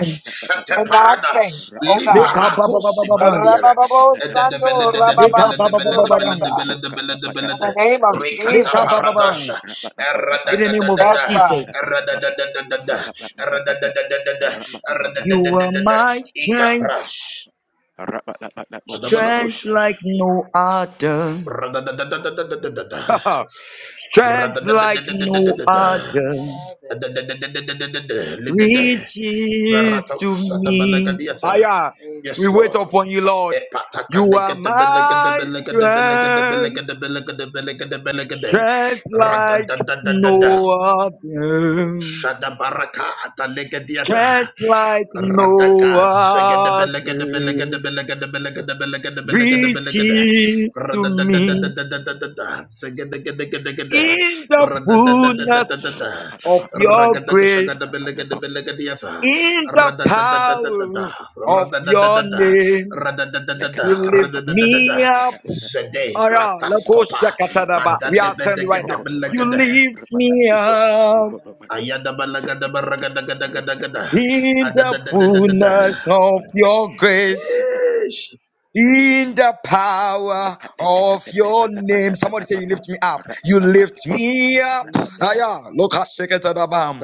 and not Shateparada, faint, O God. Neka ba ba ba ba liparakosi ba ba. baladiana. Rabababosando Neka ba ba Shut ba rababasiko ba ba ba. Zokakakaya, In Ededebeledededebeledebeledebeledebeledebeledebelede. the name of Neka ba Jesus. adikakakaya, ba ba. Rekataparadasha, arabakakakaya, In the name of Yes, aradadadadada, God. Jesus. umakakakaya, Thank you, aradadadadada, Jesus. vabakakakaya, Thank aradadadadada, you, Jesus. You arabakakakaya, are aradadadadada. my strength, Ikabrash. arabakakakaya, strength Kadabanakoshaba. boshadabadaba, like no other. Thank you, Lord. Amen. Radadadadadadadadada. strength like no other Father, Barato reaches to me. Satabanagadiata. Aya, Yes, we wait Amen. Lord. upon you, Lord. You are my strength, strength like no other, Shadabaraka Amen. atalegadiata. strength like no Radaka, other Thank you, zegedebelekedebelekedebelekedebelekedebelekedebelekedebelekedebelekede. Jesus. reaches to me Radadadadadadadadada, Thank you, Jesus. zegedegedegedegede. in the lekakaya, fullness Radadadadadadada. of Ragadagashagadabelegedebelekediyata. Radadadadadadada. your ragadaka shagada grace, belegada boshadabadaba, belegada yata in the radadadadadada power of your name, Radadadadada. Radadadadada. you Zikateka lift Radadadadada. me up. God, Zede Oh yeah, yes, grataskopa. Lakosha Kataraba. We are sent yes, right now. sir. You Adalebedegedebelegede. lift me Jesus. up Ayada balagada baragada gada Amen. gada gada. in the Adada da da da da da. fullness of your grace. In the power of your name. Somebody say, You lift me up. You lift me Pick up. me up, Aya,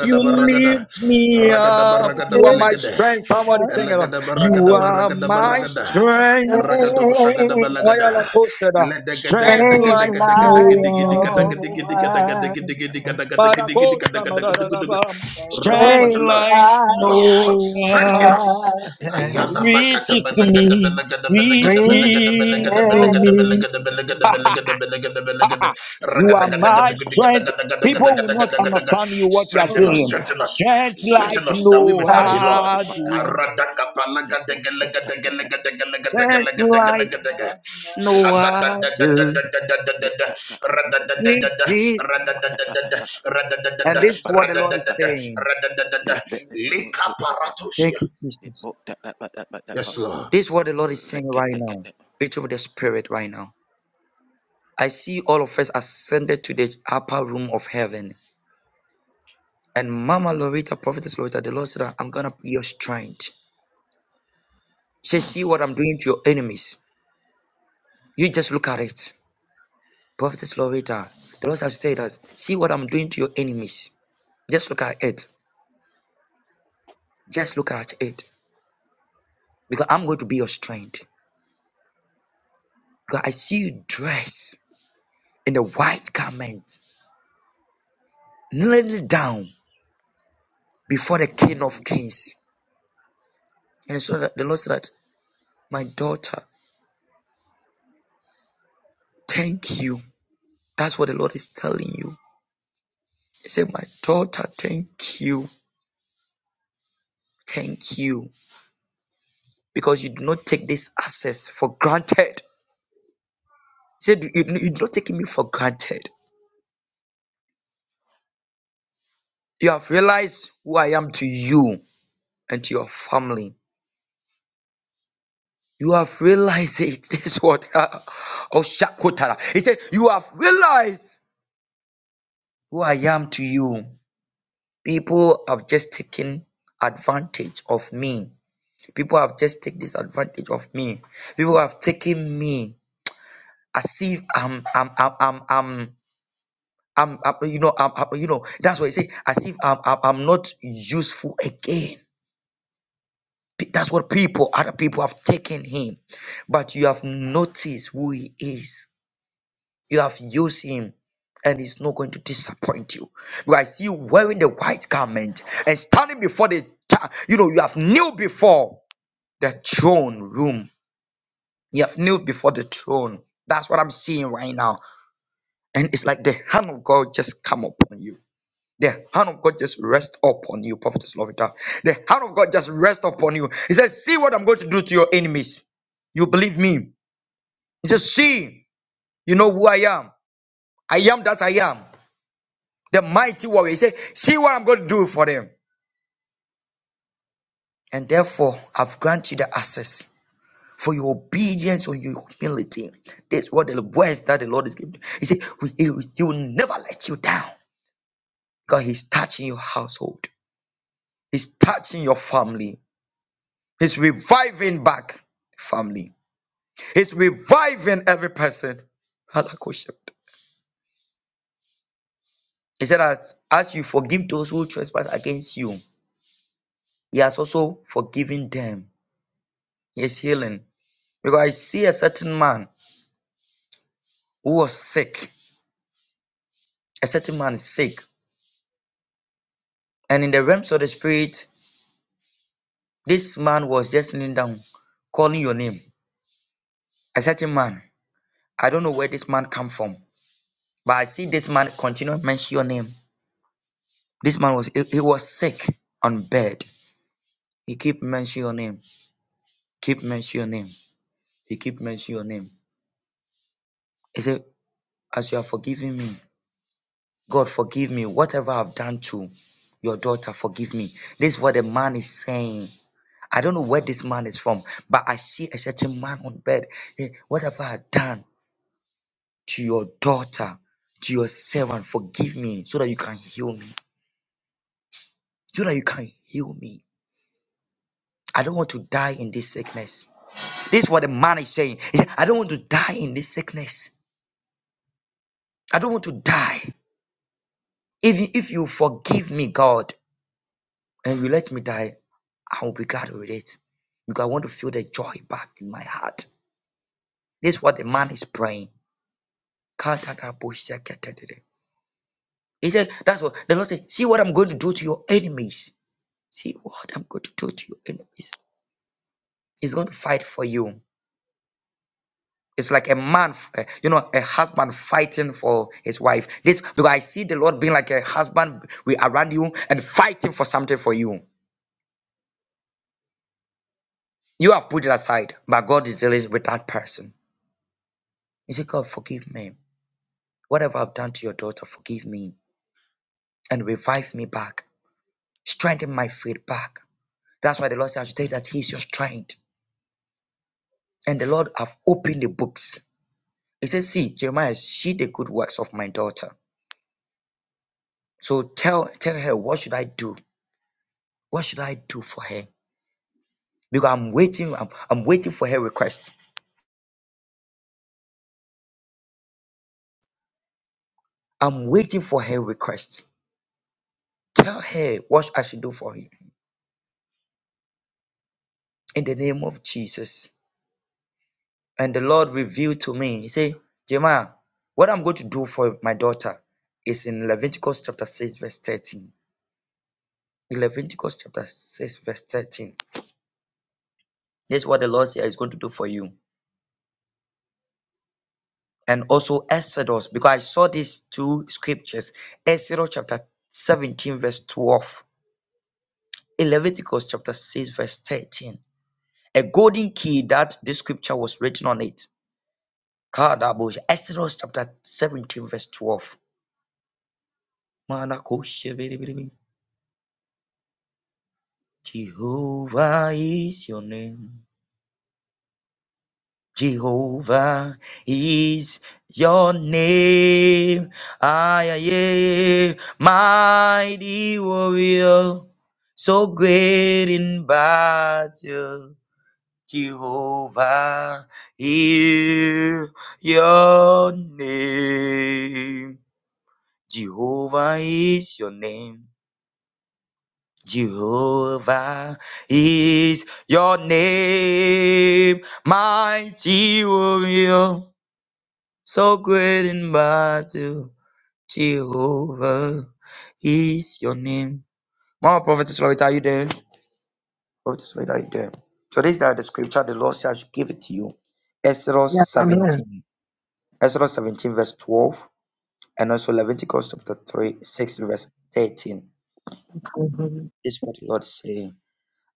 You baragada. lift me pick Ragada me up. baragada You up. are my balagada. strength. Somebody sing it. Elagada You baragada are baragada You my are baragada. my strength. strength. Ragadoko shagada balagada. Ayala Costa, da. Strength Train like like no Like no other. no other. one. Para Costa, ma da da da ba. Thank you, Strength Train Jesus. Thank like you, Jesus. no like Lord, No strengthen one. other. us. no other. Ayana Pick makata Reaches to benegada zikateka, me. benegada benegada benegada Rings Reaches benegada to benegada me. benegada benegada Me. up. benegada benegada benegada Let You ragada are gada my gada strength. gada gada gada gada People will gada not gada gada gada understand you what you are Strengthen us, doing. strengthen us, Strength like strengthen us that we may no serve you, Lord. No other. arada other. kapala gada gada gada gada gada gada gada Strength gada gada like gada gada Like no No shada da other da da da to da other. da da da da rada da da da da rada da da da da rada da da da And this is what the rada Lord da da is da saying. rada da da da Amen. likaparatos. Thank you, Jesus. Yes, Thank you, Lord. This is Jesus. what the Lord is saying right now. Victory with the Spirit right now. I see all of us ascended to the upper room of heaven. And Mama Lorita, Prophetess Lorita, the Lord said, that I'm going to be your strength. She said, see what I'm doing to your enemies. You just look at it. Prophetess Lorita, the Lord has said us, see what I'm doing to your enemies. Just look at it. Just look at it. Because I'm going to be your strength. Because I see you dress. in a white garment, kneeling down before the King of Kings. And so that the Lord said that, My daughter, thank you. That's what the Lord is telling you. He said, My daughter, thank you. Thank you. Because you do not take this access for granted. He said, You you do not taking me for granted. You have realized who I am to you and to your family. You have realized it. This is what Oshakotara. He said, You have realized who I am to you. People have just taken advantage of me. People have just taken disadvantage of me. People have taken me as if I'm I'm I'm I'm, I'm I'm, I'm- you know, I'm, I'm- you know, that's why I say, as if I'm, I'm, I'm not useful again. P- That's what people, other people have taken him. But you have noticed who he is You have used him and he's not going to disappoint you. Because I see you wearing the white garment and standing before the, ta- you know, you have kneel before the throne room. You have kneel before the throne. That's what I'm seeing right now. And it's like the hand of God just come upon you. The hand of God just rest upon you, Prophetess Lovita. The hand of God just rest upon you. He says, see what I'm going to do to your enemies. You believe me? He says, see, you know who I am. I am that I am. the mighty warrior. He said, See what I'm going to do for them. And therefore, I've granted you the access for your obedience or your humility. That's what the words that the Lord is giving. He said, He will never let you down because He's touching your household, He's touching your family, He's reviving back family, He's reviving every person. Halakoshep. He said that as you forgive those who trespass against you, He has also forgiven them. He is healing. Because I see a certain man. who was sick. A certain man is sick. And in the realms of the spirit, this man was just kneeling down, calling your name. A certain man. I don't know where this man come from, but I see this man continue to mention your name. This man was he, he was sick on bed. He keep mentioning your name. Keep mentioning your name. He keep mentioning your name. He said, As you are forgiving me, God forgive me. Whatever I've done to your daughter, forgive me. This is what the man is saying. I don't know where this man is from, but I see a certain man on bed. Hey, whatever I done to your daughter, to your servant, forgive me so that you can heal me. So that you can heal me. I don't want to die in this sickness. This is what the man is saying. He said, I don't want to die in this sickness. I don't want to die. If you, if you forgive me, God, and you let me die, I will be glad with it. Because I want to feel the joy back in my heart. This is what the man is praying. He said, That's what the Lord said. See what I'm going to do to your enemies. See what I'm going to do to your enemies. He's going to fight for you. It's like a man, f- eh, you know, a husband fighting for his wife. This because I see the Lord being like a husband we around you and fighting for something for you. You have put it aside, but God is dealing with that person. He said, God, forgive me. Whatever I've done to your daughter, forgive me and revive me back. Strengthen my faith back. That's why the Lord says today that He is your strength. And the Lord have opened the books. He says, See, Jeremiah, see the good works of my daughter. So tell tell her what should I do? What should I do for her? Because I'm waiting, I'm, I'm waiting for her request. I'm waiting for her request. Tell her what I should do for you in the name of Jesus. And the Lord revealed to me, He said, Jeremiah, what I'm going to do for my daughter is in Leviticus chapter 6, verse 13. In Leviticus chapter 6, verse 13. Here's what the Lord said is going to do for you. and also Exodus, because I saw these two scriptures Exodus chapter 17, verse 12, in Leviticus chapter 6, verse 13. A golden key that this scripture was written on it. Kadabosh, Exodus chapter 17, verse 12. Manakoshe, bidi, bidi, bidi. Jehovah is your name. Jehovah is your name. I am mighty warrior, so great in battle. Jehovah is your name. Jehovah is your name. Jehovah is your name, mighty warrior So great in battle, Jehovah is your name. Mama Prophetess Loretta, are you there? Prophetess Loretta, are you there? So this is like the scripture the Lord said I should give it to you. Exodus Yes, I'm 17. Exodus 17 verse 12 and also Leviticus chapter 3, 6 verse 13. This is what the Lord is saying.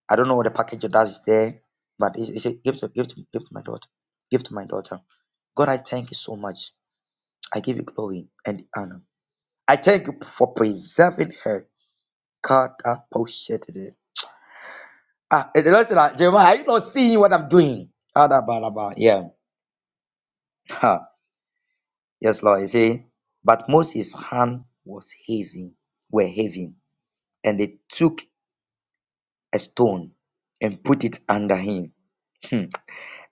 I don't know what the package of that is there, but it's, it's a give to, give, to, give to my daughter. Give to my daughter. God, I thank you so much. I give you glory and honor. I thank you for preserving her. God, I appreciate it. Ah, and the Lord said, ah, Jeremiah, are you not seeing what I'm doing? Ah, da, ba, da, ba. Yeah. Ha. Yes, Lord. You see, but Moses' hand was heavy, were heavy, and they took a stone and put it under him. Hmm.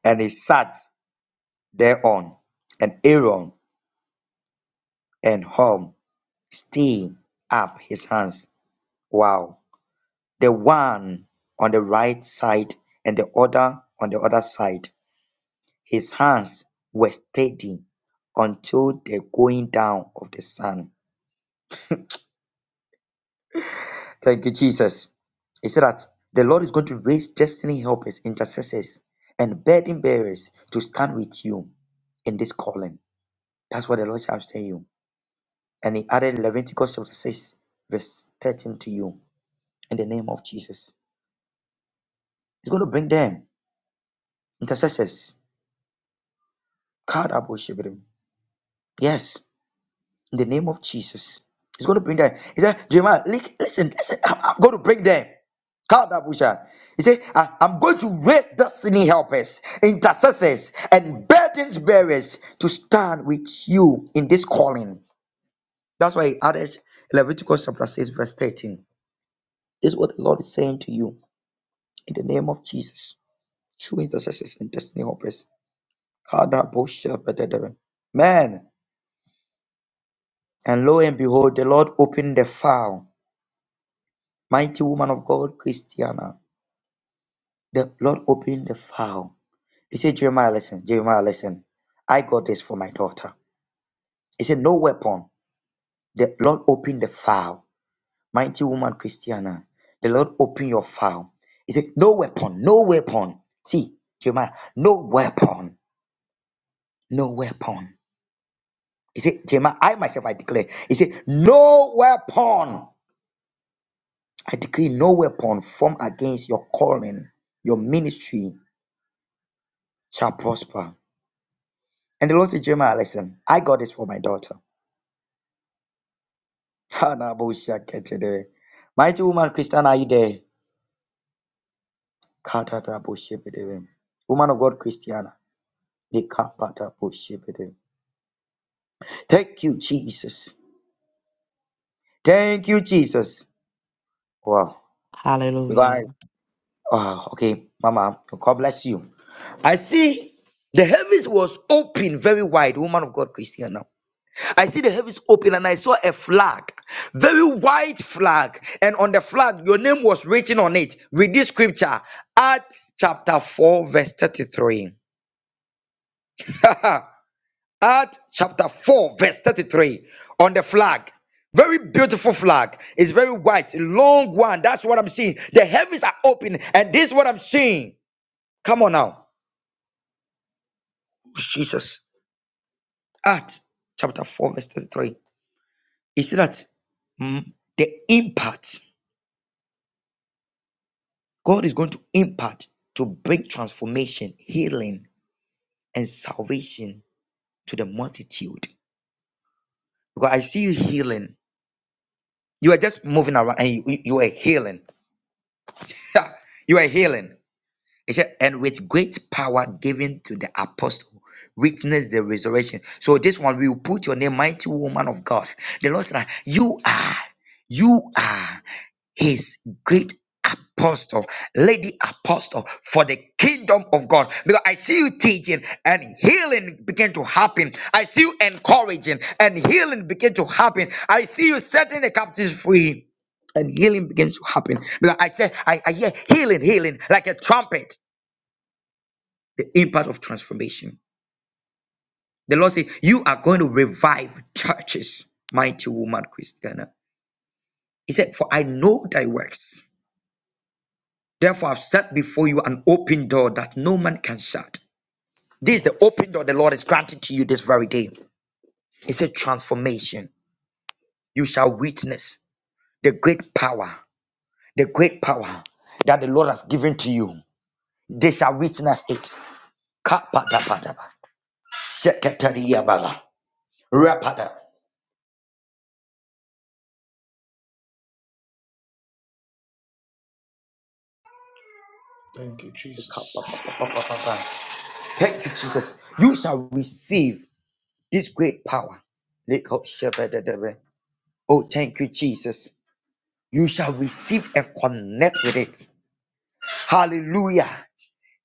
And he sat thereon, and Aaron and Hom stayed up his hands. Wow. The one on the right side and the other on the other side His hands were steady until the going down of the sun. Thank you, Jesus. He said that the Lord is going to raise destiny helpers, intercessors, and burden bearers to stand with you in this calling. That's what the Lord shall tell you. And he added Leviticus chapter 6, verse 13 to you in the name of Jesus. He's going to bring them, intercessors. God, I worship him. Yes. in the name of Jesus. He's going to bring them. He said, Jeremiah, li- listen, listen, I'm, I'm going to bring them. Kadabusha. He said, "I- I'm going to raise destiny helpers, intercessors, and burdens bearers to stand with you in this calling. That's why he added Leviticus chapter 6, verse 13. This is what the Lord is saying to you in the name of Jesus. True intercessors and destiny helpers. Kadabusha. Man, and lo and behold, the Lord opened the file Mighty woman of God, Christiana, the Lord opened the file. He said, Jeremiah, listen, Jeremiah, listen. I got this for my daughter. He said, No weapon. The Lord opened the file. Mighty woman, Christiana, the Lord opened your file. He said, No weapon, no weapon. See, Jeremiah, no weapon, no weapon. He said, Jeremiah, I myself, I declare. He said, No weapon. I decree no weapon formed against your calling, your ministry shall prosper. And the Lord said, Jeremiah, listen, I got this for my daughter. Hanaboshaketere. Mighty woman, Christiana, are you there? Katataboshepedere. Woman of God, Christiana. Lekapataboshepedere. Thank you, Jesus. Thank you, Jesus. Wow. You Hallelujah. guys. Oh, okay, Mama, God bless you. I see the heavens was open very wide, woman of God, Christiana. I see the heavens open and I saw a flag, very white flag, and on the flag your name was written on it. with this scripture, Acts chapter 4, verse 33. Acts chapter 4, verse 33, on the flag. Very beautiful flag. It's very white, long one. That's what I'm seeing. The heavens are open, and this is what I'm seeing. Come on now. Jesus. Acts chapter 4, verse 33. You see that? Mm, The impact. God is going to impart to bring transformation, healing, and salvation to the multitude. Because I see you healing. You are just moving around and you, you you are healing. you are healing. He said, and with great power given to the apostle, witness the resurrection. So this one we will put your name, mighty woman of God. The Lord said, You are, you are. his great apostle, lady apostle for the kingdom of God. Because I see you teaching and healing begin to happen. I see you encouraging and healing begin to happen. I see you setting the captives free and healing begins to happen. Because I said, I, I hear healing, healing like a trumpet, the impact of transformation. The Lord said, You are going to revive churches, mighty woman Christiana. He said, For I know thy works. Therefore, I've set before you an open door that no man can shut. This is the open door the Lord is granting to you this very day. It's a transformation. You shall witness the great power, the great power that the Lord has given to you. They shall witness it. Kapatapadaba, seketariababa, rapada. Thank you, Jesus. Kapapapapapa. Thank you, Jesus. You shall receive this great power. Lekoshebedebe. Oh, thank you, Jesus. you shall receive and connect with it. Hallelujah.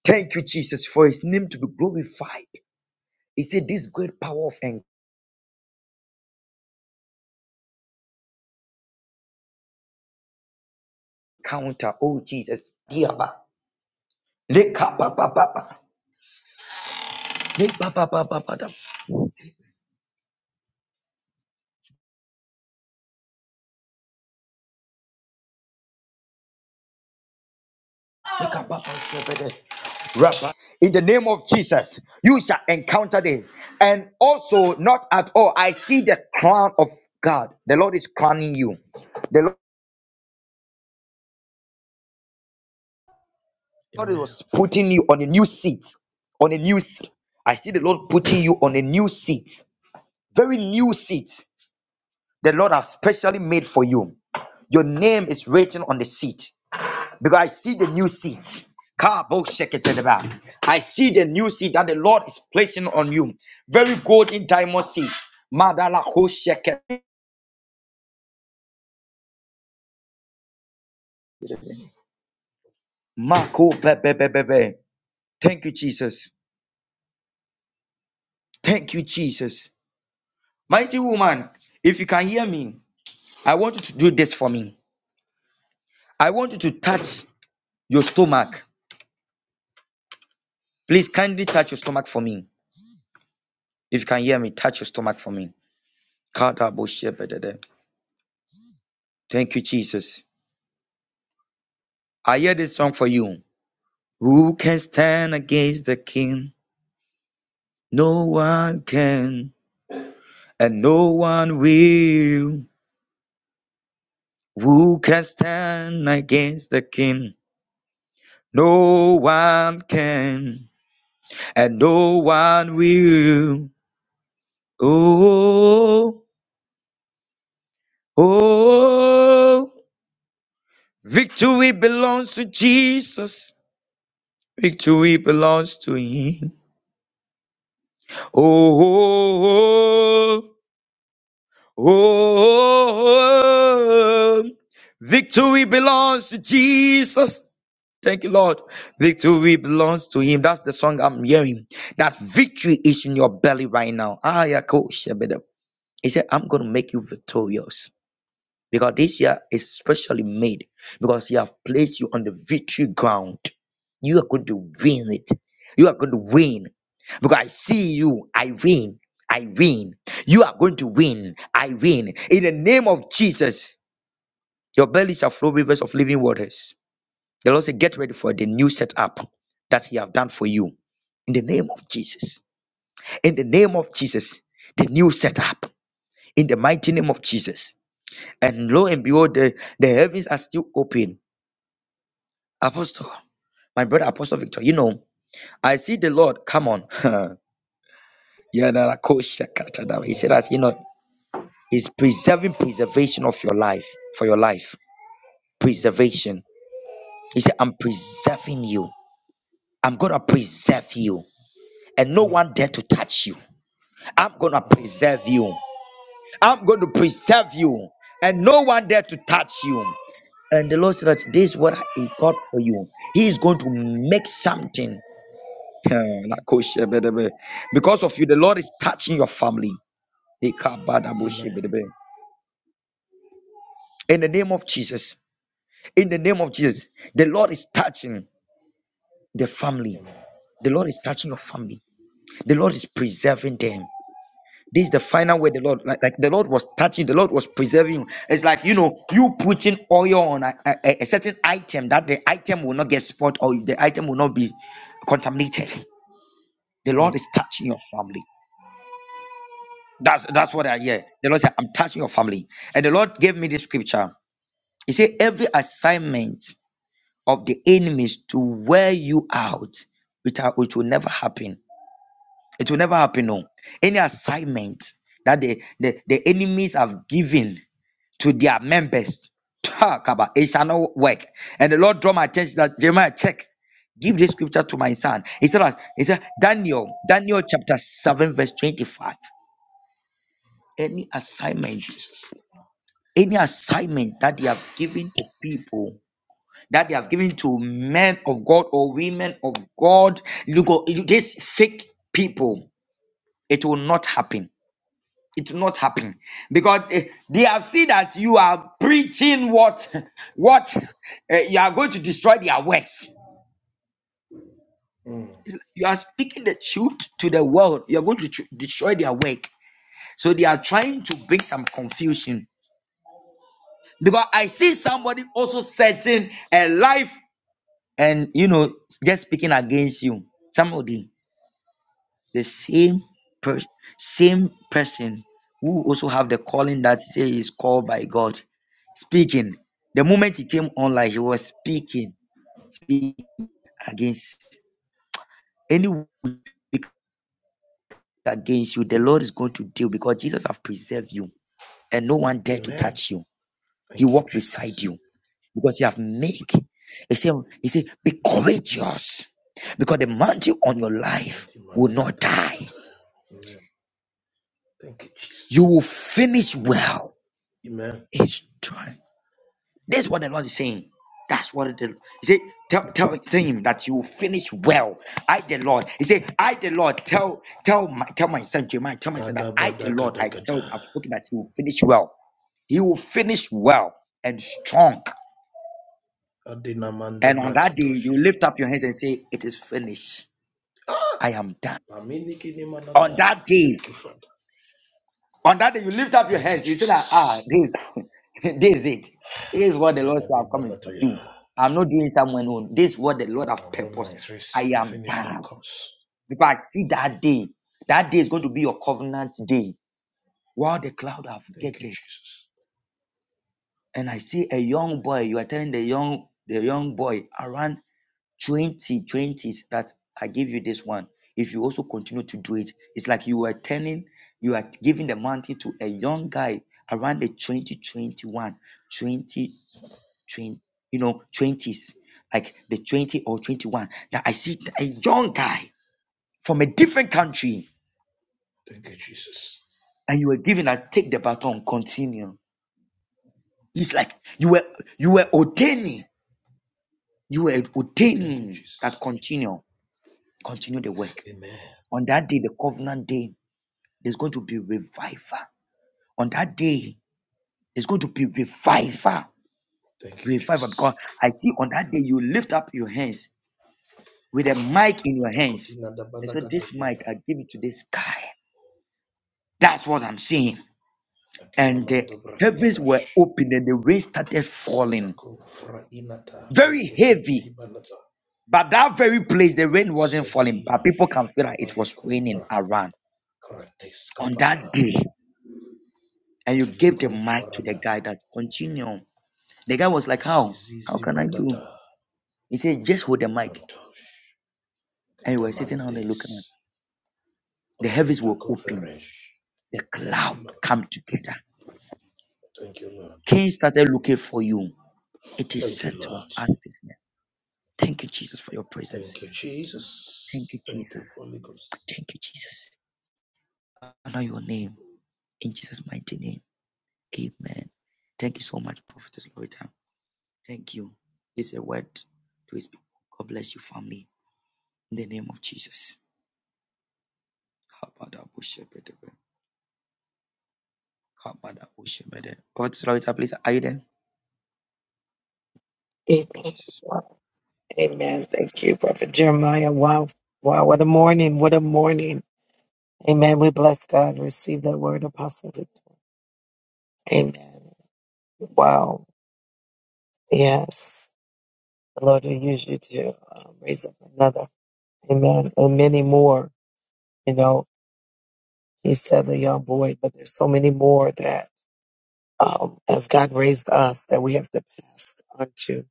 Thank you, Jesus, for his name to be glorified. He said, This great power of encounter, oh Jesus, Yaba. Lekapapapapa. Lekapapapapa. Lekapapasebede. Rapa. in the name of Jesus, you shall encounter them. And also, not at all, I see the crown of God. The Lord is crowning you. The God Amen. was putting you on a new seat, on a new seat. I see the Lord putting you on a new seat, very new seat. The Lord has specially made for you. Your name is written on the seat because I see the new seat. Kabo sheketeleba. I see the new seat that the Lord is placing on you. Very golden diamond seat. Madala ho sheke- Mako bebebebebe. Thank you, Jesus. Thank you, Jesus. Mighty woman, if you can hear me, I want you to do this for me. I want you to touch your stomach. Please kindly touch your stomach for me. If you can hear me, touch your stomach for me. Thank you, Jesus. I hear this song for you. Who can stand against the king? No one can, and no one will. Who can stand against the king? No one can, and no one will. Oh, oh, oh. Victory belongs to Jesus. Victory belongs to Him. Oh, oh, oh, oh. oh. victory belongs to Jesus. Thank you, Lord. Victory belongs to Him. That's the song I'm hearing. That victory is in your belly right now. Ah, yeah, cool. He said, I'm going to make you victorious. Because this year is specially made because He have placed you on the victory ground. You are going to win it. You are going to win. Because I see you, I win. I win. You are going to win. I win. In the name of Jesus, your belly shall flow rivers of living waters. The Lord said, Get ready for the new setup that He have done for you. In the name of Jesus. In the name of Jesus, the new setup. In the mighty name of Jesus. And lo and behold, the, the heavens are still open. Apostle, my brother Apostle Victor, you know, I see the Lord. Come on. Yadarakoshakatadaba. He said that, you know, he's preserving preservation of your life, for your life. Preservation. He said, I'm preserving you. I'm going to preserve you. And no one dare to touch you. I'm going to preserve you. I'm going to preserve you. And no one dare to touch you. And the Lord said that this is what he got for you. He is going to make something Eh, lakoshebedebe. Because of you, the Lord is touching your family. Amen. Ekabadaboshebedebe. In the name of Jesus, in the name of Jesus, the Lord is touching the family. Amen. The Lord is touching your family. The Lord is preserving them. This is the final way the Lord, like, like the Lord was touching, the Lord was preserving you. It's like, you know, you putting oil on a, a, a a certain item that the item will not get spoiled or the item will not be contaminated. The Lord is touching your family. That's that's what I hear. The Lord said, I'm touching your family. And the Lord gave me this scripture. He said, Every assignment of the enemies to wear you out, it, ha- it will never happen. It will never happen. No. Any assignment that the, the, the enemies have given to their members, talk about it shall not work. And the Lord draw my attention that Jeremiah check. Give this scripture to my son. He said, that- he said Daniel, Daniel chapter 7, verse 25. Any Thank you, assignment Jesus. any assignment that they have given to people that they have given to men of god or women of god look oh, you- these fake people it will not happen it will not happen because eh, they have seen that you are preaching what what eh, you are going to destroy their works you are speaking the truth to the world you are going to tr- destroy their work so they are trying to bring some confusion because i see somebody also setting a life and you know just speaking against you somebody the the same per- same person who also have the calling that say is called by god speaking the moment he came online he was speaking speaking against anyone speak against you the lord is going to deal because jesus have preserved you and no one dare to touch you he walked beside you because he have make he said he said be courageous because the mountain on your life will not die You will finish well each time. This is what the Lord is saying. That's what the He said. Tell, tell, tell him that you will finish well. I the Lord. He said, I the Lord. Tell tell my tell my son Jeremiah. Tell my son that I the Lord. I tell. I've spoken that he will finish well. He will finish well and strong. And on that day, you lift up your hands and say, It is finished. I am done. On that day, On that day, you lift up your hands. You say that, ah, this, this is it. This is what the Lord said I'm coming to do. I'm not doing someone own. This is what the Lord have purpose. I am done. Because I see that day. That day is going to be your covenant day. While the cloud have gathered, and I see a young boy. You are telling the young, the young boy around 2020s that i give you this one if you also continue to do it it's like you are turning you are giving the mountain to a young guy around the 2021 20 twenty, you know 20s like the 20 or 21 Now i see a young guy from a different country Thank you, Jesus. and you were given a take the baton continue it's like you were you were ordaining you were Thank you, ordaining that Jesus. continue continue the work Amen. on that day the covenant day There's going to be revival. On that day, it's going to be revival. Thank you, Revival. Jesus. Because I see on that day you lift up your hands with a mic in your hands. And so this mic, I give it to the sky. That's what I'm seeing. And the heavens were open and the rain started falling. Very heavy. But that very place, the rain wasn't falling, but people can feel like it was raining around on that day. And you gave the mic to the guy that continue. The guy was like, How? How Zizizi can I do? badada He said, just hold the mic. mantosh And you were sitting on there looking at. kadamandes The heavens raida were open. goveresh. The Thank cloud you, Lord. come together. Thank you, Lord. Cain started looking for you. It is Thank you, settled Lord. as this name. Thank you, Jesus, for your presence. Thank you, Thank you, Jesus. Thank you, Jesus. Holy Ghost. Thank you, Jesus. Honor your name. In Jesus' mighty name. Amen. Thank you so much, Prophetess Loretta. Thank you. It's a word to his people. God bless you, family. In the name of Jesus. Kabada Prophetess Loretta, please, are you there? Thank you, eating. Jesus. Amen. Thank you, Prophet Jeremiah. Wow. Wow. What a morning. What a morning. Amen. We bless God. Receive that word, Apostle. Victor. Amen. Wow. Yes. The Lord will use you to um, raise up another. Amen. And many more. You know, he said the young boy, but there's so many more that um, as God raised us that we have to pass on to.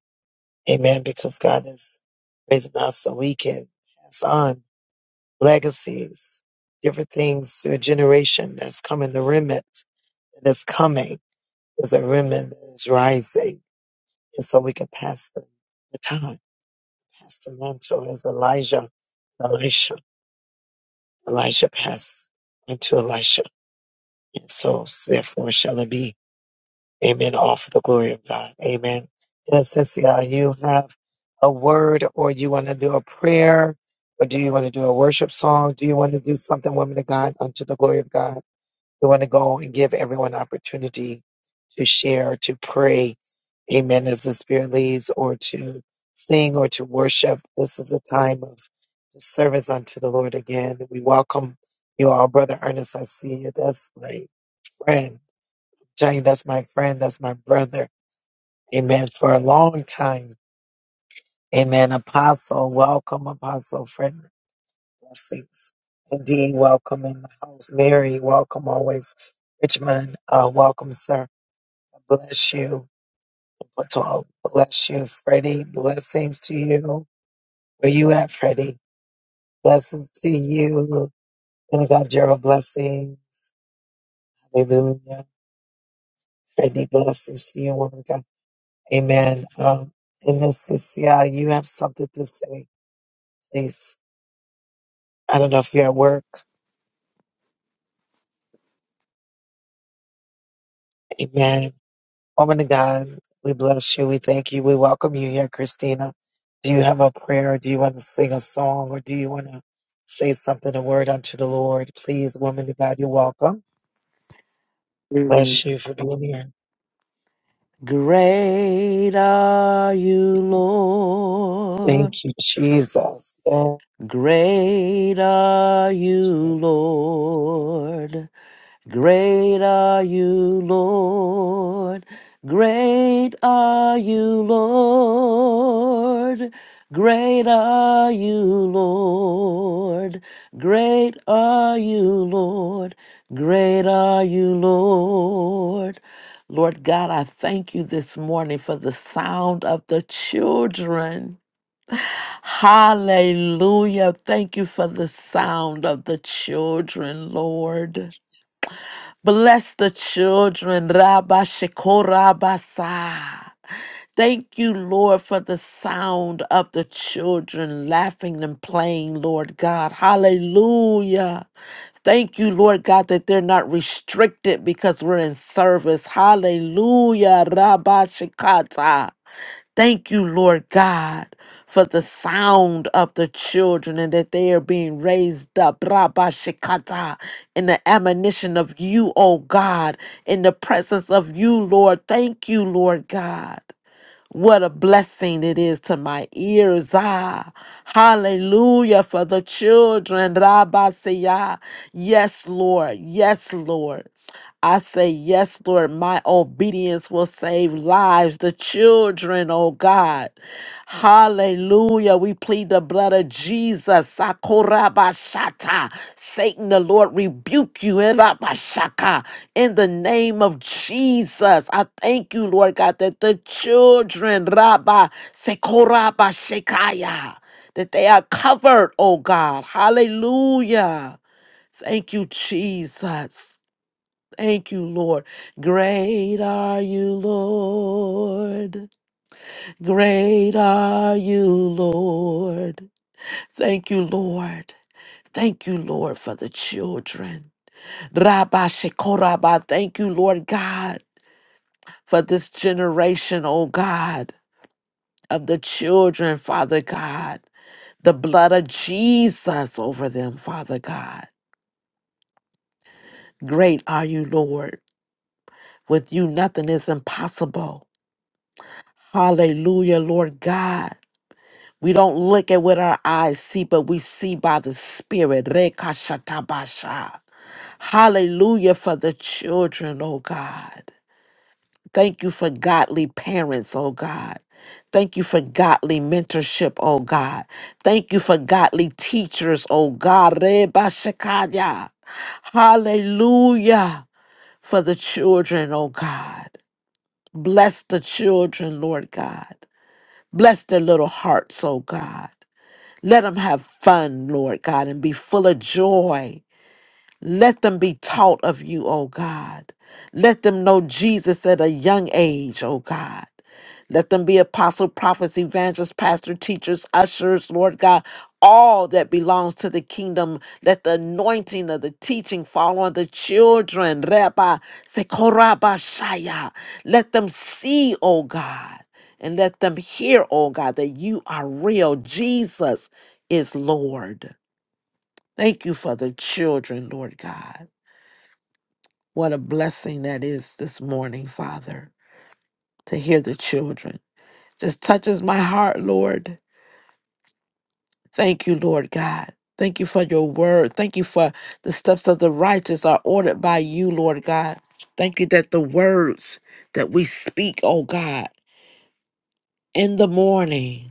Amen. Because God is raising us so we can pass on legacies, different things to a generation that's coming, the remnant that is coming. There's a remnant that is rising. And so we can pass the, the time, pass the mantle as Elijah, Elisha. Elijah passed unto Elisha. And so therefore shall it be Amen. All for the glory of God. Amen. Yes, Cecilia, you have a word or you want to do a prayer or do you want to do a worship song? Do you want to do something, woman of God, unto the glory of God? We want to go and give everyone opportunity to share, to pray. Amen. As the Spirit leads or to sing or to worship. This is a time of service unto the Lord again. We welcome you all, Brother Ernest. I see you. That's my friend. i telling you, that's my friend. That's my brother Amen. For a long time. Amen. Apostle, welcome, Apostle Frederick. Blessings. Indeed, welcome in the house. Mary, welcome always. Richmond, uh, welcome, sir. Bless you. Patel, bless you. Freddie, blessings to you. Where you at, Freddie? Blessings to you. And of God, Gerald, blessings. Hallelujah. Freddie, blessings to you, woman of God. Amen. Um, and Miss Cecilia, you have something to say, please. I don't know if you're at work. Amen. Woman of God, we bless you. We thank you. We welcome you here, Christina. Do you have a prayer? Do you want to sing a song or do you want to say something, a word unto the Lord? Please, woman of God, you're welcome. Amen. Bless you for being here. Great are you, Thank Lord. you, Jesus. Oh, Great are you, Oh, Lord. Great are you, Lord. Great are you, Lord. Great are you, Lord. Great are you, Lord. Great are you, Lord. Lord God, I thank you this morning for the sound of the children. Hallelujah. Thank you for the sound of the children, Lord. Bless the children, Rabba Shekorabasa. Thank you, Lord, for the sound of the children laughing and playing, Lord God. Hallelujah. Thank you, Lord God, that they're not restricted because we're in service. Hallelujah. Rabba Shekata. Thank you, Lord God, for the sound of the children and that they are being raised up, Rabashikata, in the admonition of you, O God, in the presence of you, Lord. Thank you, Lord God. What a blessing it is to my ears. Ah, hallelujah for the children. Rabasiah. Yes, Lord. Yes, Lord. I say, Yes, Lord, my obedience will save lives, the children, oh God. Hallelujah. We plead the blood of Jesus. Sakorabashata. Satan, the Lord rebuke you Erabashaka. in the name of Jesus. I thank you, Lord God, that the children, Rabba, Sekorabashekaya, that they are covered, oh God. Hallelujah. Thank you, Jesus. Thank you, Lord. Great are you, Lord. Great are you, Lord. Thank you, Lord. Thank you, Lord, for the children. Rabba Shekoraba. Thank you, Lord God, for this generation, oh God, of the children, Father God. The blood of Jesus over them, Father God. Great are you, Lord. With you, nothing is impossible. Hallelujah, Lord God. We don't look at what our eyes see, but we see by the Spirit. Rekashatabasha. Hallelujah for the children, oh God. Thank you for godly parents, oh God. Thank you for godly mentorship, oh God. Thank you for godly teachers, oh God. Rebashakaya. Hallelujah for the children, oh God. Bless the children, Lord God. Bless their little hearts, oh God. Let them have fun, Lord God, and be full of joy. Let them be taught of you, O God. Let them know Jesus at a young age, O God. Let them be apostle, prophets, evangelists, pastors, teachers, ushers, Lord God, all that belongs to the kingdom. Let the anointing of the teaching fall on the children. Rabba, Sekoraba Shaya. Let them see, O God, and let them hear, O God, that you are real. Jesus is Lord. Thank you for the children, Lord God. What a blessing that is this morning, Father, to hear the children. Just touches my heart, Lord. Thank you, Lord God. Thank you for your word. Thank you for the steps of the righteous are ordered by you, Lord God. Thank you that the words that we speak, oh God, in the morning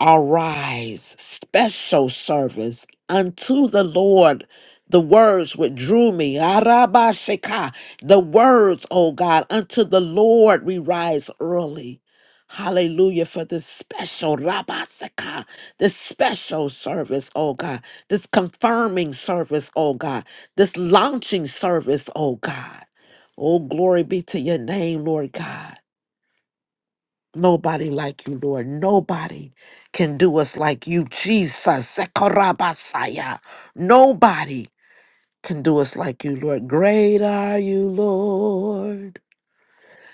Arise, special service unto the Lord. The words which drew me, Arabashika, the words, oh God, unto the Lord we rise early. Hallelujah for this special Rabasaka, this special service, oh God, this confirming service, oh God, this launching service, oh God. Oh, glory be to your name, Lord God. Nobody like you, Lord. Nobody can do us like you, Jesus. Sekorabasaya. Nobody can do us like you, Lord. Great are you, Lord.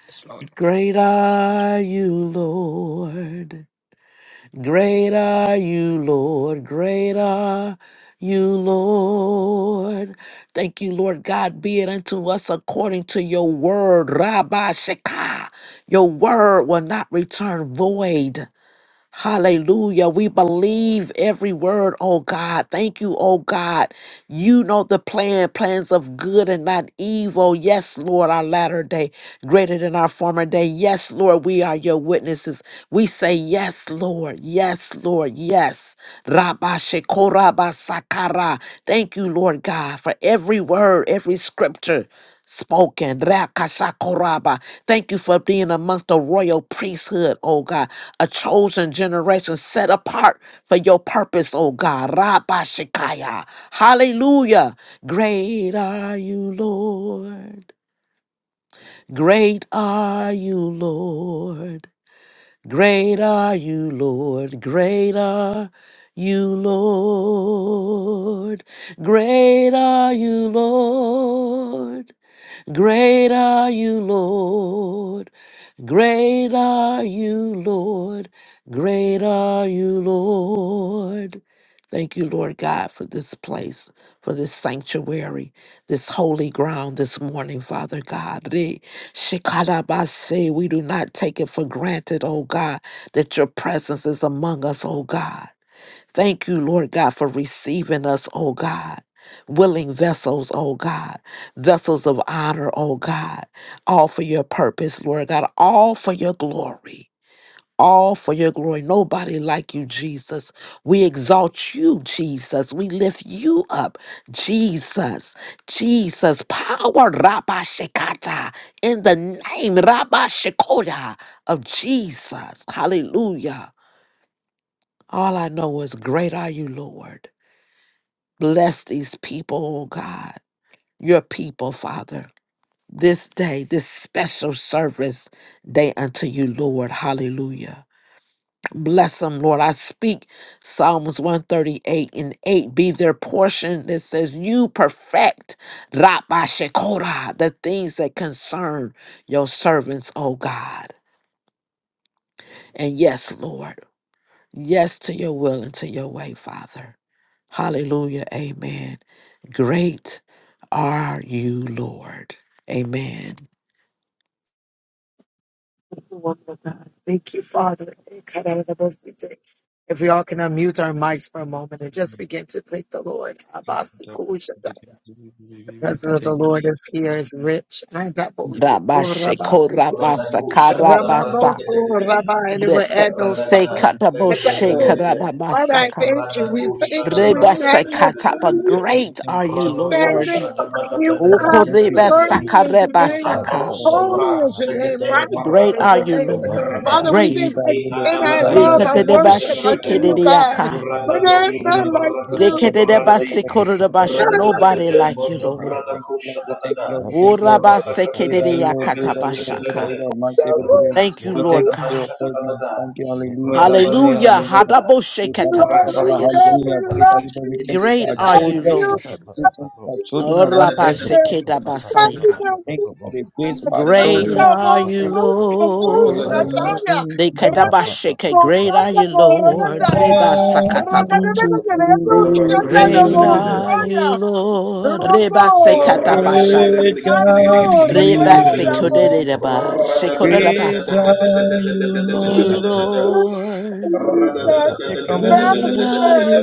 Yes, Lord. Great are you, Lord. Great are you, Lord. Great are you, Lord. Thank you, Lord God. Be it unto us according to your word. Rabbi Shekah. Your word will not return void. Hallelujah. We believe every word, oh God. Thank you, oh God. You know the plan, plans of good and not evil. Yes, Lord, our latter day, greater than our former day. Yes, Lord, we are your witnesses. We say, Yes, Lord. Yes, Lord. Yes. Rabba Shekoraba Sakara. Thank you, Lord God, for every word, every scripture spoken. Rakashakoraba. Thank you for being amongst the royal priesthood, oh God, a chosen generation set apart for your purpose, oh God. Rabashikaya. Hallelujah. Great are you, Lord. Great are you, Lord. Great are you, Lord. Great are you, Lord. Great are you, Lord. Great are you, Lord. Great are you, Lord. Great are you, Lord. Thank you, Lord God, for this place, for this sanctuary, this holy ground this morning, Father God. Re- Shikarabase. We do not take it for granted, oh God, that your presence is among us, oh God. Thank you, Lord God, for receiving us, oh God. Willing vessels, oh God, vessels of honor, oh God, all for your purpose, Lord God, all for your glory, all for your glory. Nobody like you, Jesus. We exalt you, Jesus. We lift you up, Jesus, Jesus. Power, Rabba Shekata, in the name, Rabba Shekoda of Jesus. Hallelujah. All I know is, Great are you, Lord. Bless these people, oh God, your people, Father. This day, this special service day unto you, Lord. Hallelujah. Bless them, Lord. I speak Psalms 138 and 8 be their portion that says, You perfect Rabba Shekora, the things that concern your servants, oh God. And yes, Lord. Yes to your will and to your way, Father. Hallelujah. Amen. Great are you, Lord. Amen. woman of God. Thank you, Father. If we all can unmute our mics for a moment and just begin to thank the Lord. We- we- we Presence of the Thank Lord you. is here is rich. I double Yes. seek or rabba seek. Rada Rabashekorabasa, kusha kadabrata Ramamo karabasa, kete for rabba kete. and it will rebe- add no Radaka, song. I double. Segedebelegede, All right, sekataboshekarabasaka, thank you. Radako, We thank you. We magnify Shadabratabelegede, you. Jesus, Great thank are you, you, Jesus. Thank Radako, Lord. Magnify you, Thank you, God. Jesus. you, Jesus. Thank Shadabadabelegede, Thank you, Worthy is your name. Let's Ikato, Okorebasakarebasaka. shut that back Sobra, Holy is up, that your book. name. Segede, Righteous you, is Great Jesus. are your Jesus. you, name. Let Lord. that Paradakatakakarada, be Father, we good. give Great. Great See, are you, Lord. and Thank you, Great I are you, Jesus. love Lord. our Great let are you, that Lord. book, worship that unto Ikadabadagadabelegede, that book, you, that book, that book, God. that book, Bikatedebashekerediaka. Great that Thank For you, Radado, there's book, Jesus. that book, none like that Shadabaraka, book, are you, you. Lord. Skuparadadi, Thank you, Zip Jesus. Dekedebasikorodabasha. None like Nobody Radadadadada, you. like you, Lord. Thank Bondabradako, you, Lord. We thank Shadadada, you, Lord. We thank you, Lord. We Nobody. thank you, Lord. Great are you, Lord. Great are you, Lord. Great are Orabasekedeyakatabashaka. you, Radakadagadabelegede, Lord. Man, say, good, Thank you, We thank Lord you for God. your presence. Paranamashadabalada, Thank you. Hallelujah. Hallelujah. Hallelujah. Hallelujah. radabadabadabada, We We thank you, Baba, love you, Baba, Hadaboshekatabashaya. God. We Hallelujah. ratakosopratilidide, Great are love you, Lord. We you. thank you for Great our are you, We children. Love Lord. We thank you for you. our We children Love around us. We radadadadadadadada, thank you you. for the Thank service. you, Orabasekedabasaya. We God. thank you for the You're grace for awesome. our Great children. Tata are go, you, Thank kumu, you. Great are Lord. brodakata, you, chataya. Lord. Rata Dekedabasheke. go, Great are tata you, go, Lord. rata Great Thank you, are rota. Jesus. you, Rebasakatabasha. Thank you, Jesus. Great Lord. ladabarakoshagadabadagade. are you, Lord. Reba Yellow Great Rata are you, Reba Thank you, Lord. Jesus. Rebasekodereba, Great Thank shekoderebasa. you, are Jesus. you, You, Lord. Lord, Red cat cat get boat. great are you,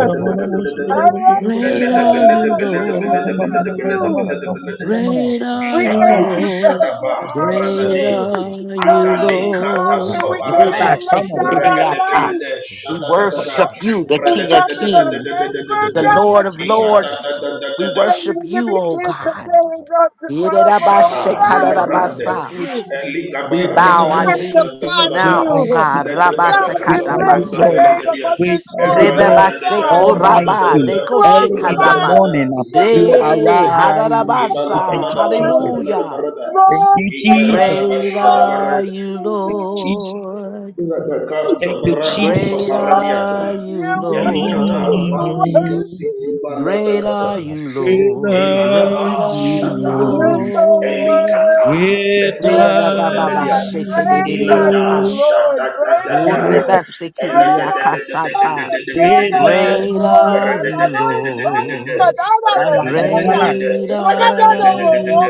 Thank you, boat, Jesus. sheep get that boat. Cat butt that Great butt that are Thank butt that you, you, book. Jesus. Lord. The Thank mat you, cat boat, Jesus. get that bat that boat. Great Shut we are that butt. you, Ikata Ah, came to Jesus. Lord. Shadaba Thank you, honor Red Jesus. Great Radade cat you. cat are get. you, God, at this Atanikratas altar, Rat Lord. we butt butt Reba butt came butt Ah, Koparade to butt butt. lay come on. down our lives. Regadebelede Rebasekoderiatas. We Zip it it butt Shadadadada I butt worship butt butt you, butt the butt am butt. King of nothing but a Kings, favor, Zip the Radadadadadadadadadada it it Jesus, butt Lord butt of butt butt God. Jesus. butt butt butt Lords. butt. We Ikadadadadadada Send me worship to you, be O Shut that fearsome, butt God. that butt Lord, butt. to tomorrow, but oh Shata God, we Melebrande thank Yererabashekarabasa. Oh, you. Jesus. Eliga We Where are you, bow Barakada our Lord? knees to Shada Magnify you Where now, Bada are oh you, you. God. Lord? Lede Rabba God, Bada we Where Kata Sakata are lift you, Ronda the Lord? Basaka. name Kelegadia upon Where this are you, altar, Erada Lord? Rebeba oh da da da God. Seko Rada da Rabba. da Be Almighty. da Neko Early in Rada the Shikata da da glorified, da Bas. morning, King of Zede you da da Kings. da De da da arise. I Ibala say, Be Hadarabasa. Thank you, Balada Barada Jesus. Balada Glorified. Hallelujah. Barada Thank Lord, you, the Iga Rada Jesus. Lord, Great you Bashada are are Barada you, Thank worthy. you, Jesus. Lord. Rada Amen. Kata Thank you, Barado Great Jesus. You are Saparadiata worthy. are you, Thank you, thank You Elikata are Lord. Matika Mm, you, worthy. Jesus. Thank you, City Jesus. Balada Great Kata are you, When Lord. Thank are you, Great Eladaba you are Jesus. you, Shata You're Lord? so Lord. Elikata know, Peto worthy. are Rebaba Soteledia God. you Shake de Great are you, Diaka. Elada Lord? Thank Lord. Shata you, da Great Jesus. da are yeah, here it da you. comes the- Great are you, Lord. Urebasikiriakashata. Great are you, whether Great you Lord. are I Lord? you, love you. I love you. I Lord. love ah, la, da, da, da, da. Great are you,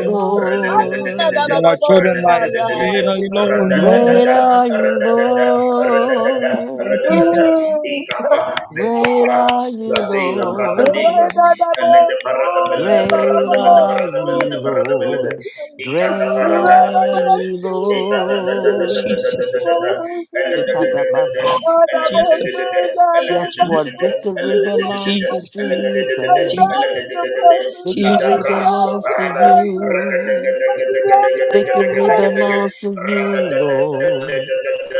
in Lord. our children life, when are you Lord, no, no, no, Great no. are you, Ah, Lord. Jesus, thank Ikapa Great Sapra, are you, Pratela, Lord. Pratalingras, and let the Barada Bella, the Barada Great Bella, the are Barada you, Bella, the Barada Bella, Lord. Ekata Great Baragada you, are Bella, you, Jesus, Eta da da da da da Lord. da da da da Jesus, da da, and let the da Thank Jesus, you, da da Jesus. da, and let the da da da da, Yes, Jesus, Thank Lord. you, Jesus, Jesus. and let Victory the da da belongs da da, to Jesus, and let the da da da da, and let the da da da da, Thank and you, Jesus. thank you. let Jesus. the Jesus. your da da da da, presence, God. La da Victory I Jesus, love Brasso, belongs to your Parada, Raga da presence. da you. I da da da da da love your Victory presence. belongs to you, Rada Lord.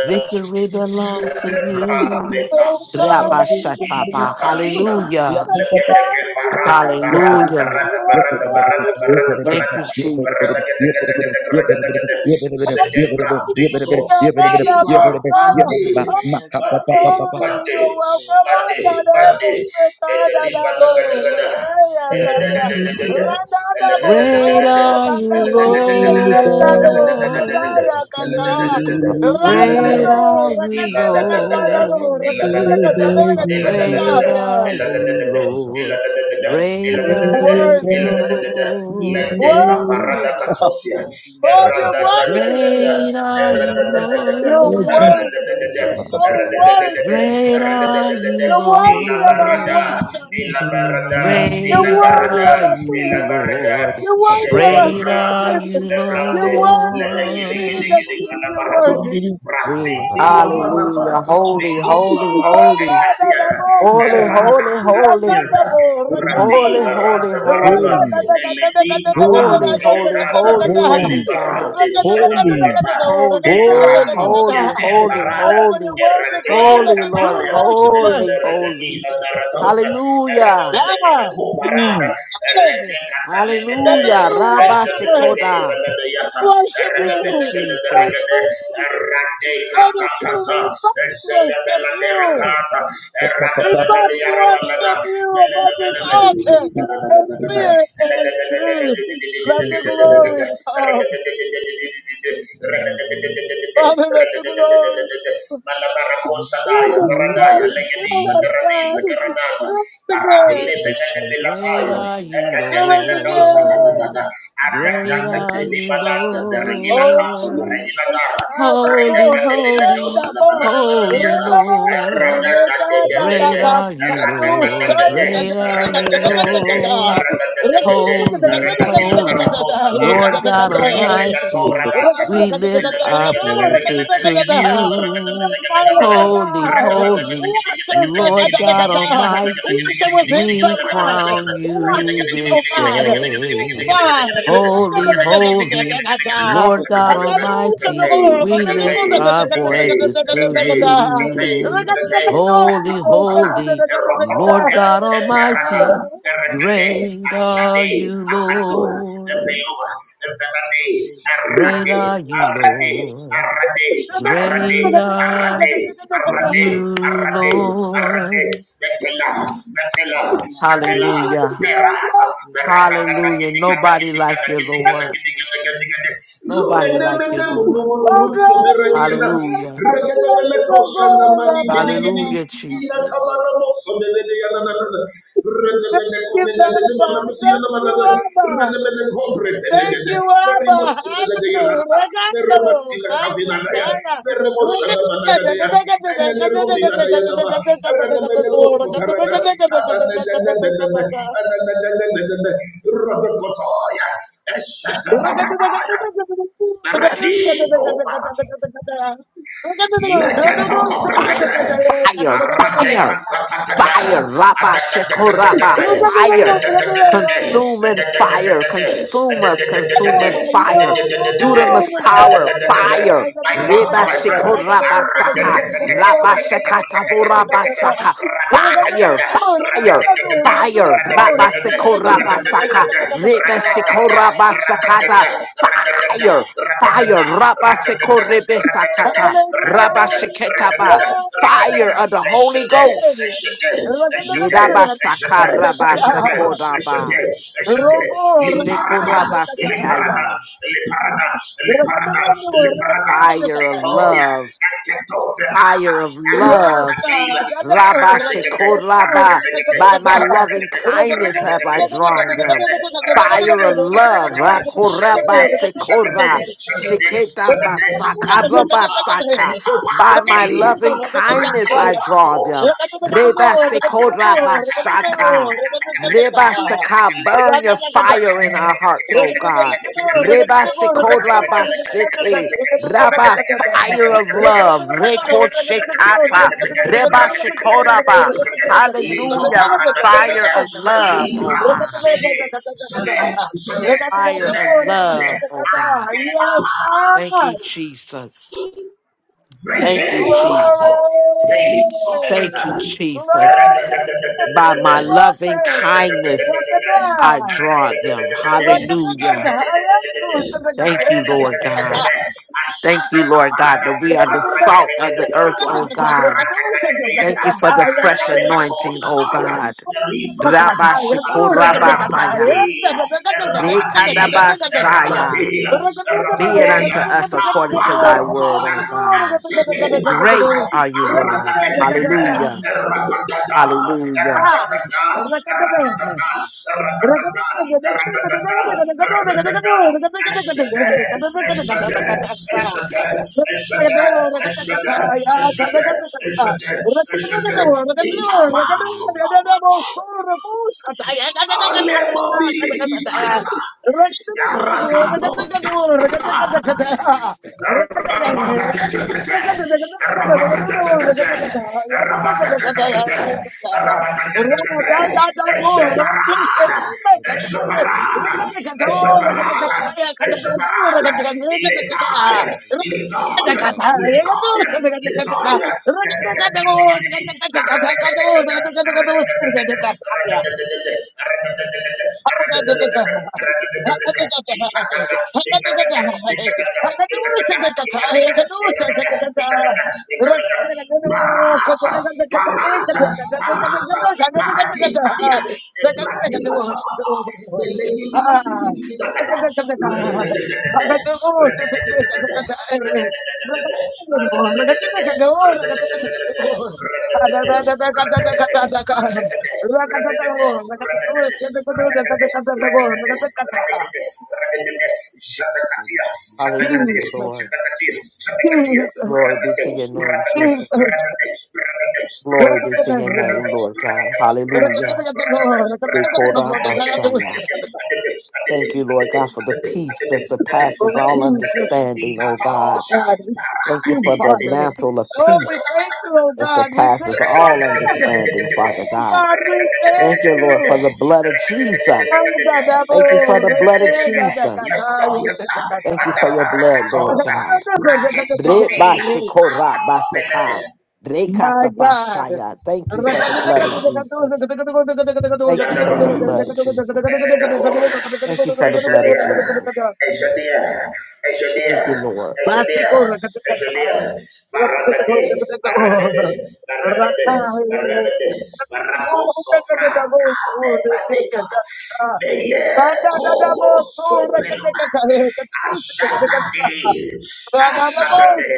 Victory Oh belongs to thank you. you. Debra Oh, God, I sota love Hallelujah. you. I love Rabashataba. Thank you. ipatalina you that you love Hallelujah. me. I Thank legedege you, love God. barada Another barada week, my Hallelujah. barada God. barada barada you. barada Thank barada you, I love Every barada single gede day Jesus. of gede you. my gede gede life gede is a gede gift from you, zedebra and I'm beto truly grateful. meliba mande Your cousin's grief Monday, speaks to my Monday, soul and Monday, speaks to my Monday, heart. and the Liba I don't always Nagadagada, understand the and Shut the things that da- that da- butt I that da- butt da- trust that. da- da, that you are and the good da- da- da- Rat da- that Great da- and butt da, that are cat get faithful. you, and that the book. da- da- da- da- da- As da, Get Psalm that butt and the butt 105 da- butt da- butt butt da- da- butt Lord. butt butt. says, da- da, Rat cat get For and the da- da- da- da- da, and the that the book. da- Great Lord Shut is that are butt good that and you, butt his butt. love da- da- da- endures da, forever. Lord. ila da- da- da- da, Red butt His ila do. da- da- da- da, Great faithfulness are Zip continues da- it da- you, it da- through it da, all butt butt. Lord. da- generations. da- da- da, ila Zip Great da- it da- it da- are it Thank da, butt you you, butt butt. ila Worthy, da- da- endlessly. da- da. Let Zip the it Lord. it it caparada worthy, butt Thank you for being Lord, butt you're butt steady, butt. da da da worthy. kind, Great and da, Rada Thank are you, endlessly loving. You're I Lord. worthy. Jesus. praise You're you for so your goodness worthy. Great today and every are day. you, You're worthy of In our Jesus' worship. Lord. mighty name, amen. Amen. amen. You're Great worthy of are our Thank you, you, Jesus. praise. Lord. You're worthy of Thank our you, Great Jesus. Jesus, are thanksgiving. you, You're worthy. King of Lord. kings, You're worthy. Hey, hallelujah. Holy, holy, Oh holy. God, and Thank I'm you, all Jesus. Holy, full. Jesus. holy, You're holy. comfortable. Holy, Whatever. Holy, holy, Rada holy. Barata, holy, Eleni Kapa, Holy, holy, holy, Teleka Belata, holy, holy holy, God. Liberate holy, Shanabelata, Holy God. holy. Egratosia, Holy, holy, Efarada, Hallelujah. holy. Word declares Eradela that Holy the Lord. true Cataya, worshiper. Holy, Thank holy. Liberadina you, Jesus. Daratosa, Hallelujah. yeah, Eradabelaga Coparada, Mm. Eredecata that the Legadea, Hallelujah. true Rabba worshipers Shikoda. Eshabedegadabelayata, worship Thank you, you, and Jesus. Eredabelagadabelagade, Christians and the true Eradecatacasa, we must worship you. Eshabeladerakata, Pa, pa, pa, We pa. must worship Eradabeladearabalada, you above this Oh, altar Jesus, in we Belelebelebele. holy. spirit and in truth. We Let thank your you, Father. glory come, Father. Let your glory Yep, fill Malabaracosanaya, this Baranaya, place, fill Legadina, us, Garanina, God. Garanata, Fill us Parati, again, Lefenene Great Milataya, are you, fill us Academia Nosa, again. Lord. Great Aradakate, are you, Libanata, Bergina Oh, Tato, Lord. Bergina Jesus, Dara, Holy, adamo, Redacademia Nosa, holy, rendabo, Banana holy Maradiata, rendabo, Lord. Great rendabo, are Aradakate, you, satu, Lord. Thank you, Great Jesus. are you, Lord. Thank you, Holy, Jesus. holy, yep. Lord God soy, Almighty. We lift our voices to you. Fire, oh Holy, God, holy, wash us, oh Lord God God, wash Almighty. us with him, We oh God, crown wash you us, oh this Thank God, you for your Thank you, goodness day. and grace in your life. Holy, I don't holy, deserve it, Lord God yet you Almighty. pour it out We lift freely and our faithfully. voices to Hey, Your mercy lifts you. me. Your Holy, love surrounds holy, me. Lord God And your Almighty, presence protects great me. are you, Lord, you can just shoot Lord. yourself, for it is by grace Great and by are you, grace Lord. Great are you, through faith, Lord. and it's not from yourself. Hallelujah. It is the gift of God. Hallelujah. Nobody If like you, this is Lord. not something, okay, Lord, Nobody um, like you, Lord. you can give it to Meridiana, Hallelujah. to give Regadabeletoshana it Mani Gidigidi, Hallelujah, Help Ila me to Jesus. live Tabana with a Mosomeliana, full Renabene Comedele, heart of Abba. Mamacusiana, gratitude, Thank you, Abba. aware of Renabene how Compret deeply I've Thank been Elegade, you, forgiven and Abba. loved. Hallelujah. Verimosumeledeanata, Regato. Veremasina Let my Gata, Cavinanaya, words and gata. actions Veremoshana reflect that Managadea, grace to and then the everyone I meet. Comina Dianama, In Renabene Jesus' holy name, I Cosoparada, pray. Amen. and then Amen. the Rabakotaya, Fire, Leketokoberede. fire, fire. Aradekasakatata. Fire, Rabba Shekoraba, Adadadadadadada. Adadadadadada. fire, Regato. consuming fire, Adadadadadada. consume us, consuming Adadadadadada. fire. Adadadadadada. Dudamus power, Adadadadadada. fire. My monster, Reba my friend. Shekoraba Saka, Rabba Shekataboraba Aradeketekuteketekuteketekutekete. Saka, fire, Radadadadada. fire. Radadadadada. Fire, Rabba Radadadadada. Sekoraba Radadadadada. Saka, Rebe Radadadada. Shekoraba Sakada, Radadadada. Radadadada. fire, fire, Rabba Sekorebe Sakata, Rabba Sheketaba, fire Hallelujah. of the Holy Ghost. Yedaba sakaraba sekoraba. Shekoraba sekaya. Fire of love. fire of Yes, love. Rabba Shekod Rabba, by my loving kindness have I drawn them. Rakata Fire of love. Rakoraba Sekora. Sheketa Basaka Rabba Saka. By my loving kindness I draw them. Reba Sekod Rabba Shaka. God. Reba Saka, Yes, burn your God. fire in our hearts, O God. Reba Sekod Rabba Sheke fire of love. Reko shekata, reba shekoraba. Hallelujah. Fire Matalakata, of love, Libra, oh God. Sede, Sede, Sede, Fire Sede, of Sede, love, oh God. Atepapa, Thank you, Jesus. Thank you, Vrekela Mato, Jesus. Thank you, Beliso Jesus. Thank Fenata, you, Glory, Jesus. By my glory, loving glory. kindness, I Rakada, draw them. rakada, Hallelujah. rakada. I am Thank you, Lord good. God. Thank Ashanda you, Lord God, Caparada, that Ah, we are the salt of the earth, Arakatakatatua, oh God. Thank Arakatakateata, you for the fresh Arakatakato anointing, oh Sataya, God. the Livra Catosha, Rabashikorabasaya. Rapadila, Rapadila, Dekadabashaya. Rapadila, Be it unto Rapadila. us The according to power thy of word, God O at God. City Great Barada, are you, Lord. Rakatelekate, Hallelujah. Rakatata, Hallelujah. Rakatata, Rakatata, Rakatata, Rakatata, Rakatata, Ashade, Ashade, Ashade, Rakata Ashade, Letaya, Letaya, Letaya, Letaya. Ragada Ah, Barata, barata, barata, barakita, Ebradila, Tabata, the lady, Jesus, Jesus, Thank you, Hallelujah, Lord. Jesus. Glory be to your name, Jesus. Glory be to your name, Lord God. Hallelujah. Shut Yes, sir, Dekorabashaya. Thank you, Lord God, for the peace that surpasses all understanding, O God. Thank you for the mantle of peace that surpasses all understanding, Father God. Thank you, Lord, for the blood of Jesus. Thank you for the blood of Jesus. yes, sir. Thank you At the for your blood, Lord Paracatosa, God. Bratis Bre ba shikora ba saka. Sofina, Bre My kata ba God. shaya. Yes, Thank you for the blood of Jesus. Thank you for your Yandaba, blood, and Jesus. then the call. Thank you for the blood of Exodia, Jesus. Exodia, Thank you, Exodia, Lord. Exodia, Exodia, Barabade, Barabade, Barabade, Barabade, Baraco Sofra, Cabe Badeta, Mele Melekomosopeluma. Ashadade, ashadade,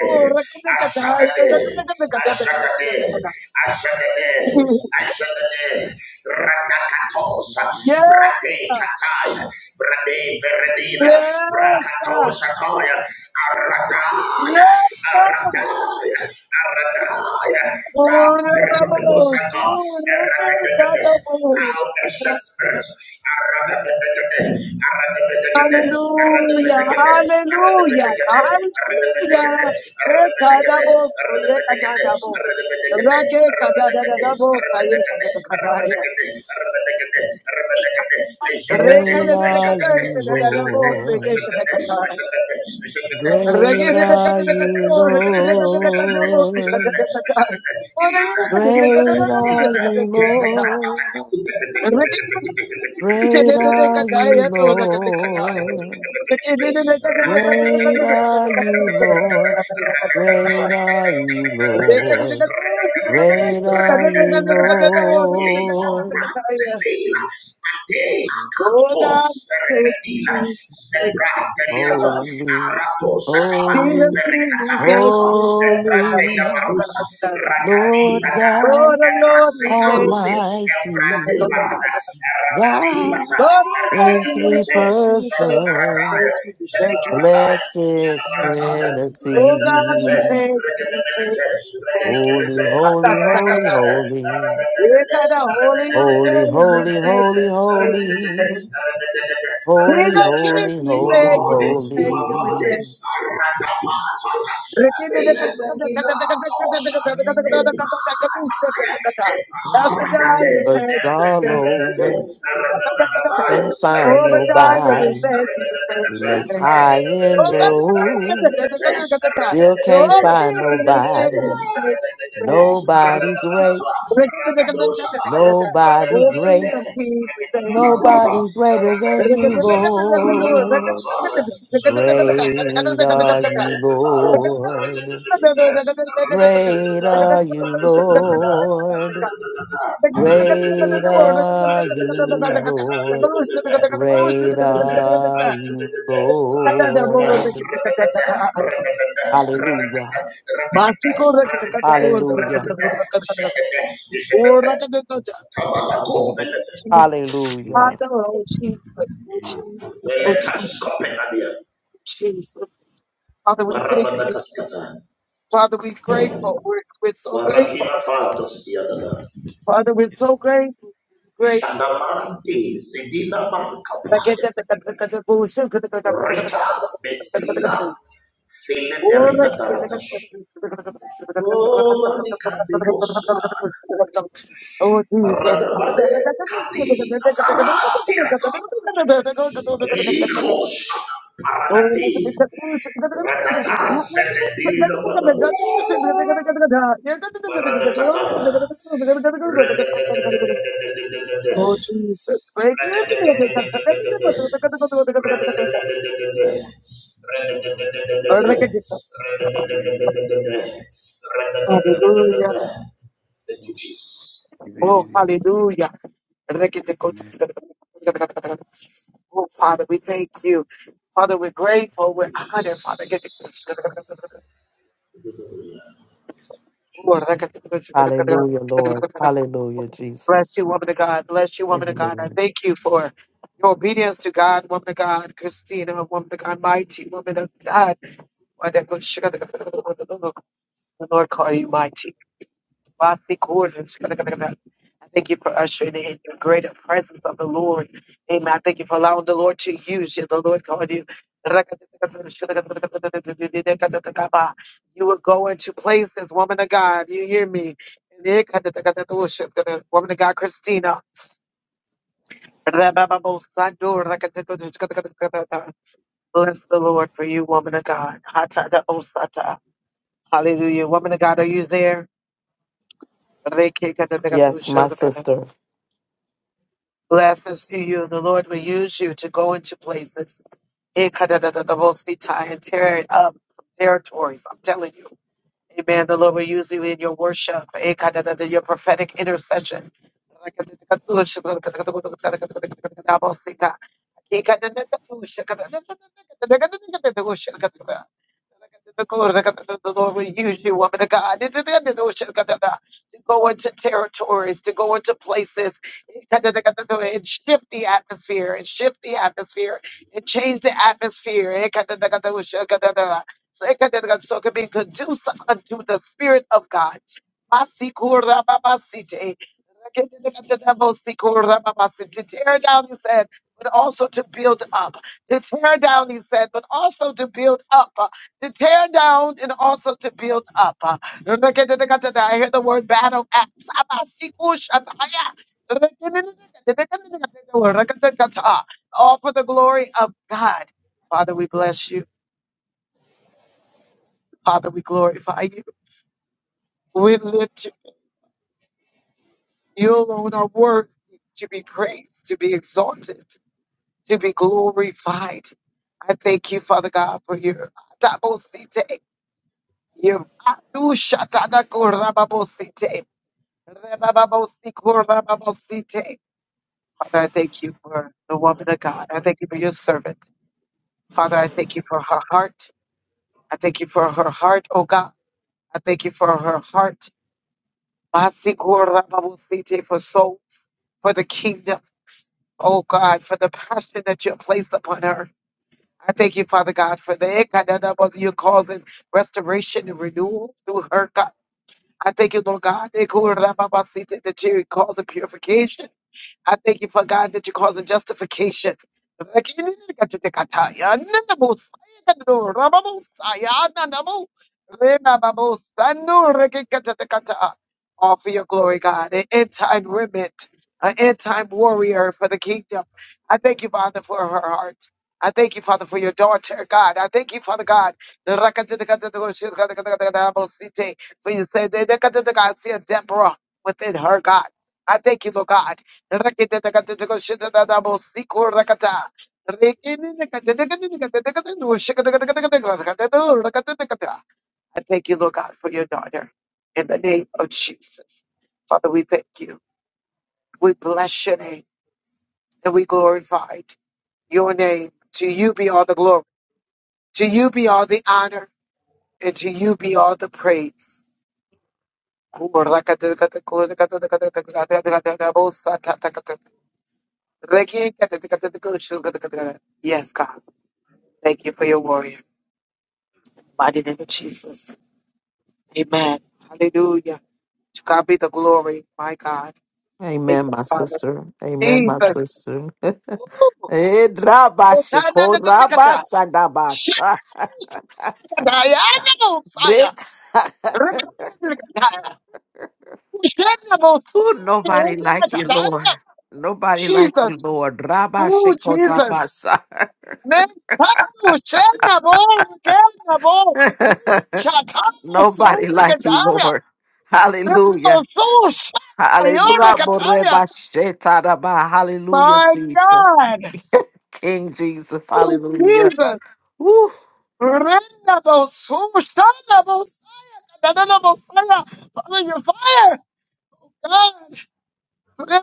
ashadade, ashadade, ashadade, ashadade. Radakatosa, bradekataya, bradeveredina, yes, brakatosataya, aradaya, Hallelujah, aradaya, aradaya. The spirit of the Most High God, aradaya. Thou ancient spirit. hallelujah, hallelujah. Rekadabos, yekadadabo. Rake kadadadabo, sayekadadakadaya. Great are you, Rekadadadakadaya, shadadadabo, Lord. sekekadakadaya. Great are you, Regedadakadadakadabo, rekadadakadakadabo, Lord. Ilana, Ilana, Great are Ilana, you, sekadakadakadaya. Lord. Jesus, Jesus, thank Great you. are you, Lord. Great are you, Lord. Great are you, Lord. Great are you, Little Lord. brats, Vela, Adela, Catos, Perecatina, Zebra, Deliata, Holy, Arato, Satama, holy, Perecatariastos, holy, Evrante, Labarusa, Racati, Lord Lord, God oh Radara, Lord, we Raseka thank you. Ruse, Almighty. Efrate Barada, God Rakadimata, Lord, we thank in you, we three Rakadimata, thank you, we Shada thank Barataya, you, persons. we thank you. Shada Barataya, Shada Blessed Barataya, Trinity, God, we Rakadimata, Rakadimata, thank you, we thank you, we thank you. Rakadimata, holy, holy, Kata, kata, holy, kata. holy, Rakadimata, Eh, kata, Holy of holy, holy, we holy, thank you, holy, holy, we thank you, we thank you. King holy, of kings, holy, we you are thank holy, you, more than we you thank are you, we more than a thank you. holy. ratapata, a Rekinde, kata, kata, kata, belemina kata, kata, kata, kata, kata, kata, kata, kata, kata, tosha, kata, Thank kata, kata, kata. El Shaddai, we thank Searched you, we all thank you, we thank over, you. Kata, kata, kata. couldn't find Jehovah Jireh, we nobody. thank you, we thank We you, we looked thank you. high and Oh, kata, kata, kata, kata, low, kata, kata, kata, kata. still can't Jehovah find Nissi, we thank you, nobody. we thank you, we thank you, we thank you. Nobody great, Walking nobody great. of peace, we thank Nobody greater than you, Lord. Great are you, Lord. Great are you, you. Open Lord. Great are you, Lord. Great are you, Lord. Father, Hallelujah. Hallelujah. it. Hallelujah. Jesus. we thank Thank you, Marakila Fatos Yadana. Father. Shadamanti Sidina Oh, Jesus. Makapaya. Rika Mesila. Filenderina Taratash. Oh, Mamika de Bosso. Radabade kati nafaratiata. Keliko shana paradati. Oh, Jesus. you. Oh, hallelujah. Oh, Father, we thank you. Father, we're grateful. We're honored, Father. Bless Hallelujah, Lord. Hallelujah, Jesus. you, woman of God. Bless you, woman of God. I Amen. thank you for your obedience to God, woman of God. Christina, woman of God. Mighty woman of God. The Lord call you mighty. Basic orders. I thank you for ushering in your greater presence of the Lord. Amen. I thank you for allowing the Lord to use you. The Lord called you. You will go into places, woman of God. You hear me? Woman of God, Christina. Bless the Lord for you, woman of God. Hallelujah. Woman of God, are you there? Yes, my sister. Blessings to you. The Lord will use you to go into places Ikadadadadabosita, and tear up some territories. I'm telling you. Amen. The Lord will use you in your worship, Ikadadada, your prophetic intercession we use you, woman of God, to go into territories, to go into places, and shift the atmosphere, and shift the atmosphere, and change the atmosphere. So it can be conducive unto the Spirit of God. Tear down this but also to build up. To tear down, he said, but also to build up. Uh, To tear down and also to build up. Uh, I hear the word battle axe. All for the glory of God. Father, we bless you. Father, we glorify you. We lift you. You alone are worthy to be praised, to be exalted. to be glorified. I thank you, Father God, for your tabosite, your adushatakorababosite, rebababosikorbababosite. Father, I thank you for the woman of God. I thank you for your servant. Father, I thank you for her heart. I thank you for her heart, oh God. I thank you for her heart. Masikorababosite, For souls, for the kingdom, oh God, for the passion that you have placed upon her. I thank you, Father God, for the ekadadabos, you're causing restoration and renewal through her. God. I thank you, Lord God, ekurababasite, that you're causing purification. I thank you for God that you're causing justification. All for your glory, God. An end time remnant, an end time warrior for the kingdom. I thank you, Father, for her heart. I thank you, Father, for your daughter, God. I thank you, Father God. For you say, I see a Deborah within her, God. I thank you, Lord God. Rakete takate teko shete dada bo siko rakata. Rekene nekate nekate nekate nekate no shaka taka taka taka taka rakate do rakate takata. I thank you, Lord God, for your daughter. In the name of Jesus. Father, we thank you. We bless your name and we glorify your name. To you be all the glory. To you be all the honor. And to you be all the praise. Yes, God. Thank you for your warrior. Mighty name of Jesus. Amen. Hallelujah. To God be the glory, my God. Thank Amen, you, my Father. sister. Amen, my Jesus. sister. Eh, drabashiko, rabasandabasha. Dick. My God. Ooh, nobody like you, Lord. Nobody like you, Lord. Rabashiko, dabasha. Nobody like you, Lord. Oh, Hallelujah. Hallelujah. Hallelujah, Jesus. King Jesus. Hallelujah. Jesus. Woo. Father, your fire, God. Thank you.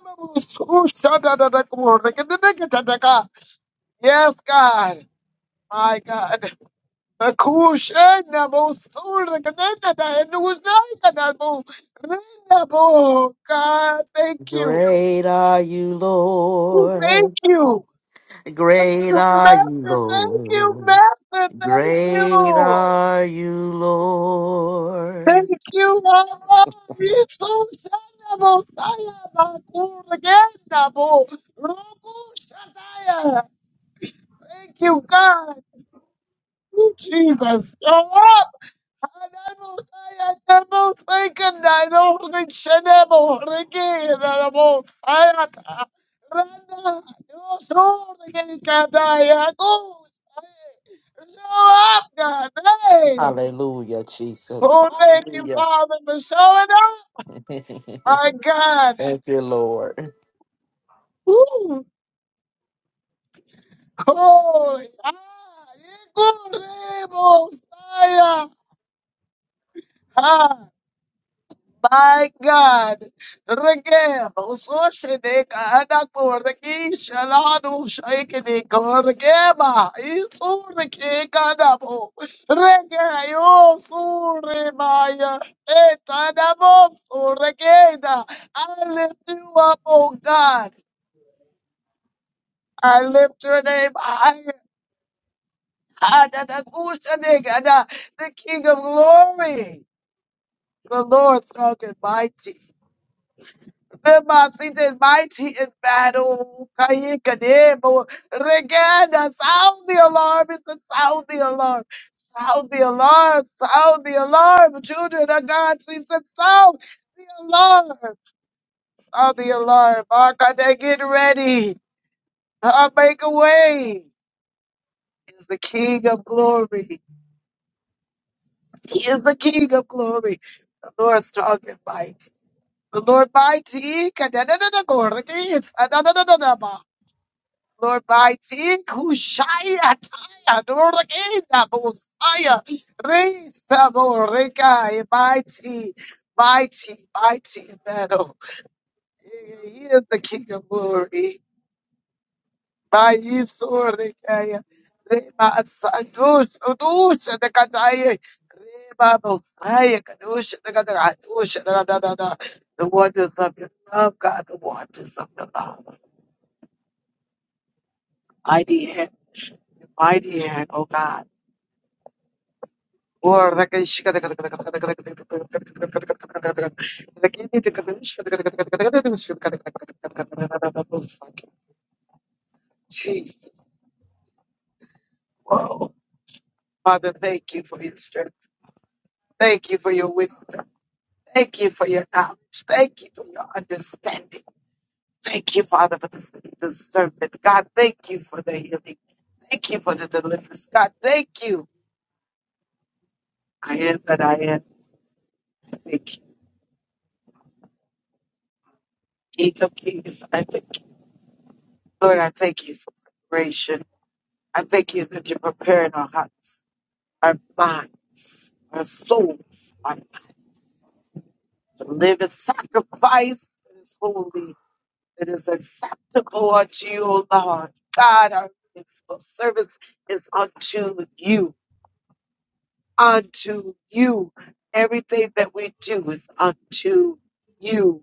Great are you, Lord. Thank Great you, are you, Lord. Thank you. Great are you, Lord. Thank you, Abba. You're so son of Messiah, Bakuragenda, Bo. Roku Thank you, God. Thank you, Jesus. Show up, God. Hey. Hallelujah, Jesus. Oh, thank you, Hallelujah. Father, for showing up. My Thank God. you, Lord. Woo. Holy. Ah. Ikurebo. Saya. My God, Regem, Usoshinik, Anakur, Regish, Alanu, Shakinik, Regema, Isurik, Anabo, Rege, Osurimaya, Etanabo, Regeda. I lift you up, oh God. I lift your name higher. Adadakushanik, Ada, The King of Glory, the Lord strong and mighty. The Masit is mighty in battle. Kayikadebo. Regada, sound the alarm. It's a sound the alarm. Sound the alarm. Sound the alarm. Children of God, please said, sound the alarm. Sound the alarm. Arkade, get ready. i make a way. He's the King of glory. He is the King of glory. The Lord strong and mighty. The Lord mighty. Kadadadadagorgi. It's adadadadadaba. Lord, by Tikushaya Taya, Dorakeda, Bosaya, Risa, Boreka, mighty, mighty, mighty in battle. He is the King of glory. By Yisorekaya, Reba, Sadus, Udusha, the Kataya, Reba, Bosaya, Kadusha, the Kataya, Dusha, the Kataya, the wonders of your love, God, the wonders of your love. Mighty hand, mighty hand, oh God. Jesus. Whoa. Father, thank you for your strength. Thank you for your wisdom. Thank you for your knowledge. Thank you for your understanding. Thank you, Father, for this discernment. God, thank you for the healing. Thank you for the deliverance. God, thank you. I am that I am. I thank you. King of kings, I thank you. Lord, I thank you for preparation. I thank you that you're preparing our hearts, our minds, our souls, our bodies to live in sacrifice that is holy, that is acceptable unto you, O Lord. God, our faithful service is unto you, unto you. Everything that we do is unto you,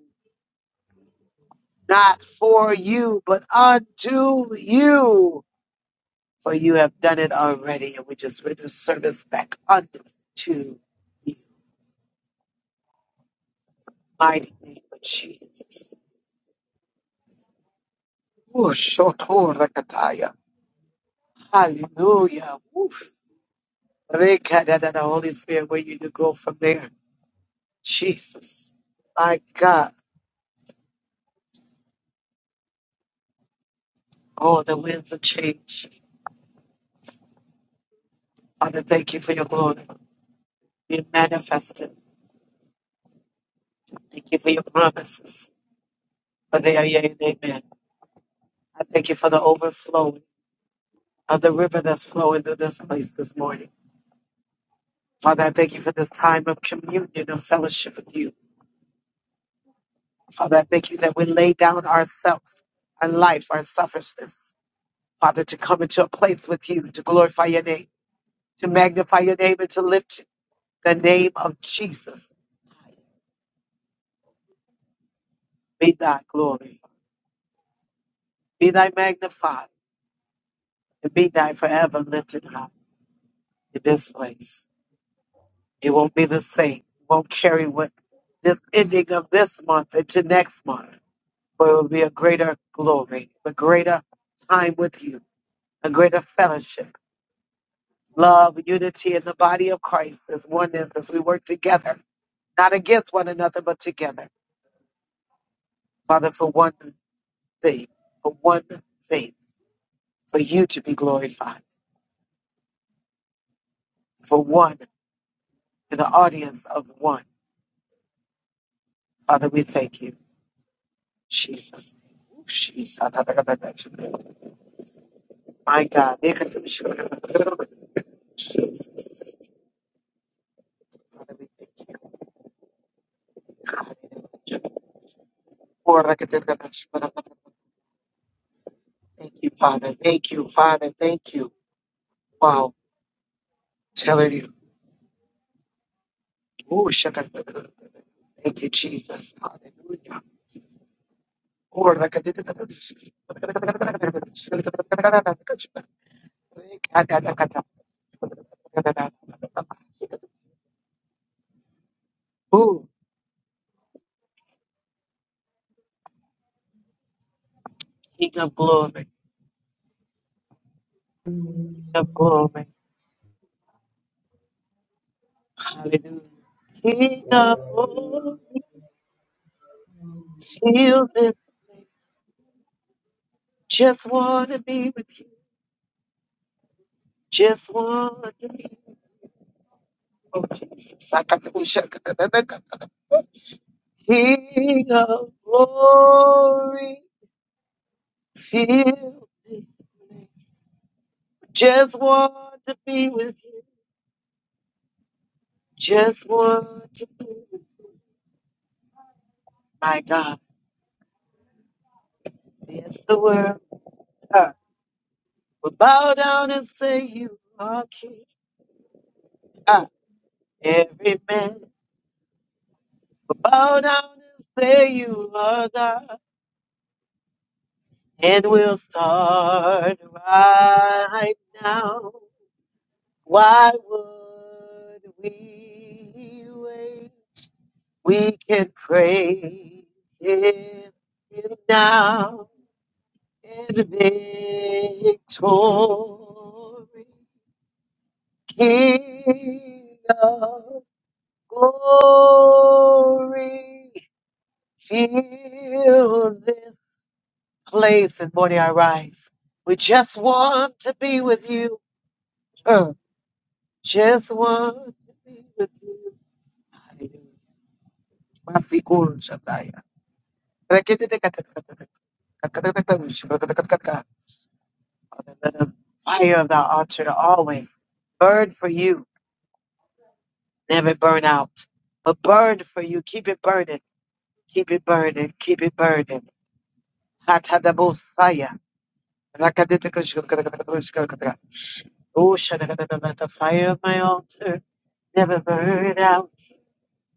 not for you, but unto you. for you have done it already, and we just render service back unto you. Mighty name of Jesus. Hallelujah. Woof. Rekadada, The Holy Spirit, where you to go from there. Jesus. My God. Oh, the winds of change. Father, thank you for your glory. Be manifested. Thank you for your promises. For they are yea and amen. I thank you for the overflowing of the river that's flowing through this place this morning. Father, I thank you for this time of communion, of fellowship with you. Father, I thank you that we lay down ourself, our life, our selfishness. Father, to come into a place with you, to glorify your name, to magnify your name, and to lift the name of Jesus. Be thy glorified, be thy magnified, and be thy forever lifted high in this place. It won't be the same. It won't carry with this ending of this month into next month, for it will be a greater glory, a greater time with you a greater fellowship, love, unity in the body of Christ as oneness as we work together, not against one another, but together. Father, for one thing, for one thing, for you to be glorified, for one in the audience of one. Father, we thank you. Jesus. Jesus. My God. Jesus. Father, we thank you. Thank you, Father. Thank you, Father. Thank you. Wow. Telling you. Ooh, shaka- Thank you, Jesus. Hallelujah. Ooh, raka- Ooh, King of glory. King of glory. Hallelujah. King of glory. Feel this place. Just want to be with you. Just want to be. Oh, Jesus. Sakatushakatadakatata. King of glory, feel this place. Just want to be with you. Just want to be with you. My God, yes, the world uh, will bow down and say you are king. Uh, every man will bow down and say you are God. And we'll start right now. Why would we wait? We can praise Him now in victory, King of glory. Fill this place and morning I rise. We just want to be with you. Uh, just want to be with you. Masikul Shataya. Father, let us fire of thy altar to always burn for you, never burn out, but burn for you. Keep it burning, keep it burning, keep it burning. Hatadabosaya. Oh, shadadadada, let the fire of my altar never burn out.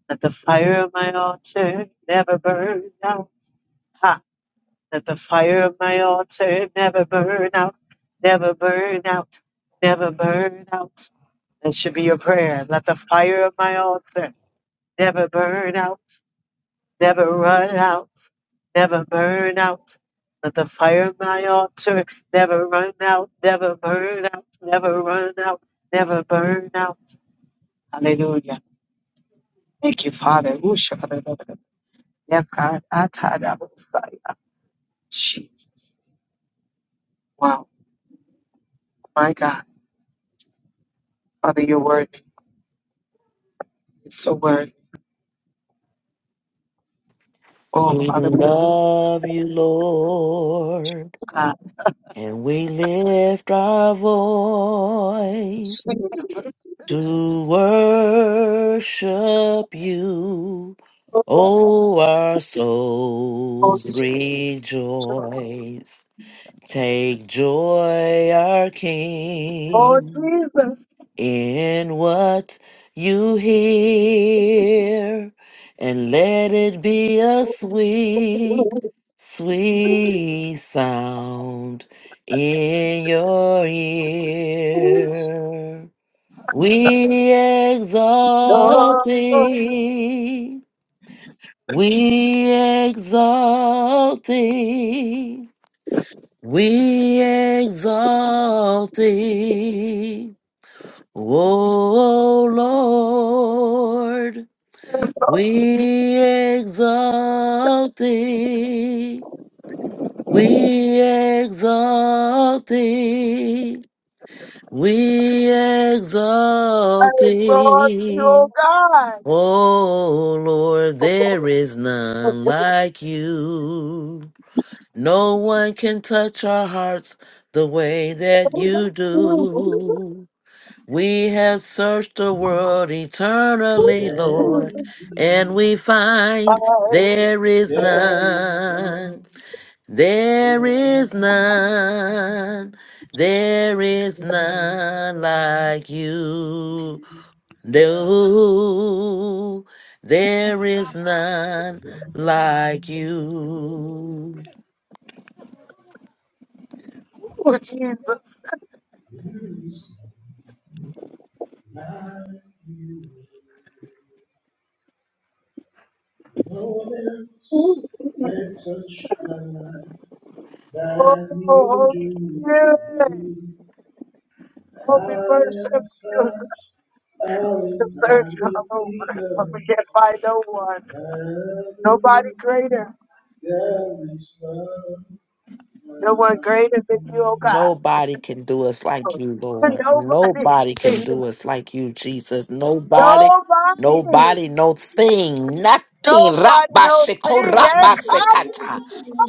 Let the fire of my altar never burn out. Let the fire of my altar never burn out, never burn out, never burn out. That should be your prayer. Let the fire of my altar never burn out, never run out, never burn out. Let the fire of my altar never run out, never burn out, never run out, never burn out. Hallelujah. Thank you, Father. Ooh, shakadadadada. Yes, God. Atadabosaya. Jesus. Wow. My God. Father, your word. It's So worth. Oh, We Father, we bless love you, Lord, God. and we lift our voice. to worship you. Oh, our souls rejoice. Take joy, our Oh, King, Jesus. in what you hear, and let it be a sweet, sweet sound in your ear. We Oh, exalt thee. We exalt thee. We exalt thee. O Lord, we exalt thee. We exalt thee. We I exalt exalt you, thee. oh God. Oh Lord, there is none like you. No one can touch our hearts the way that you do. We have searched the world eternally, Lord, and we find Oh, there is There is no none. There life, is none. There is there is none no like you. No, there is none like you. Jesus. no one else can touch my life than Oh, you Holy Spirit. do. I Oh, we am have such all searched all eternity, over, but Lord. we can't find no one. I know Nobody greater. there is love. Nobody can do us like you, Lord. Nobody can do us like you, Jesus. Nobody, nobody, no thing, nothing. Nobody Rabba knows thee. sheko Eh, rabba come on, sekata.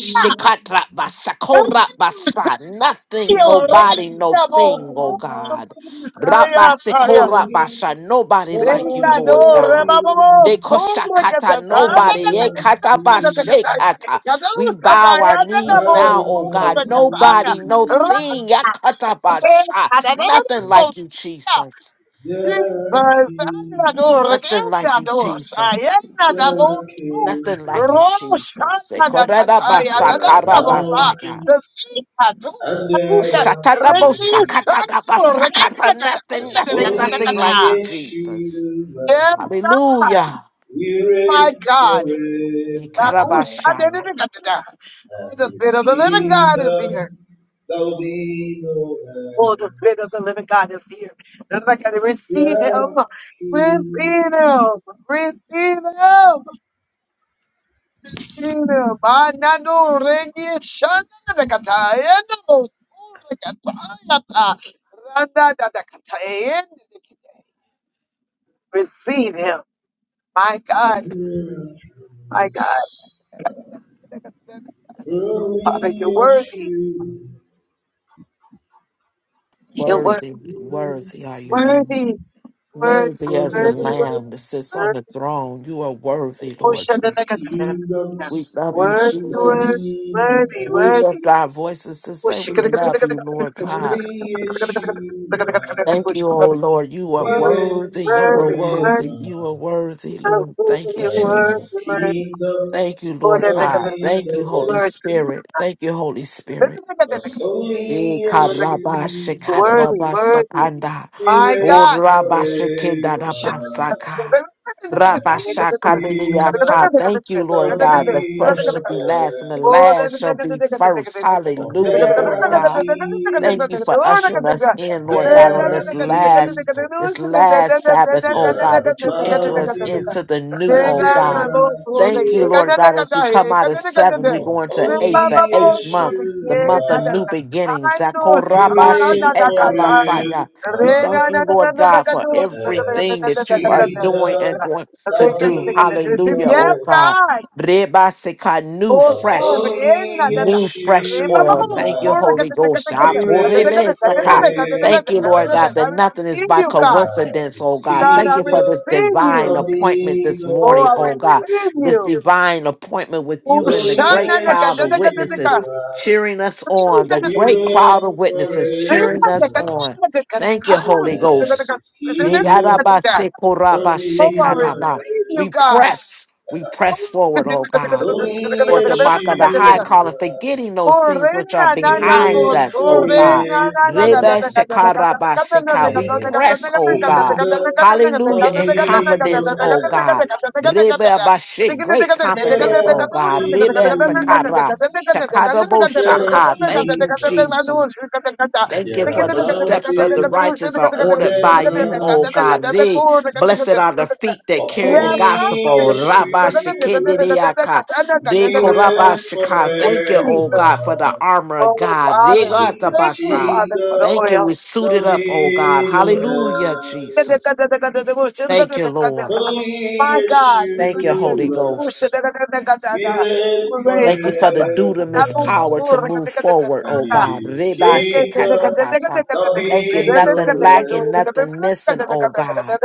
Shekatra basakora basa. Nothing, nobody, no thing, oh God. Almighty, fire. Fire, Rabba fire, fire, fire. sekora basha. singing, Nobody Yes, like you, holy, Lord God. holy, holy. Dekoshakata, I just nobody. wanna see Ekata ba shekata. We bow our knees I now, just oh wanna God. see Nobody, no thing. Yakatabasha. Nothing like you, Jesus. There are kings, Nothing like you, Jesus. there are Nothing like you, kingdoms, Jesus. there are Sekoredabasakarabasanha. mountains, and Ooh, there are trees. shatadabosakatadabasakata. Nothing, Cause nothing, nothing only like you, Jesus. Yeshua God. Hallelujah. will reign My God. forever, Ikarabashaya. Oh, and the Spirit His of the living God is kingdom here. there'll be no Oh, the end. Spirit of the living God is here. That's like I There receive him. are Receive kings him. Receive him. Receive him. Anano rengi shandadakata. Eno surakatayata. Ranadadakata. Endedikita. Receive him. My God. and My God. miracles. Only Father, you're worthy. Yeshua You're wor- Worthy, will reign worthy are you, Lord. worthy. Word, Worthy as the word, forever. word, Lamb that sits on the worthy. throne, you are worthy, Lord His Jesus. Oshadanagatana. kingdoms We love you, Word, there'll word, Jesus. be no worthy, worthy. end. We Word, lift our voices to say worthy, we worthy, love you, Lord God. Only Yeshua Thank worthy, you, oh Lord. You are We reign worthy. You are worthy. forever, You are worthy, Lord. Thank you, and His Jesus. kingdom Thank you, Lord there'll God. be Thank no you, Holy end. Spirit. Thank you, Holy Spirit. Cause Eh, only worthy. karaba Yeshua Worthy, shekadaba worthy. sakanda. we My reign Oh, God. forever, rabba shekedadaba saka. and His kingdom Rabashakabiniyata. Thank you, Lord there'll God. The be first no shall Thank you. be last, and the end. last shall be first. For Hallelujah, there Lord are God. Thank you for kings ushering us in, and Lord God, there on are this last, this kingdoms. last Sabbath, oh There God, are that you enter us into the mountains new, and oh there God. are Thank you, Lord God, as we thrones. come out of seven, we But go into eighth, the Only eighth month, the month Yeshua, of new beginnings. you reign Zakorabashiketabasaya. We forever, thank you, Lord God, for and everything His that you are doing and kingdom going to shall do. be Hallelujah, no Yes, oh end. God. God. Rebasikanu Oh, Cause oh, fresh me queda, only ya está. new fresh Re, va, va, oil. va, Thank you, Yeshua, corre, que Holy te, te, que te, Ghost. que we te, que te, que reign te, que te, Akurebesaka. Thank you, Lord God, forever, that nothing I is receive by you, and God. uh, coincidence, oh His God. God, Thank I you for kingdom this receive divine you. shall appointment be this no Oh, morning, I oh God. receive end. This you. divine appointment with Cause Oh, you and the only great ne, que te, cloud ne, of que te, te, que. witnesses Yeshua, cheering us on. The we great cloud reign of witnesses Rima, cheering ne, us que te, forever. on. ne, que te, Thank you, Holy and Ghost. his kingdom Oh, I Nigarabasekorabashekadaba. receive dominion. you, We God. press, we Oh, press que forward, te, oh te, que te, que God Because te, que te, que te, que te, only toward the mark of the high calling, Yeshua forgetting those things which are will behind vos, reign us, oh God. ordena, Reba forever, shekaraba We and press, his oh God. kingdom Hallelujah. will In be no confidence, oh God. end. Reba bashi. Great confidence, There are oh God. Reba sakara. kings, Shakadabo there are shaka. Thank you, kingdoms, Jesus. Thank you there are for the steps of the mountains, righteous are and ordered there by you, are O God. Re. troops, Blessed are the feet that but carry the Yes, only gospel. Rabba God. Yeshua. shekedeyaka. De We koraba reign shika. Thank you, forever, O God, for the armor of God. and Re in His gatabasha. kingdom Thank you. We suited will up, O God. be no Hallelujah, end. Jesus. Thank you, Lord. Only Thank you, Holy Yeshua, Ghost. we reign Thank you for Jesus. the That dudamus was forever, power to true. move forward, and oh God. in His Reba kingdom shekata basa. will Thank you, be no nothing lacking, end. nothing missing, oh God.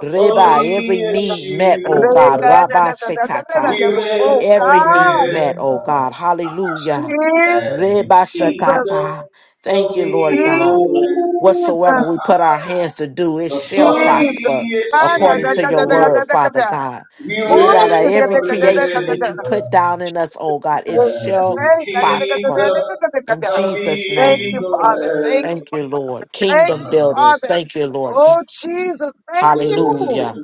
Reba, every Only need met, oh Yeshua, God. Rabba shekata. we reign Every need met, oh forever, God. Hallelujah. Jesus, and His kingdom Rebashakata. Thank will you, Jesus, Lord be God. no end. Whatsoever Jesus. we put our hands to do, it Cause Thank shall prosper only you, Father. according to your word, Yeshua Father God. we It out of reign every creation that you forever, put down in us, oh God, it and shall His prosper. kingdom In not Jesus' Thank be name. you, no end. Thank you, Lord. Thank Kingdom you, builders. Father. Thank you, Lord. Oh, Jesus, thank you. Hallelujah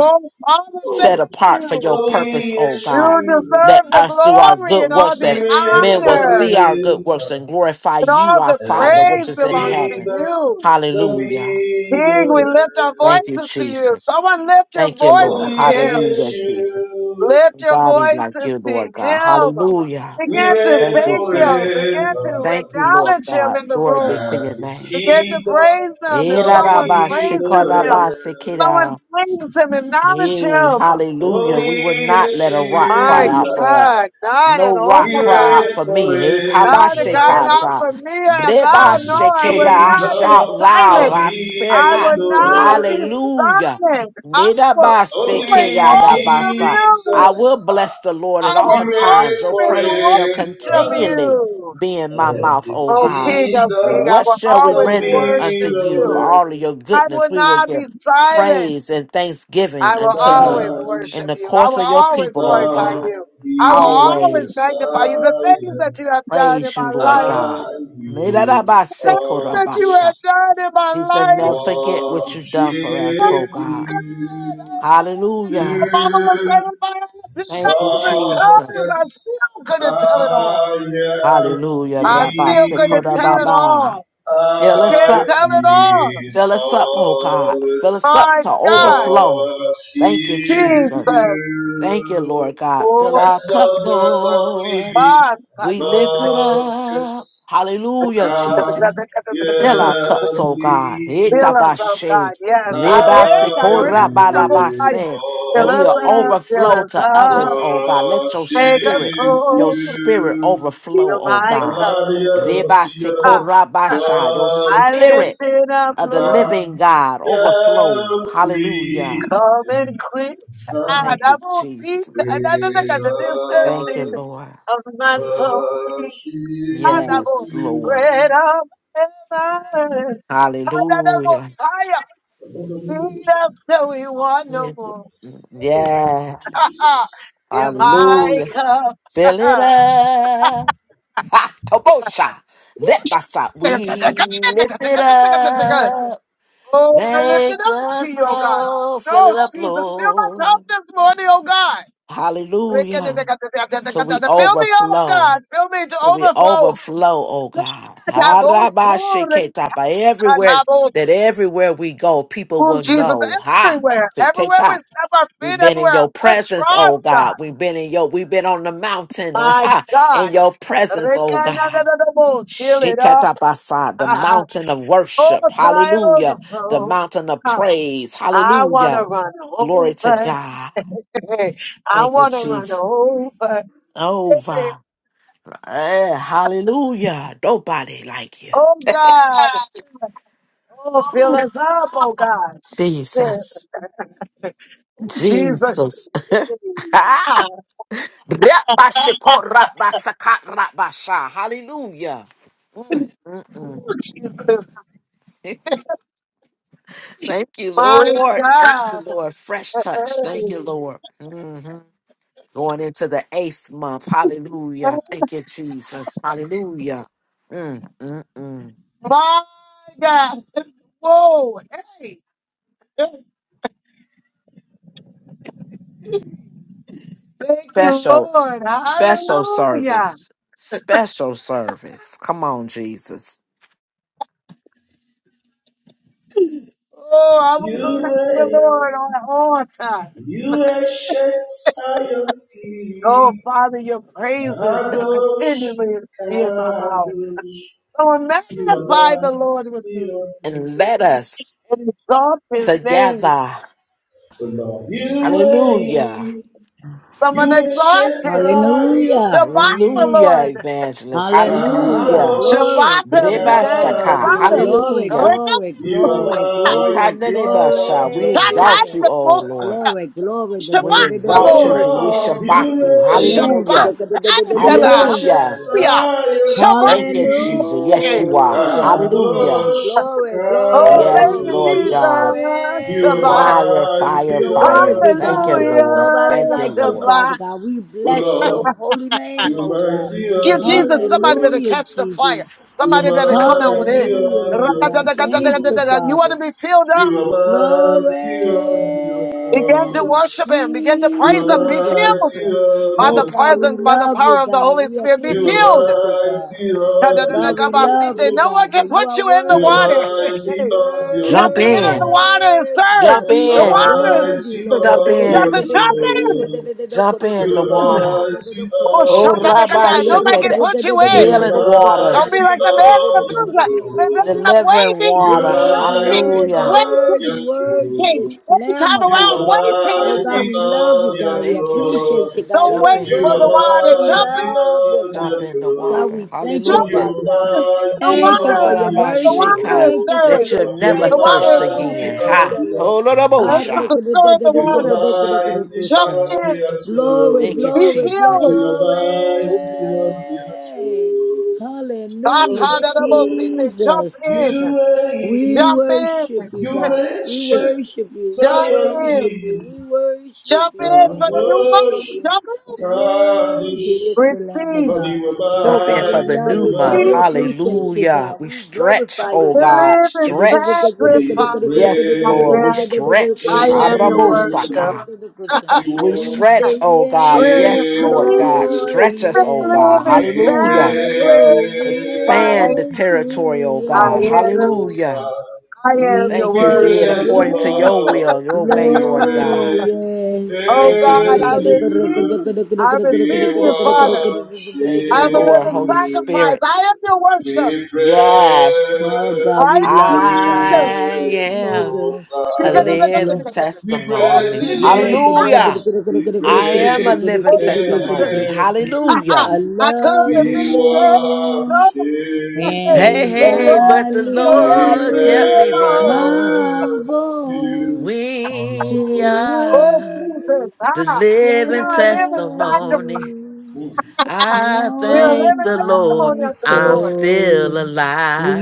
Oh, Father, set thank apart for your you. purpose, Only oh God. You Yeshua Let deserve to us do our good works be we that reign men will see heard. our good works forever, and glorify And you, all our the Father, and which praise is His in belongs to heaven. kingdom you. not Hallelujah. be King, no we lift our end. Thank you, voices to you. Jesus. Someone lift your Thank you, Lord. voices Only to him. Hallelujah, Jesus. Yeshua Lift your Body like voices you, to Lord God. him. Hallelujah. We Begin to reign Thank you, thank him. Jesus. Begin forever, to Thank you, Lord acknowledge him God. in the Glory room. be to and your his name. Begin to kingdom praise him. If shall someone be praises no him, end. Irarabashikodabasikira. someone thanks him, acknowledge Hey, him. hallelujah. Holy We will not let a rock cry My out Yeshua, for God, us. not at No rock we all, cry out God. reign for me. Hey, Not a God, not tabashekata. forever, for me. Oh, God, no, and his I Drebashekeda. will I not be kingdom shout loud. shall silent. I spare I be not. will no not be end. Hallelujah. silent. I will Cause always only worship Nidabasekeyadabasa. you. I Jesus, will ah, bless the Lord I at will we all reign times. Your praises shall always worship forever, continually you. be in my and mouth, his O Oh, God. King of kingdom King, I What will shall we always shall render unto be worship no you you. for all end. of your I goodness? will We will not give be silent. praise and thanksgiving I will unto you always Thine in worship the you. I course will of your always people, Lord glorify God. thou you. I will be always Always magnify you. The things that silent, you have done in praise you, my Lord life, I God. will the things that you Mirarabasekorabasha. have always done in my She said, life. never forget what you've done for us, Oh, oh worship God. God, you. if I had- my Hallelujah. mama was saying if I had As Thank you, 10,000 long tongues, Jesus. as I still couldn't tell it all. I am Hallelujah. I Rabba still couldn't Sekoda tell it breathing, Baba. all. I Fill us can't I up tell it all. will Fill us up, oh God. Fill us always up My to God, overflow. worship Thank you, Jesus. Jesus. Thank you, you. Lord God. Fill our Oh, as cup, long as I'm Lord. living, God. as We Fill lift it long up. as Hallelujah, Jesus. I'm Fill our yeah, cups, oh God. us up, Itabashe, God. Yes, I, yes, rebase, I I heard it. in the Most will High. korabarabase, That Fill we us will up, always fill overflow us to others, up, oh God. worship Let your make us spirit, your whole. spirit you. overflow, Feel oh my God. cup. Hallelujah, Lord. the Rebase, Messiah, Ah, as korabasha, Your long I lift spirit as it up, of the Lord. living I'm God yeah, overflow. Hallelujah. breathing, Common quits as and I Thank I you, will be and Jesus. I don't know will the Thank you, distance always. Lord. of my soul. Worship Jesus. And I will Yes, Lord. bread you. of heaven. And I will Hallelujah. fire. Thank Jesus, that we want no more. Hey, you, Yes. ah, Jesus. in my Hallelujah. cup. Fill it up. Ha! Kabosha. Let my side. We lift it up. Oh, I lift it Make up to us you, oh God. roll. Fill No, it up, Jesus, fill my cup Lord. this morning, oh God. Fill me up, Hallelujah. Till we overflow. God. Fill me to So we overflow. overflow, oh God. Arabashiketapa. Everywhere that everywhere we go, people Oh, will Jesus, know. Ha. everywhere. Everywhere we Siketa. step our We've feet, been everywhere in our your foot presence, trod, oh God. God. We've been in your we've been on the mountain, uh, My ha, in God. your presence, oh God. Fill it up. Shiketabasa, The mountain of Oh, worship. till I Hallelujah. The overflow? mountain of Come. praise. I want to Hallelujah. run Glory to over. God. I Thank you, want to run Jesus. over. Over. Eh, hallelujah. Nobody like you. Oh, God. Ooh, Oh, fill us up, oh God. Yeah. Jesus. Ooh, Jesus. Jesus. Ah, Rabashikorabasakatrabasha. Hallelujah. Mm, mm, mm. Thank you, My Lord. Thank you, God. Lord. Fresh touch. Thank Hey. you, Lord. hmm Going into the eighth month. Hallelujah. Thank you, Jesus. Hallelujah. Mm, mm, mm. My God. Whoa. Hey. special, special God. service, special service. Come on, Jesus. You reign, Lord, on all time. you ancient Zion's Oh, king. Father, your praises shall Kadosh, continually be in my mouth. Kadosh, So you are magnify the Lord with mighty me on the And let us and exalt his name. together. throne. Lord, you Hallelujah. reign, Shabbat you ancient him. Zion's Hallelujah. Shabbat king. Hallelujah, him evangelist. Hallelujah. Hallelujah. Kadosh, Shabbat Glory, him glory, today. glory. Rebasaka. Shabbat him. Kadosh, Glory, Hallelujah. Rekha glory, You are glory, mighty glory, Dekaderebasha. on We your throne. Satan, exalt glory. you, the O most Lord. Glory, glory. We Shabbat the exalt you. Je- Lord. We Oh Lord, shabbat you you. reign. Shabbat Hallelujah. You the ancient Hallelujah. Zion's Thank you, king. Jesus. Yes, Hallelujah. you are. Hallelujah. Glory, Hallelujah. Kadosh, glory, glory, Oh, thank Yes, you, glory, Lord Kadosh. God. Jesus. You are Goodbye. glory. Fire, mighty fire, You're fire. worthy, on your Thank God. you, There throne. Hallelujah. is Lord. nobody Thank you, like you, Lord. Father Shabbat. God. We Oh bless your Lord, holy you name, are oh God. mighty Thank you, on your Jesus somebody better throne. Hallelujah, catch the fire. Jesus. You are Somebody better come on in. mighty Hallelujah, on your Lord throne. God. Thank you, You want Father. to be filled up? You are mighty on your Begin to Glory, throne. worship Him. Begin to You praise are Him. Be Jesus. filled mighty on by Oh the your God, we presence, by the love throne. you, power of the God. Holy We Spirit. Be You are filled. appreciate you, God. mighty on your God, we love you, throne. No one God, for can you put are you in the You are worthy, water. worthy, mighty You on your have Jump to get in the in. throne. water and worthy, serve. Jump Lord. You The in. water is are Worthy, mighty served. Lord. Jump Worthy, on You have your in. to jump in. throne. Jump in You the Jump in. water. are mighty Oh, on Oh, shut up, your Rabbi Akatai. Nobody throne. can Shekeda. put you Lord, in. You are Healing Don't be waters. mighty like the man in the on your Susa. The throne. man's up Delivering waiting, You are water. waiting, mighty worthy, Hallelujah. waiting, on worthy, your worthy waiting. throne. is Every Lamb time of You around, God. are Oh waiting. God, mighty we love you, on your God. We Thank you, appreciate you, throne. Jesus. God. Don't We Jump wait You for adore in. are the you, God. water. We Jump mighty in, love you, on God. Jump your in the God, throne. water. we thank you, jump Lord, you Hallelujah. Father are God. in. mighty Eh, Thank you da, for on your your The mercy. water is Thank throne. you for stirring. The water is stirring. That your you'll Lord, you never are The grace. water thirst is mighty again. moving. Thank on Ha. you, your Lord. The throne. angels Holodobosha. are stirring the You are waters. mighty Jump on in. your Glory, Thank throne. you, Be glory, filled. Jesus. You are Be mighty lifted. on your glory. throne. Start Hallelujah, out of the boat. Oh, Jump Jesus. in. you We reign, Jump worship you, you in. God. reign, We shit, worship you. We Jump Zion's in. worship you. king. We worship Jump you. in We for the new worship Kadosh, month. you. Jump Worthy Kadosh. is the Lamb of in. Lord, God. you are Oh Jump in God, for we mighty the love new you, God. month. We Breathe on your appreciate throne. you, Hallelujah. God. We We stretch, glorify you, oh God. God. We living Stretch. fast. We Yes, praise Lord. We stretch. I am your you. worship. Harabosaka. We We worship stretch, say oh God. yes, Breathe Yes, Lord living God. Lord, you. Stretch us, oh God. yes, We Hallelujah. to sacrifice. your will I Expand the praise and you. territory, to oh your God. am way. Hallelujah. Hosanna. I am We Thank We you, say be it worship. praise you, according to your yes, Lord. will, your way, We Lord God. Lord, yes. Oh Thank you, God, Oh praise I Jesus. you. receive. I We receive you, Father. Thank you, I'm a worship Lord, living Holy you. sacrifice. Spirit. I am your worship. We praise Yes. God, I we am your love you, God. worship. I you, Oh am God, Most She a can High. do yes, Lord. living that. We Oh praise testimony. you, Jesus. Yes. Hallelujah. Jesus. We I am a praise living Oh Jesus. testimony. you. I, I Hallelujah. I come love to you, be We Mm. Lord. there. worship Hey, And The hey, you. Lord, I but the you let We me Lord lift kept live me run on. on. my praise you, voice We to Most Oh, are Jesus. the Ah, worship we living are a living sacrifice. testimony. you, I We are oh thank living the Lord. my testimony unto the I'm Lord. soul. still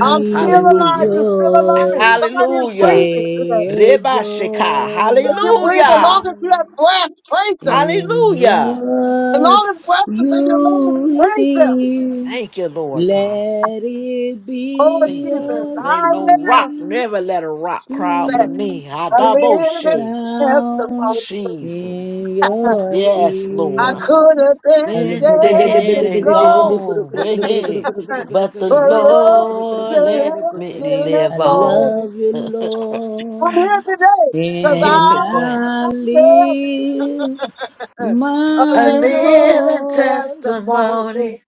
I'm Hallelujah. just sorry. She is Hallelujah. breathing today. take Reba Sheka. joy, my Hallelujah. King. In Hallelujah. And what all his blessings. is in your lungs. you Praise him. hear, Thank you, Lord God. let it Oh, be Jesus. Jesus. a I Ain't no am rock. sweet, Never let a rock cry out for that. sweet me. I I double live in Adaboshe. sound testimony. Jesus. in your Yes, I ear. Lord. could have I been Been dead dead and and gone, gone. Hey, hey. But the but Lord, Lord you let let me me live live on. on. love you, I'm Lord, here today because Here and I today. I am live. a A My little living voice. testimony. testimony.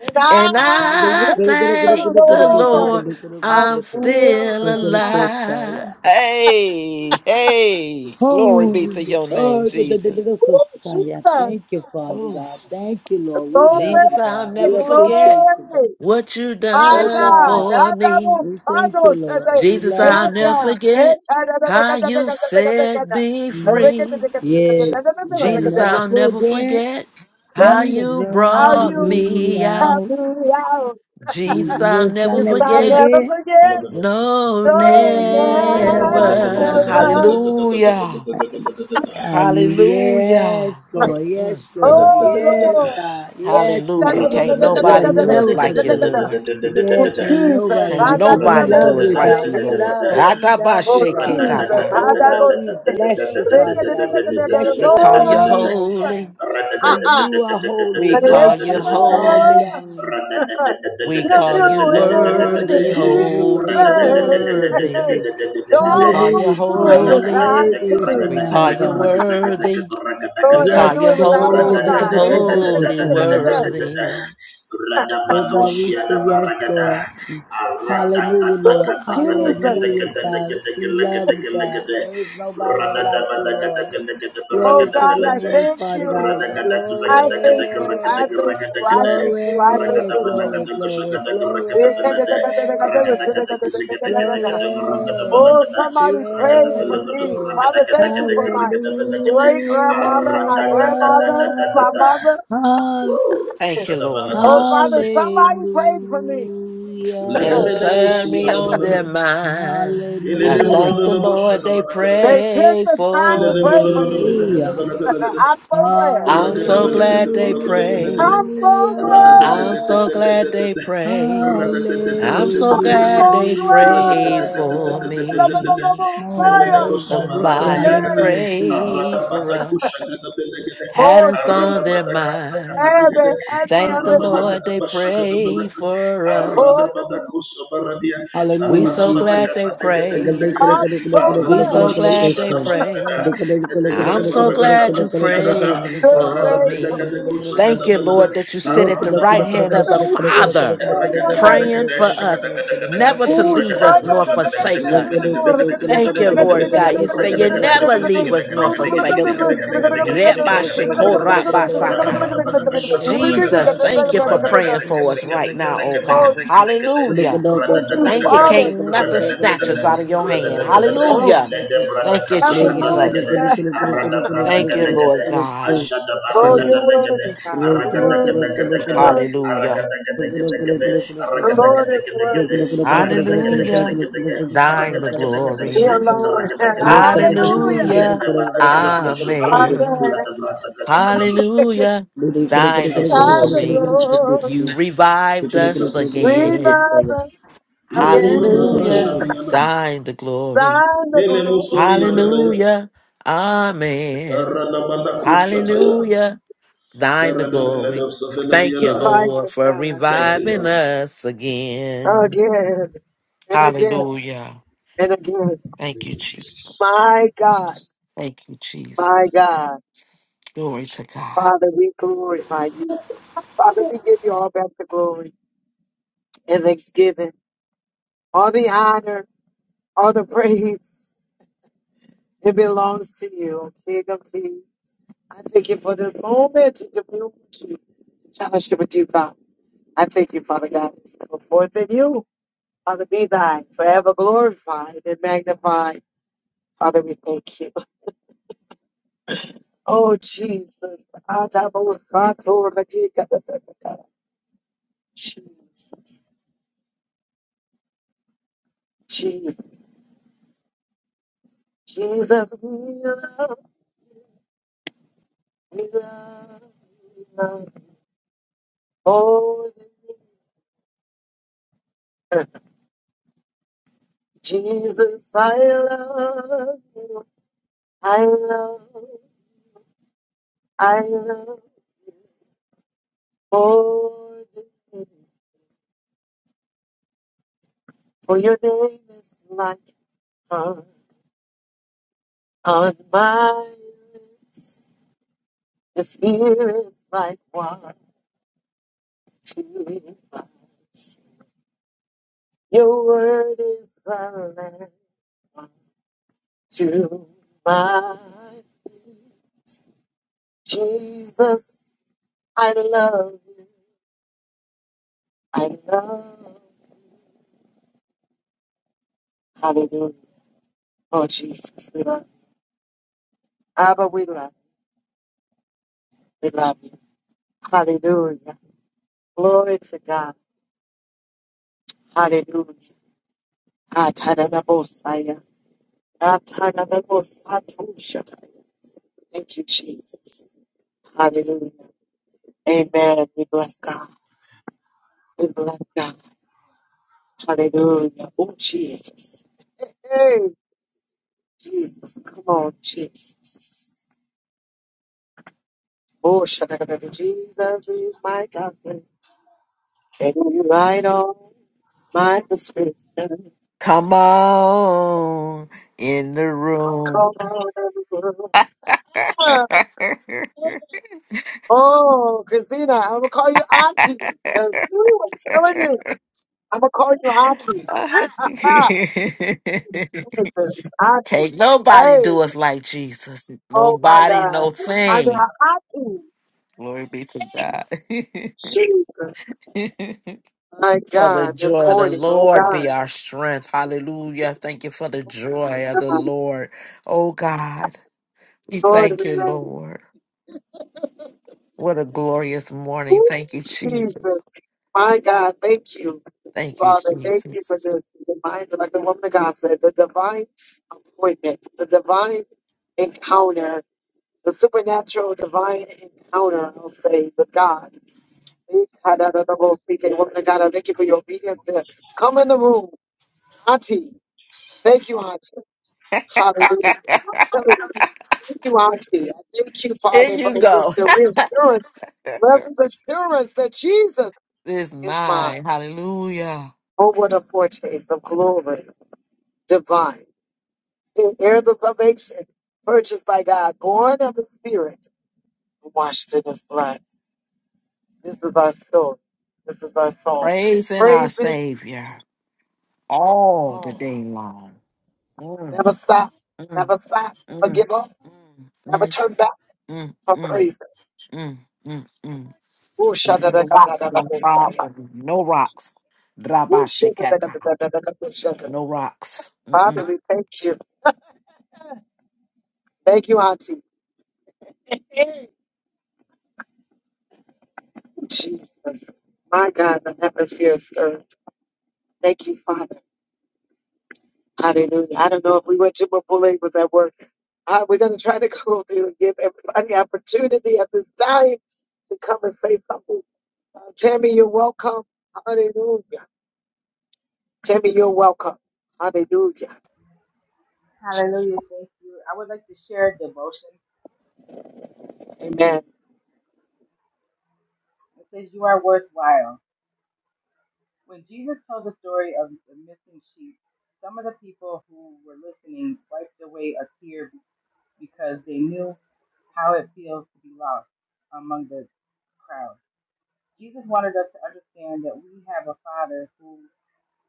And And I I thank Oh, thank the the Lord. Lord I'm I'm still still alive. alive. Hey, hey, glory be to your name, oh, Jesus. Oh, Kusaya. Jesus. Thank you, Father Ooh, God. Thank you, Lord. We love Glory, Jesus, you, I'll God. We never forget appreciate you, God. glory. what you My Oh, done God. God. I for me. double We thank you, toggle Lord. today. We Jesus, love I'll you, Yes, never God. God. Hey, forget how you set me free. Yes, you can Jesus, never I'll never forget. forget how You you draw brought two me me out. out. months. Jesus, I'll Yes, I never We've never forget never. forget. No, Oh, High. never. never. Hallelujah. And Hallelujah. yes, Lord, Mm, yes, Lord, yes, Oh, Lord. God, yes, hallelujah. you Can't you will nobody do us never like you, forget. Lord. Oh Yes, ain't Jesus, nobody Can't I like you. got We the nobody love most. do us you, I like ain't God. you, got We Lord. love you. the We love you, Oh God. Jesus, Atabasheketaba. Oh, God, oh we Jesus, bless you, I got Father God. We the bless We your call holy you name, oh, Lord. God. holy. For Ah ah. you are holy, I We ain't call you righteous, and all holy. belonging. We You're call you doing Glory be to it God. be this worthy, to God, be to season. God, be holy, to God, be to God, be to worthy. Hey, God. We call Run you don't Hallelujah, do it Rada Jesus. holy. without Worthy is the me. We Lamb call of you God. worthy. We Lord, don't call Yes, do you it without Lord. Be us, to God, holy, be to God, be to holy, God. God. worthy. Oh God, we say yes, Lord. Hallelujah, Lord. Jesus, Hallelujah, God. We love you, God. There is nobody like you, Lord. oh Glory to God, your I name, thank Father you. God. I thank you. Glory. I thank you. I thank you. I thank Glory, you, Lord. glory, glory, Oh, glory. Glory. somebody prayed for Yes, me. Lord. Father, thank you for Hallelujah. my great grandmother, my grandmother, my mother. Woo! Thank Shut you, Lord. Oh, Father, somebody prayed for me. And serve me Hallelujah. on their mind. I Hallelujah. thank the Lord they They took pray the time for to pray for me. Hallelujah. me. I'm so glad. Hallelujah. I'm so glad they pray. I'm so glad. I'm so glad they pray. I'm so glad they pray for Hallelujah. I'm me. so Oh, glad. oh God, we say Somebody hallelujah, Hey. to Jesus. pray for us. Had Oh, us up, on Jesus. their mind. Thank the Lord they prayed for us. Oh, We Hallelujah, so Jesus. glad they prayed. We man. so glad they prayed. I'm so glad you prayed for me. Thank you, Lord, that you sit at the right hand of the Father, praying for us, never to Oh, leave us nor forsake us. Thank you, Lord God. You say you never leave us nor forsake us. Reba shikorat basaka. Jesus, thank you for praying for us right now, oh God. Rock Rock, Hallelujah. thank you, Thank you. Father. Can't nothing snatch us out of your hand. Oh, Hallelujah. Thank you, Jesus. hallelujah. Thank you, Lord God. Oh, you're worthy, God. You're worthy. You're worthy. Hallelujah. The Lord is worthy. Hallelujah. Thine the He glory. alone is worthy. Hallelujah. Hallelujah. Amen. Amen. Hallelujah. Thine the Jesus. glory. You revived us Jesus. again. You Amama Hallelujah. Shamiana. Thine the glory. Mele Musumina Gadaya. Hallelujah. Amen. Ranamanda Kushataya. Hallelujah. Thine the Berada Belada glory. of Safena Thank you, Diana. By Lord, this for God. Thank you, reviving Lord. us again. Again and again Hallelujah. and again. Thank Thank you, you, Jesus. Jesus. My God. Thank you, My Jesus. God. Glory to God. Father, we glorify you. Father, we give you all back the glory and thanksgiving, all the honor, all the praise. It belongs to you, King of Kings. I thank you for this moment to commune with you, to fellowship with you, God. I thank you, Father God, it's go forth in you. Father, be thy forever glorified and magnified. Father, we thank you. Oh, Jesus. Adabo Sato Rakika da da da da. Jesus. Jesus. Jesus, we love, we love, we love you. Oh, Jesus, I love you. I love, I love you. Oh, for your name is like honey on my lips. The spirit is like water to my eyes. Your word is a lamp to my feet. Jesus, I love you. I love you. Hallelujah. Oh, Jesus, we love you. Abba, we love you. We love you. Hallelujah. Glory to God. Hallelujah. Atadabosaya. Atadabosatoshataya. Thank you, Jesus. Hallelujah. Amen. We bless God. We bless God. Hallelujah. Oh, Jesus. Hey, Jesus. Come on, Jesus. Oh, shakadada, Jesus is my doctor, and you write all my prescription. Come on in the room. Come on, everyone. Oh, Christina, I'm gonna call you auntie, cause you I'm telling you, I'm gonna call you auntie. Ah, ah, auntie. Can't nobody Hey, do us like Jesus. oh my Nobody, God, no I mean, thing. I- Glory be to God. Jesus, my For the God, this joy of the morning, oh Lord be God, our strength. Hallelujah. Thank you for the joy of the Lord. Oh God, we Lord, thank we you, ready. Lord. What a glorious morning. Ooh, Thank you, Jesus, Jesus. My God, thank you, Thank you, Father. Thank you for Jesus. this divine, like the woman of God said, the divine appointment, the divine encounter, the supernatural divine encounter, I'll say, with God. The Woman of God, I thank you for your obedience to come in the room. Auntie, thank you, Auntie. Hallelujah. I'm telling you, thank you, Auntie. I thank you, Here Father, for you the go. the reassurance, blessed assurance that Jesus This is is mine. mine. Hallelujah. Oh, what a foretaste of glory divine. Heirs of salvation, purchased by God, born of the Spirit, washed in His blood. This is our story. This is our song. Praising our Praise it Savior all the all. day long. Mm, Never stop. mm, Never stop. Never mm, give up. mm, Never mm, turn back mm, from mm, praise. mm, mm, mm. Ooh, No rocks gonna fall shadadakatadakadosaya. on me. No rocks. Ooh, Rabashekata. shadadakatadakadosaya. No rocks. Father, Mm-mm. we thank you. Thank you, Auntie. Jesus. My God, the atmosphere is stirred. Thank you, Father. Hallelujah. I don't know if we went to Mapule was at work. Uh, we're going to try to go through and give everybody opportunity at this time to come and say something. Uh, Tammy, you're welcome. Hallelujah. Tammy, you're welcome. Hallelujah. Hallelujah. Thank you. I would like to share a devotion. Amen. It says, You are worthwhile. When Jesus told the story of the missing sheep, some of the people who were listening wiped away a tear because they knew how it feels to be lost among the crowd. Jesus wanted us to understand that we have a Father who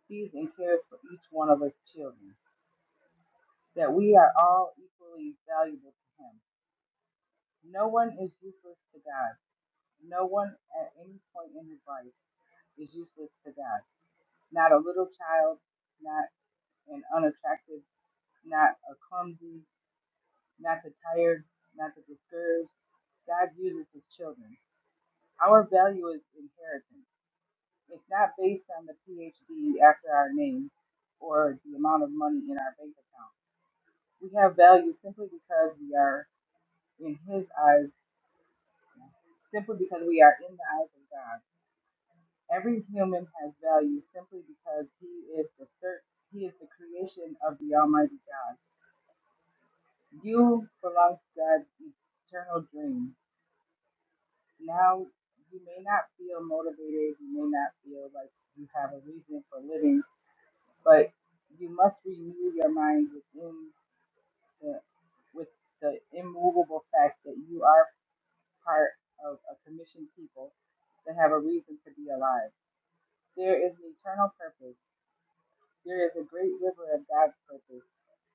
sees and cares for each one of us children, that we are all equally valuable to Him. No one is useless to God. No one at any point in his life is useless to God. Not a little child, not an unattractive not a clumsy, not the tired, not the discouraged. God uses his children. Our value is inheritance. It's not based on the PhD after our name or the amount of money in our bank account. We have value simply because we are in his eyes, simply because we are in the eyes of God. Every human has value simply because he is the cert- he is the creation of the Almighty God. You belong to God's eternal dream. now you may not feel motivated, you may not feel like you have a reason for living, but you must renew your mind within the with the immovable fact that you are part of a commissioned people that have a reason to be alive. There is an eternal purpose. There is a great river of God's purpose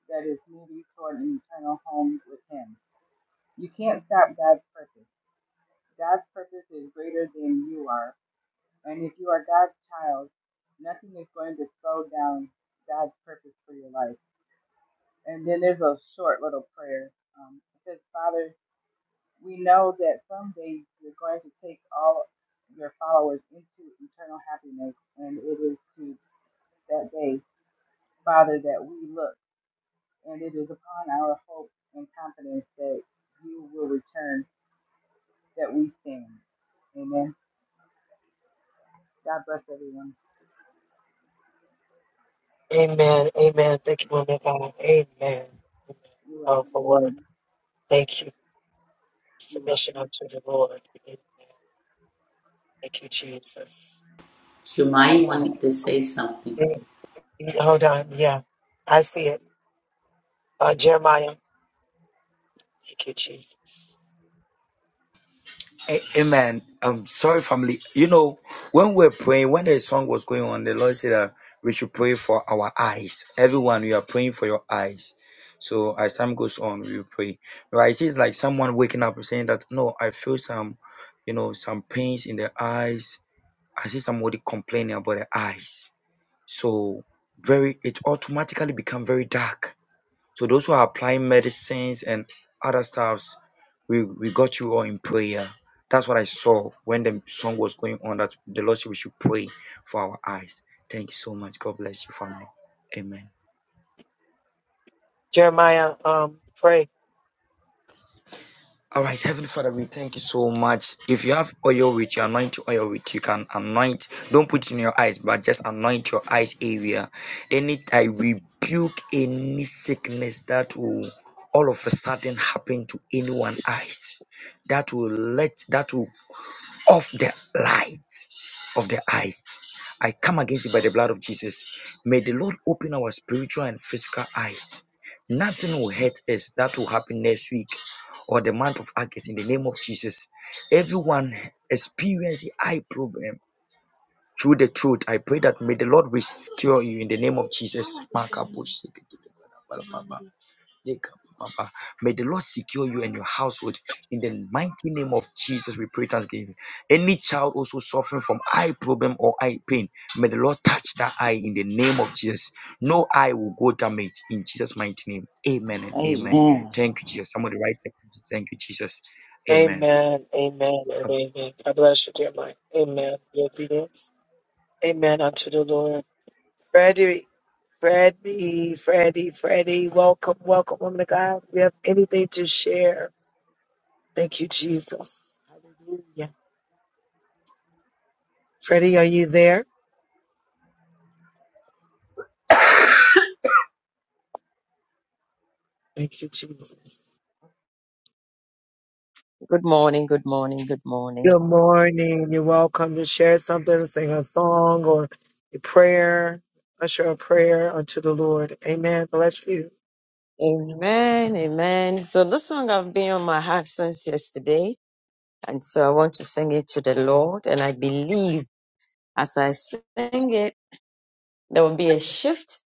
that is moving toward an eternal home with Him. You can't stop God's purpose. God's purpose is greater than you are And if you are God's child, nothing is going to slow down God's purpose for your life. And then there's a short little prayer. Um, it says, Father, we know that someday you're going to take all your followers into eternal happiness, and it is to that day, Father, that we look, and it is upon our hope and confidence that you will return that we stand. Amen. God bless everyone. Amen. Amen. Thank you, woman of God. Amen. Amen. You're welcome. Powerful word. Amen. Thank you. You're Submission welcome. unto the Lord. Amen. Thank you, Jesus. You My might God. want to say something. Mm, mm, Hold on. Yeah. I see it. Uh, Jeremiah. Thank you, Jesus. A- Amen. I'm sorry, family. You know, when we're praying, when the song was going on, the Lord said that we should pray for our eyes. Everyone, we are praying for your eyes. So as time goes on, we will pray. Right? It's just like someone waking up and saying that, no, I feel some, you know, some pains in the eyes. I see somebody complaining about the eyes. So very, it automatically become very dark so those who are applying medicines and other stuffs, we, we got you all in prayer. That's what I saw when the song was going on. That the Lord said we should pray for our eyes. Thank you so much. God bless you, family. Amen. Jeremiah, um, pray. All right, Heavenly Father, we thank you so much. If you have oil with you, anoint your oil with you. Can anoint, don't put it in your eyes, but just anoint your eyes area. Any I rebuke any sickness that will all of a sudden happen to anyone eyes. That will let that will of the light of the eyes. I come against it by the blood of Jesus. May the Lord open our spiritual and physical eyes. Nothing will hurt us. That will happen next week or the month of August in the name of Jesus. Everyone experiencing eye problem through the truth. I pray that may the Lord rescue you in the name of Jesus. May the Lord secure you and your household in the mighty name of Jesus. We pray thanksgiving. Any child also suffering from eye problem or eye pain, may the Lord touch that eye in the name of Jesus. No eye will go damaged in Jesus' mighty name. Amen and amen. Amen. Thank you, Jesus. Somebody write, thank you, thank you, Jesus. Amen. Amen, amen, and Come- amen. God bless you, Jeremiah. Amen. Your obedience. Amen unto the Lord. Freddie, Freddie, Freddie, Freddie, welcome, welcome, woman of God. If you have anything to share, thank you, Jesus. Hallelujah. Freddie, are you there? Thank you, Jesus. Good morning, good morning, good morning. Good morning. You're welcome to share something, sing a song or a prayer, usher a prayer unto the Lord. Amen. Bless you. Amen, amen. So this song I've been on my heart since yesterday, and so I want to sing it to the Lord, and I believe as I sing it, there will be a shift,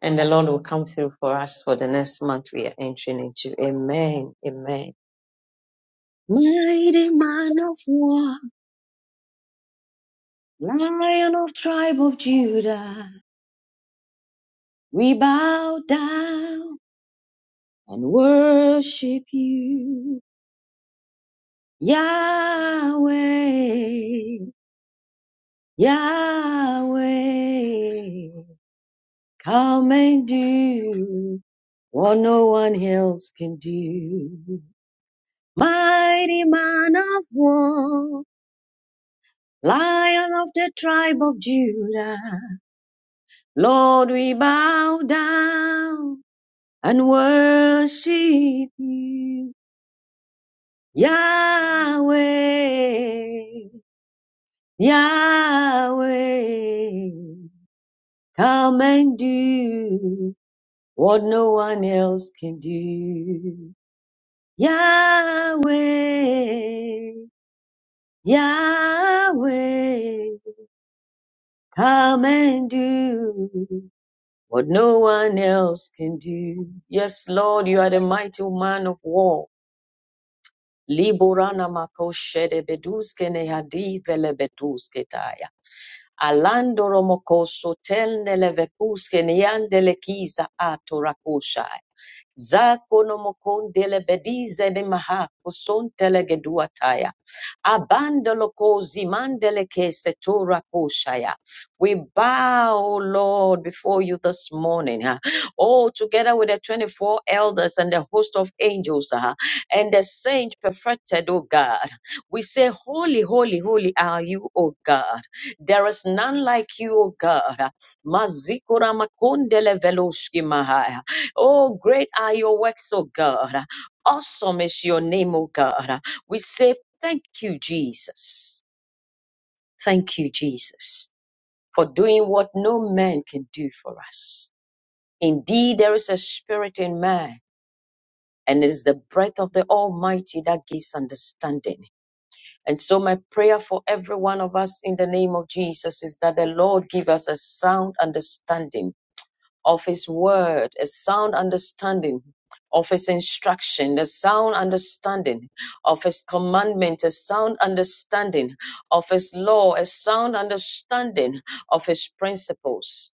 and the Lord will come through for us for the next month we are entering into. Amen, amen. Mighty man of war, lion of tribe of Judah, we bow down and worship you. Yahweh, Yahweh, come and do what no one else can do. Mighty man of war, lion of the tribe of Judah, Lord, we bow down and worship you. Yahweh, Yahweh, Come and do what no one else can do. Yahweh, Yahweh, come and do what no one else can do. Yes, Lord, you are the mighty man of war. Liborana makoshede beduske nehadi vele beduske taya. Alandoro mokoso telnele vekuske neyandele kiza atorakoshai. Zakono mokondele bedize de maha kusontele geduataya. Abandolo kozi mandele kese tora koshaya. We bow, O Lord, before you this morning. ah. All together with the 24 elders and the host of angels ah, and the saints perfected, O God. We say, Holy, holy, holy are you, O God. There is none like you, O God. Mazikura makondele veloshki mahaya. Oh, great are your works, O God. Awesome is your name, O God. We say thank you, Jesus. Thank you, Jesus, for doing what no man can do for us. Indeed, there is a spirit in man, and it is the breath of the Almighty that gives understanding. And so, my prayer for every one of us in the name of Jesus is that the Lord give us a sound understanding of his word, a sound understanding of his instruction, a sound understanding of his commandment, a sound understanding of his law, a sound understanding of his principles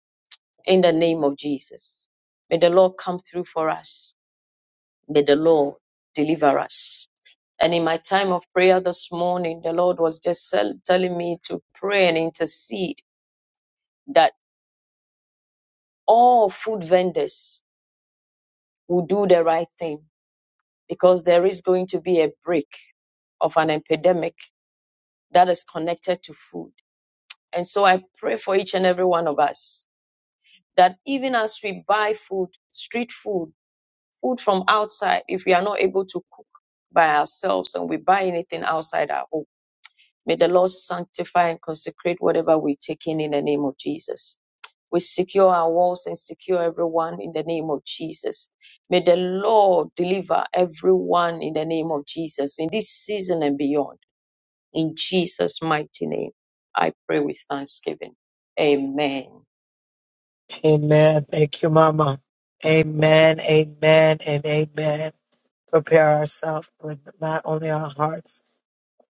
in the name of Jesus. May the Lord come through for us. May the Lord deliver us. And in my time of prayer this morning, the Lord was just sel- telling me to pray and intercede that all food vendors will do the right thing because there is going to be a break of an epidemic that is connected to food. And so I pray for each and every one of us that even as we buy food, street food, food from outside, if we are not able to cook by ourselves and we buy anything outside our home May the Lord sanctify and consecrate whatever we take in in the name of Jesus. We secure our walls and secure everyone in the name of Jesus. May the Lord deliver everyone in the name of Jesus in this season and beyond. In Jesus' mighty name, I pray with thanksgiving. Amen. Amen. Thank you, Mama. Amen, amen, and amen. Prepare ourselves with not only our hearts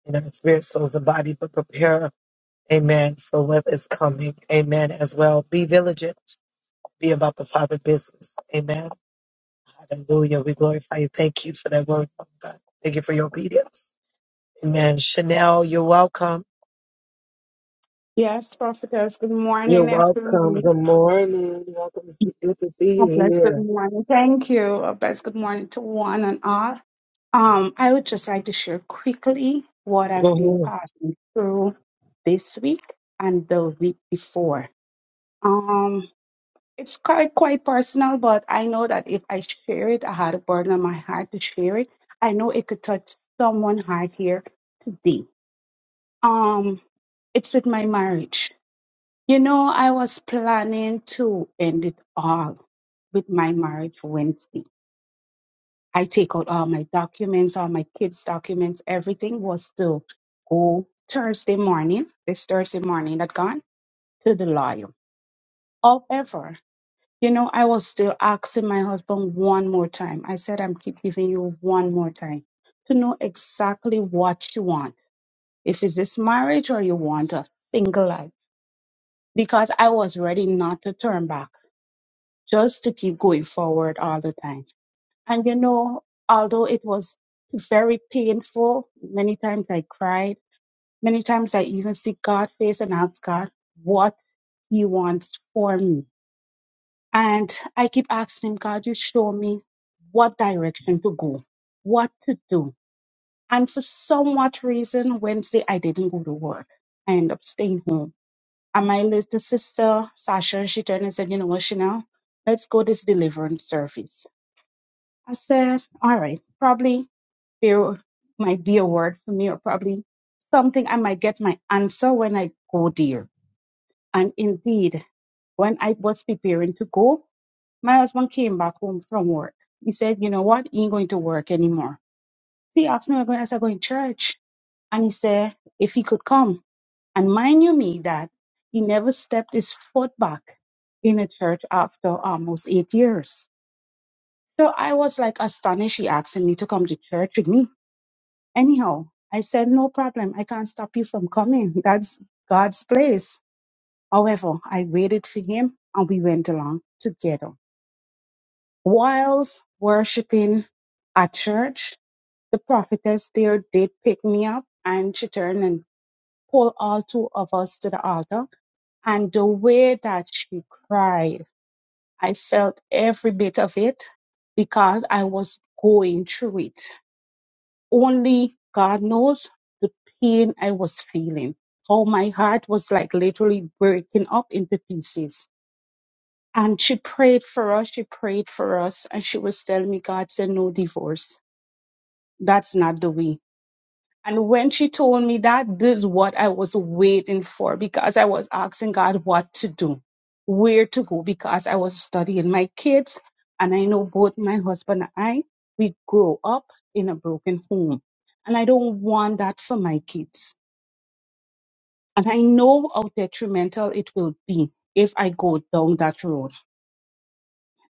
and our spirit, souls, and body, but prepare, amen, for what is coming. Amen, as well. Be vigilant. Be about the Father business. Amen. Hallelujah. We glorify you. Thank you for that word, Father God. Thank you for your obedience. Amen. Chanel, you're welcome. Yes, prophetess. Good You're morning, welcome. everyone. Good morning. Welcome. To see, good to see God bless. Good you morning. Thank you. God bless. Good morning to one and all. Um, I would just like to share quickly what I've here. been passing through this week and the week before. Um, it's quite quite personal, but I know that if I share it, I had a burden on my heart to share it. I know it could touch someone's heart here today. Um, it's with my marriage. You know, I was planning to end it all with my marriage Wednesday. I take out all my documents, all my kids' documents, everything was to go Thursday morning, this Thursday morning that gone to the lawyer. However, you know, I was still asking my husband one more time. I said, I'm keep giving you one more time to know exactly what you want. If it's this marriage or you want a single life. Because I was ready not to turn back. just to keep going forward all the time. And you know, although it was very painful, many times I cried. Many times I even see God face and ask God what He wants for me. And I keep asking Him, God, you show me what direction to go, what to do. And for somewhat reason, Wednesday I didn't go to work. I end up staying home. And my little sister, Sasha, she turned and said, you know what, Chanel, let's go this deliverance service I said, all right, probably there might be a word for me or probably something I might get my answer when I go there. And indeed, when I was preparing to go, my husband came back home from work. He said, you know what? He ain't going to work anymore. So he asked me, am I going? I said, going to church. And he said, if he could come. And mind you me that he never stepped his foot back in a church after almost eight years. So I was like astonished. He asked me to come to church with me. Anyhow, I said, No problem. I can't stop you from coming. That's God's place. However, I waited for him and we went along together. Whilst worshiping at church, the prophetess there did pick me up and she turned and pulled all two of us to the altar. And the way that she cried, I felt every bit of it because I was going through it. only God knows the pain I was feeling, how my heart was like literally breaking up into pieces. And she prayed for us, she prayed for us, and she was telling me, God said, no divorce. That's not the way. And when she told me that, this is what I was waiting for because I was asking God what to do, where to go, because I was studying my kids. And I know both my husband and I, we grow up in a broken home. And I don't want that for my kids. And I know how detrimental it will be if I go down that road.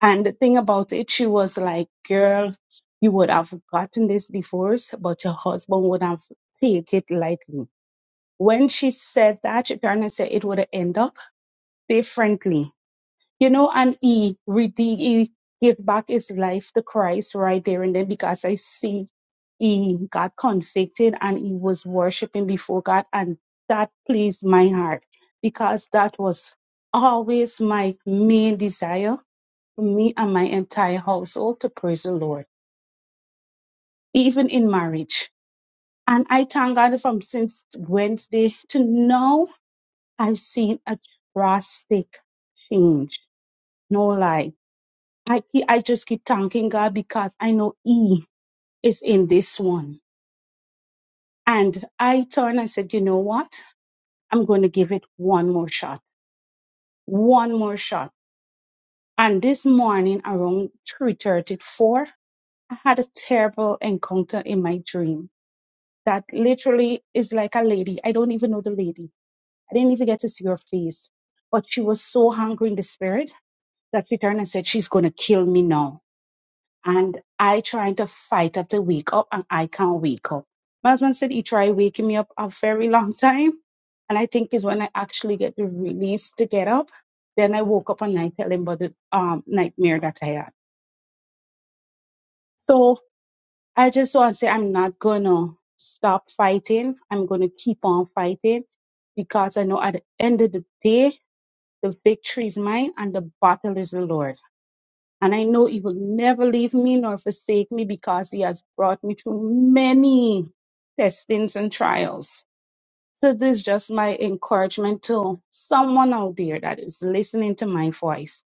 And the thing about it, she was like, girl, you would have gotten this divorce, but your husband would have take it lightly when she said that, she turned and said it would end up differently. You know, and he redeemed, he gave back his life to Christ right there and then because I see he got convicted and he was worshiping before God and that pleased my heart because that was always my main desire for me and my entire household to praise the Lord, even in marriage. And I thank God from since Wednesday to now I've seen a drastic change. No lie. I keep, I just keep thanking God because I know E is in this one. And I turned and said, you know what? I'm going to give it one more shot. One more shot. And this morning around 3.30, I had a terrible encounter in my dream that literally is like a lady. I don't even know the lady. I didn't even get to see her face, but she was so hungry in the spirit that with her and said she's gonna kill me now. And I trying to fight up to wake up and I can't wake up. My husband said he tried waking me up a very long time. And I think is when I actually get the release to get up. Then I woke up and I tell him about the um, nightmare that I had. So I just want to say I'm not gonna stop fighting. I'm gonna keep on fighting because I know at the end of the day the victory is mine and the battle is the Lord. And I know He will never leave me nor forsake me because He has brought me through many testings and trials. So, this is just my encouragement to someone out there that is listening to my voice.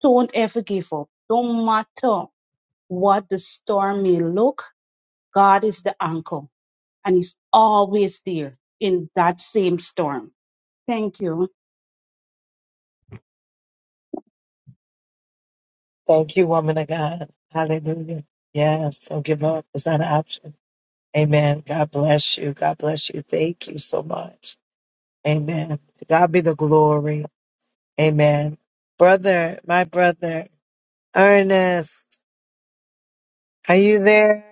Don't ever give up. Don't matter what the storm may look, God is the anchor and He's always there in that same storm. Thank you. Thank you, woman of God. Hallelujah. Yes, don't give up. It's not an option. Amen. God bless you. God bless you. Thank you so much. Amen. To God be the glory. Amen. Brother, my brother, Ernest, are you there?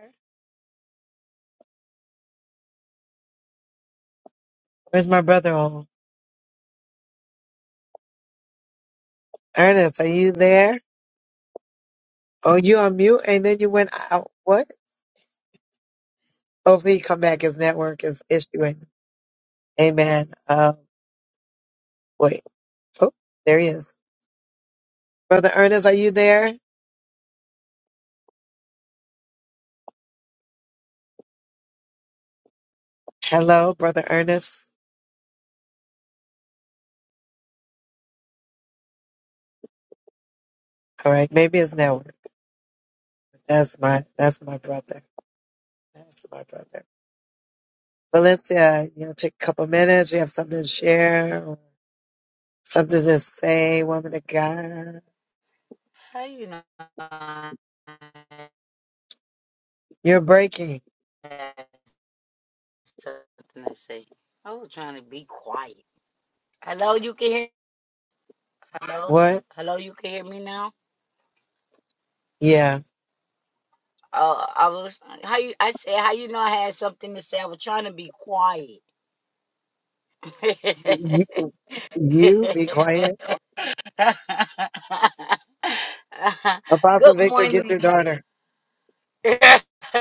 Where's my brother on? Ernest, are you there? Oh, you on mute and then you went out. What? Hopefully he come back. His network is issuing. Amen. Um, wait. Oh, there he is. Brother Ernest, are you there? Hello, brother Ernest. All right, maybe it's network. That's my that's my brother. That's my brother. Valencia, you know, take a couple minutes. You have something to share, or something to say, woman of God. How you know I You're breaking. had something to say? I was trying to be quiet. Hello, you can hear? Hello, What? hello, you can hear me now? Yeah. Uh, I was how you? I said how you know I had something to say? I was trying to be quiet. You, you be quiet. Apostle Good Victor, get morning. your daughter.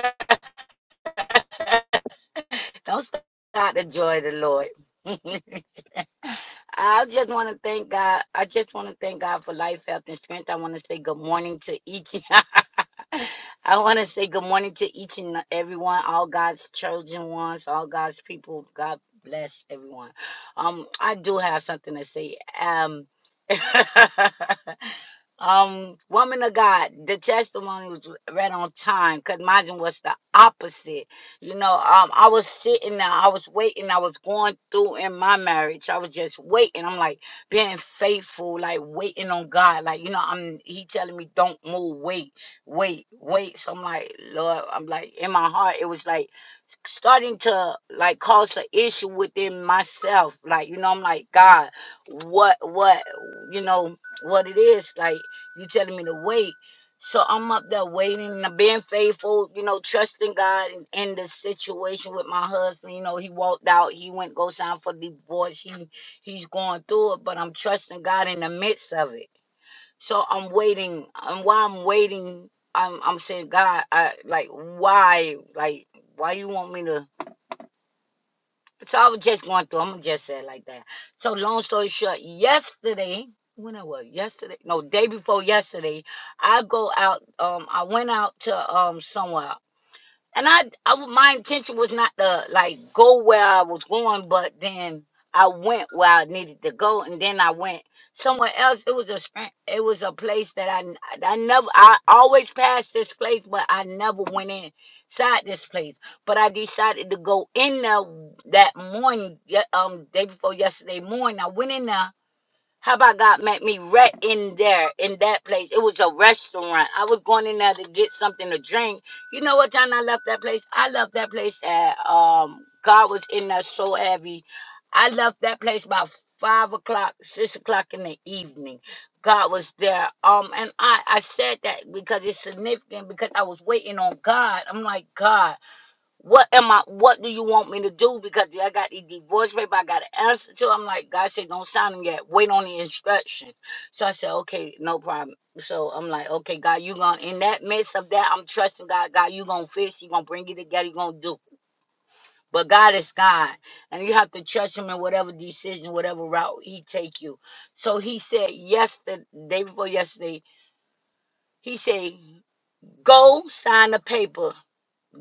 Don't stop the joy of the Lord. I just want to thank God. I just want to thank God for life, health, and strength. I want to say good morning to each. I want to say good morning to each and everyone, all God's chosen ones, all God's people. God bless everyone. Um, I do have something to say. Um, um, woman of God, the testimony was right on time because mine was the opposite you know, um, I was sitting there, I was waiting, I was going through in my marriage. I was just waiting. I'm like being faithful, like waiting on God. Like, you know, I'm he telling me don't move, wait, wait, wait. So I'm like, Lord, I'm like in my heart, it was like starting to like cause an issue within myself. Like, you know, I'm like, God, what what you know, what it is, like you telling me to wait. So I'm up there waiting, and being faithful, you know, trusting God in, in the situation with my husband. You know, he walked out, he went go sign for divorce. He he's going through it, but I'm trusting God in the midst of it. So I'm waiting, and while I'm waiting, I'm I'm saying, God, I like why, like why you want me to so I was just going through. I'm gonna just say it like that. So long story short, yesterday, when I was yesterday, no, day before yesterday, I go out. Um, I went out to um somewhere and I, I w- my intention was not to like go where I was going, but then I went where I needed to go, and then I went somewhere else. It was a stran- it was a place that I n- I never I always passed this place, but I never went inside this place. But I decided to go in there that morning, ye- um, day before yesterday morning. I went in there how about God met me right in there, in that place? It was a restaurant. I was going in there to get something to drink. You know what time I left that place? I left that place at um God was in there so heavy. I left that place about five o'clock, six o'clock in the evening. God was there. Um and I, I said that because it's significant because I was waiting on God. I'm like, God. What am I? What do you want me to do? Because I got the divorce paper, I got to answer to. I'm like, God said, don't sign them yet. Wait on the instruction. So I said, okay, no problem. So I'm like, okay, God, you gonna in that midst of that, I'm trusting God. God, you gonna fix. You gonna bring it together. You gonna do. But God is God, and you have to trust Him in whatever decision, whatever route He take you. So He said yesterday, day before yesterday, He said, go sign the paper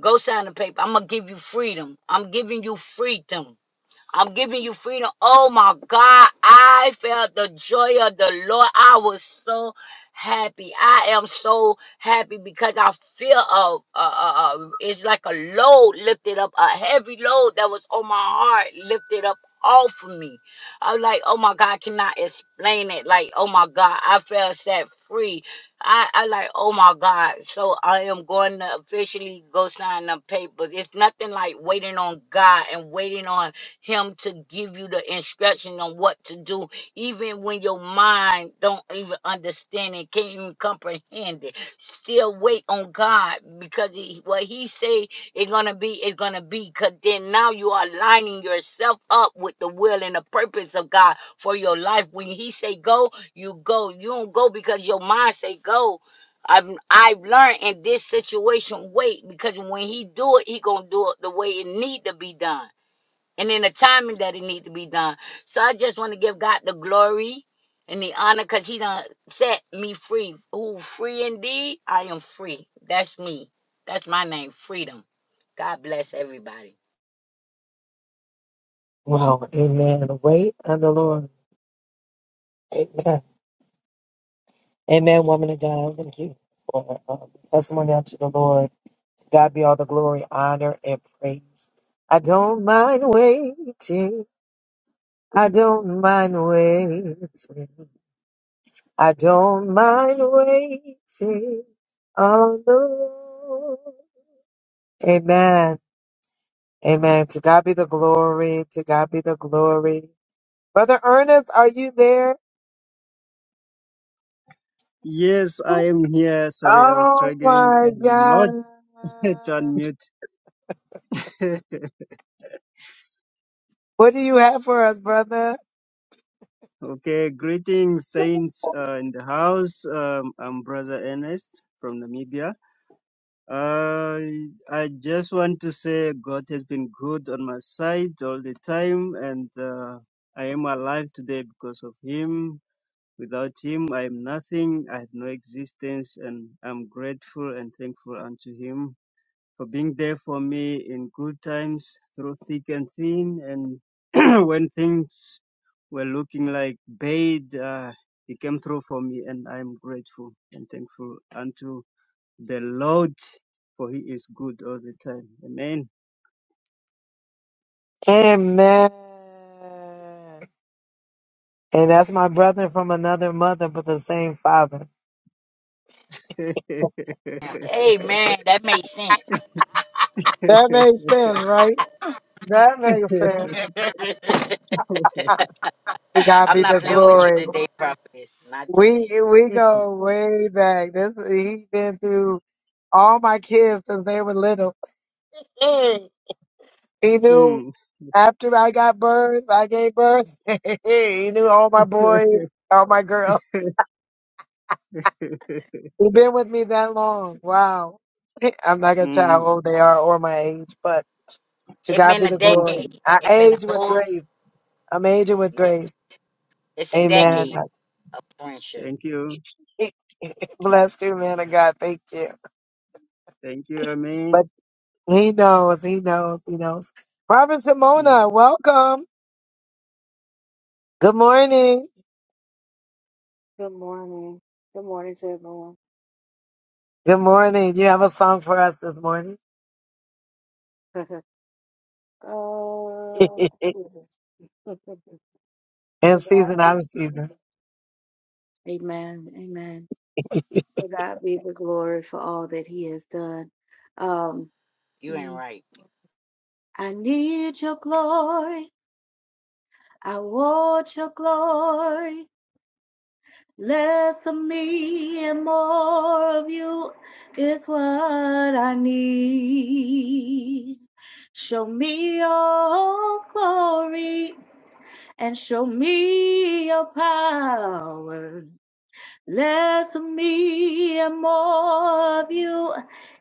Go sign the paper. I'm gonna give you freedom. I'm giving you freedom. I'm giving you freedom. Oh my God, I felt the joy of the Lord. I was so happy. I am so happy because I feel a, a, a, a it's like a load lifted up, a heavy load that was on my heart lifted up off of me. I'm like, oh my God, I cannot explain it. Like, oh my God, I felt set free. I, I like, oh my God. So I am going to officially go sign the papers. It's nothing like waiting on God and waiting on him to give you the instruction on what to do, even when your mind don't even understand it, can't even comprehend it. Still wait on God because he, what He say it's gonna be, it's gonna be. Cause then now you are lining yourself up with the will and the purpose of God for your life. When He say go, you go. You don't go because your mind say go. I've I've learned in this situation wait because when he do it, he gonna do it the way it need to be done and in the timing that it need to be done. So I just want to give God the glory and the honor because he done set me free. Who free indeed? I am free. That's me. That's my name, freedom. God bless everybody. Wow. Amen. Wait on the Lord. Amen. Amen, woman of God. Thank you for uh, the testimony unto the Lord. To God be all the glory, honor, and praise. I don't mind waiting. I don't mind waiting. I don't mind waiting on the Lord. Amen. Amen. To God be the glory. To God be the glory. Brother Ernest, are you there? Yes, I am here. Sorry, I was Oh struggling my a lot God. to unmute. What do you have for us, brother? Okay, greetings, saints uh, in the house. Um, I'm Brother Ernest from Namibia. Uh, I just want to say God has been good on my side all the time, and uh, I am alive today because of Him. Without Him, I am nothing. I have no existence, and I'm grateful and thankful unto Him for being there for me in good times through thick and thin. And when things were looking like bad, uh, He came through for me, and I am grateful and thankful unto the Lord, for He is good all the time. Amen. Amen. And that's my brother from another mother, but the same father. Amen. That makes sense. That makes sense, right? That makes sense. To God I'm be the not playing with you glory. today, prophetess. Not We today. we go way back. This he been through all my kids since they were little. Mm. He knew Mm, mm, after I got birth, I gave birth. he knew all my boys, all my girls. He been with me that long. Wow. I'm not gonna tell mm, how old they are or my age, but To It's God been be a the glory. decade. I It's been a age with whole grace. I'm aging with yeah. grace. It's a Amen. mm. decade of friendship. Thank you. Bless you, man of God. Thank you. Thank you. Amen. But he knows, he knows, he knows. Prophet Mm. Shimona, welcome. Good morning. Good morning. Good morning to everyone. Good morning. You have a song for us this morning? oh, goodness. to God In season, be out the of glory. season. Amen. Amen. To God be the glory for all that He has done. Um, You ain't mm, right. I need your glory. I want your glory. Less of me and more of you is what I need. Show me your glory and show me your power. Less of me and more of you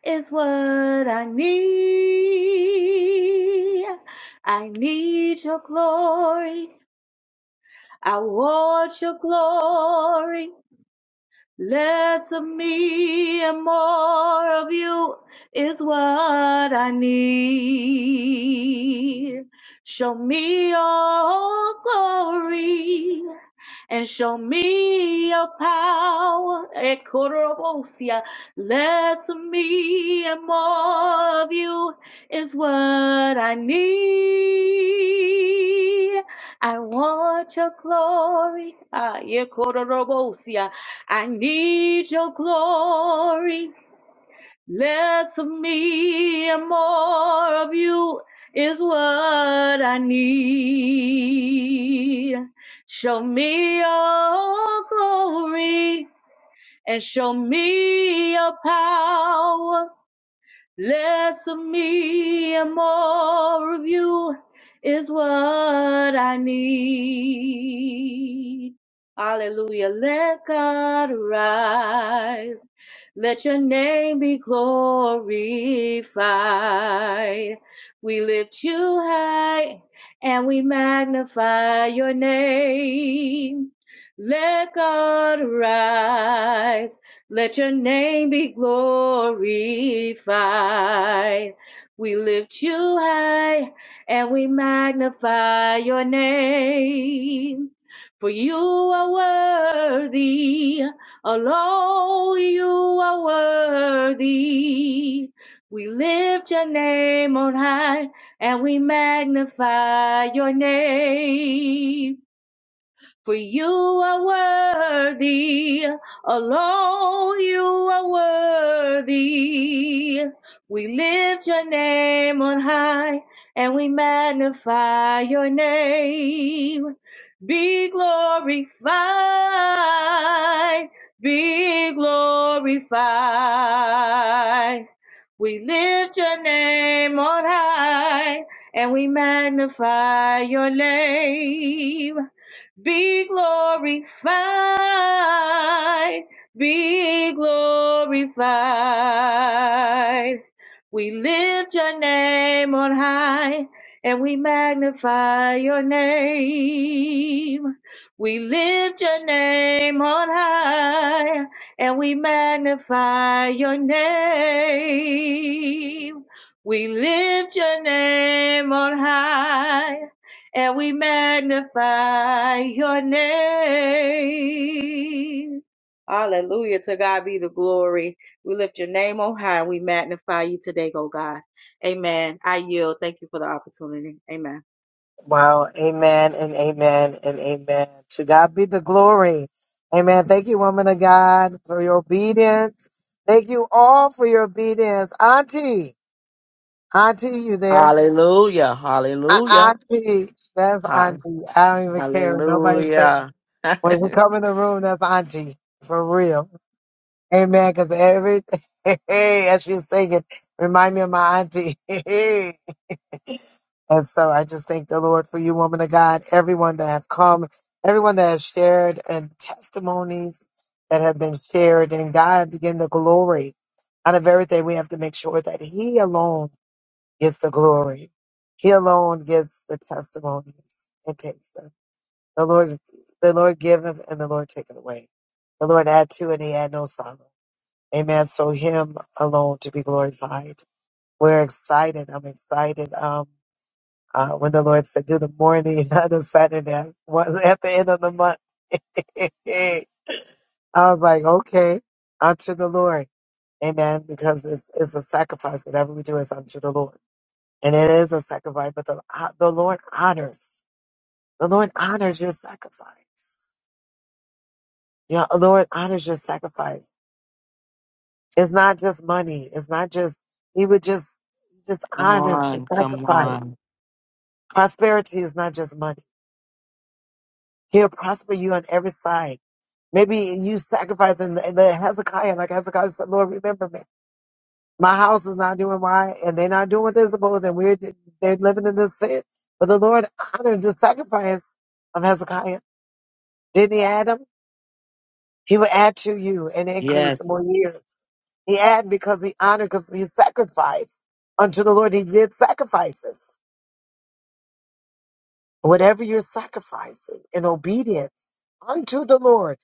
is what I need. I need your glory. I want your glory. Less of me and more of you is what I need. Show me your glory and show me your power. Ekorobosia. Less of me and more of you is what I need. I want your glory. Ah, Ekorobosia. I need your glory. Less of me and more of you is what I need. Show me your glory and show me your power. Less of me and more of you is what I need. Hallelujah. Let God arise. Let your name be glorified. We lift you high and we magnify your name. Let God rise. Let your name be glorified. We lift you high and we magnify your name. For you are worthy. Alone you are worthy. We lift your name on high and we magnify your name for you are worthy. Alone you are worthy. We lift your name on high and we magnify your name. Be glorified, be glorified. We lift your name on high and we magnify your name. Be glorified. Be glorified. We lift your name on high and we magnify your name. We lift your name on high and we magnify your name. We lift your name on high and we magnify your name. Hallelujah. To God be the glory. We lift your name on high. We magnify you today, oh God. Amen. I yield. Thank you for the opportunity. Amen. Wow. Amen and amen and amen. To God be the glory. Amen. Thank you, woman of God, for your obedience. Thank you all for your obedience. Auntie. Auntie, you there? Hallelujah. A- Hallelujah. auntie, that's ha- auntie. I don't even care. what Nobody say Hallelujah. when you come in the room, that's auntie for real. Amen. Because every hey, as she's singing, remind me of my auntie. and so I just thank the Lord for you, woman of God. Everyone that have come, everyone that has shared, and testimonies that have been shared, and God again the glory out of everything. We have to make sure that He alone. gets the glory. He alone gets the testimonies and takes them. The Lord, the Lord giveth and the Lord taketh away. The Lord add to and he add no sorrow. Amen. So him alone to be glorified. We're excited. I'm excited. Um, uh, when the Lord said, do the morning on the Saturday, one- at the end of the month. I was like, okay, unto the Lord. Amen. Because it's, it's a sacrifice. Whatever we do is unto the Lord and it is a sacrifice, but the, uh, the Lord honors. The Lord honors your sacrifice. Yeah, the Lord honors your sacrifice. It's not just money. It's not just, he would just, he just Come honors the on, come sacrifice. on. Prosperity is not just money. He'll prosper you on every side. Maybe you sacrifice and and the Hezekiah, like Hezekiah said, Lord, remember me. My house is not doing right and they're not doing what they're supposed and we're, they're living in this sin. But the Lord honored the sacrifice of Hezekiah Didn't he add them? He will add to you and increase Yes. more years. He add because he honored, because he sacrificed unto the Lord. He did sacrifices. Whatever you're sacrificing in obedience unto the Lord,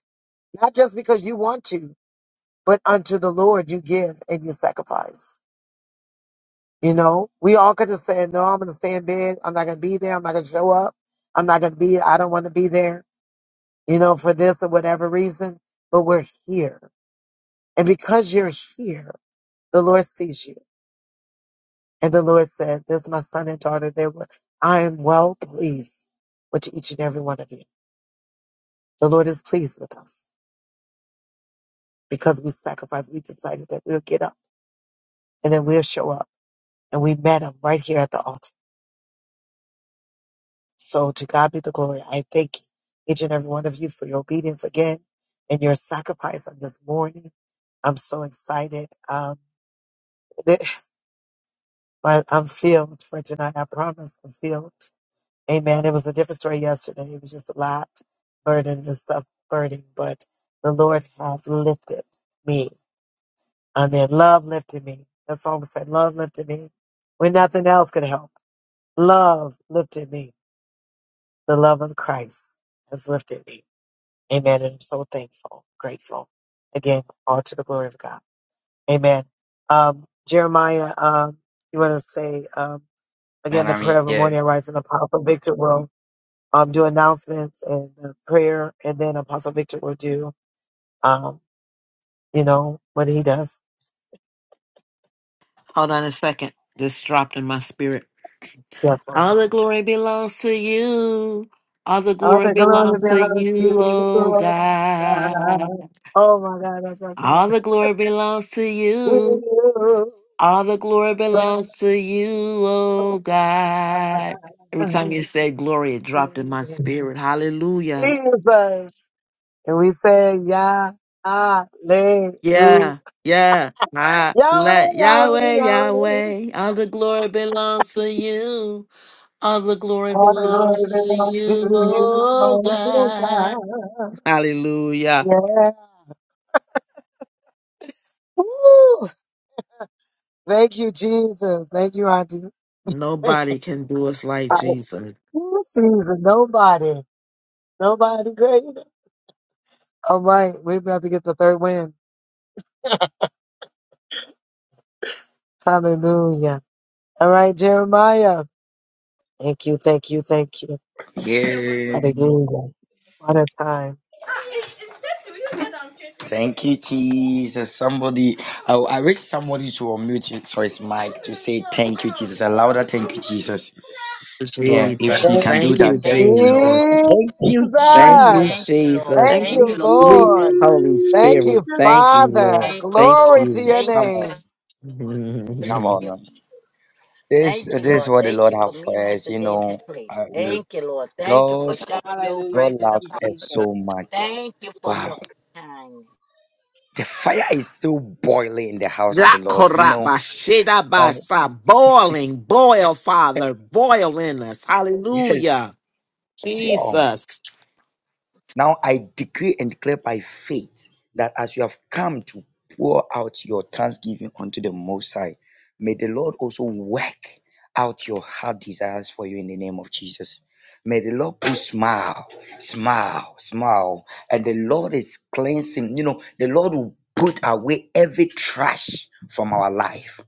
not just because you want to, but unto the Lord you give and you sacrifice. You know, we all could have said, no, I'm going to stay in bed. I'm not going to be there. I'm not going to show up. I'm not going to be, I don't want to be there, you know, for this or whatever reason, but we're here. And because you're here, the Lord sees you. And the Lord said, This is my son and daughter. They were, I am well pleased with each and every one of you. The Lord is pleased with us because we sacrificed. We decided that we'll get up and then we'll show up. And we met him right here at the altar. So to God be the glory. I thank each and every one of you for your obedience again and your sacrifice on this morning. I'm so excited. Um, my- I'm filled for tonight. I promise I'm filled. Amen. It was a different story yesterday. It was just a lot burdened and stuff burning, but the Lord have lifted me. And then love lifted me. That's all I'm saying. Love lifted me. When nothing else could help. Love lifted me. The love of Christ has lifted me. Amen. And I'm so thankful, grateful. Again, all to the glory of God. Amen. Um, Jeremiah, um, you want to say, um, again, the prayer of the Yeah, morning, I rise in the power of victor will. um, do announcements and the prayer, and then Apostle Victor will do, um, you know, what he does. Hold on a second. This dropped in my spirit. Yes, one All the minute. glory belongs to you. All the All glory the glory belongs to belongs to you, you, oh Lord. God. God. Oh my God, that's our song. All the glory belongs to We you. Woo, All the glory belongs to you, oh God. Every time you said glory, it dropped in my spirit. Hallelujah. Jesus. And we say, Yah, Hallelujah. Yeah, yeah. I Yahweh, let Yahweh, Yahweh, Yahweh. Yahweh, all the glory belongs to you. All the glory All the belongs to glory belongs to you, oh you, Lord. God. God. Hallelujah. Yeah. Woo. Thank you, Jesus. Thank you, Auntie. Nobody can do us like Jesus. This season, nobody, nobody greater. All right, we're about to get the third win. Hallelujah. All right, Jeremiah. Thank you, thank you, thank you. yeah. Hallelujah. What a time. Thank you, Jesus. Somebody, I, I wish somebody to unmute his so his mic to say thank you, Jesus. A louder thank you, Jesus. Lord, Yeah, if thank Jesus. she you, Thank can Jesus. do Thank you, you, that, just Thank for you, me. Lord. Jesus. Thank you, Jesus. Thank you, Thank Jesus. you, Lord. Jesus. Thank Thank Thank Thank you, you, you, Lord. Jesus. you, Sweet Thank Jesus. Lord. Holy Thank Spirit. you, Thank you, Father. Lord. thank you, Thank Glory Lord. to you. your Thank you Come for on, name. Thank come you, on. you. now. Jesus. This, Thank you, this is Lord. what the Thank Lord you for have meeting for us us. You today in this know, place. uh, we Thank you, Lord. Thank you God, for showering your Hallelujah. God Thank presence you, loves upon us. us Jesus. so much. Thank you for Wow, your kindness. the fire is still boiling in the house of La the Lord. You know, koraba shida but basa. Boiling, boil, Father. Boil in us. yes, Hallelujah. sure. Jesus. Now I decree and declare by faith that as you have come to pour out your thanksgiving unto the Most High, may the Lord also work out your heart desires for you in the name of Jesus. May the Lord put smile, smile, smile. And the Lord is cleansing. You know, the Lord will put away every trash from our life.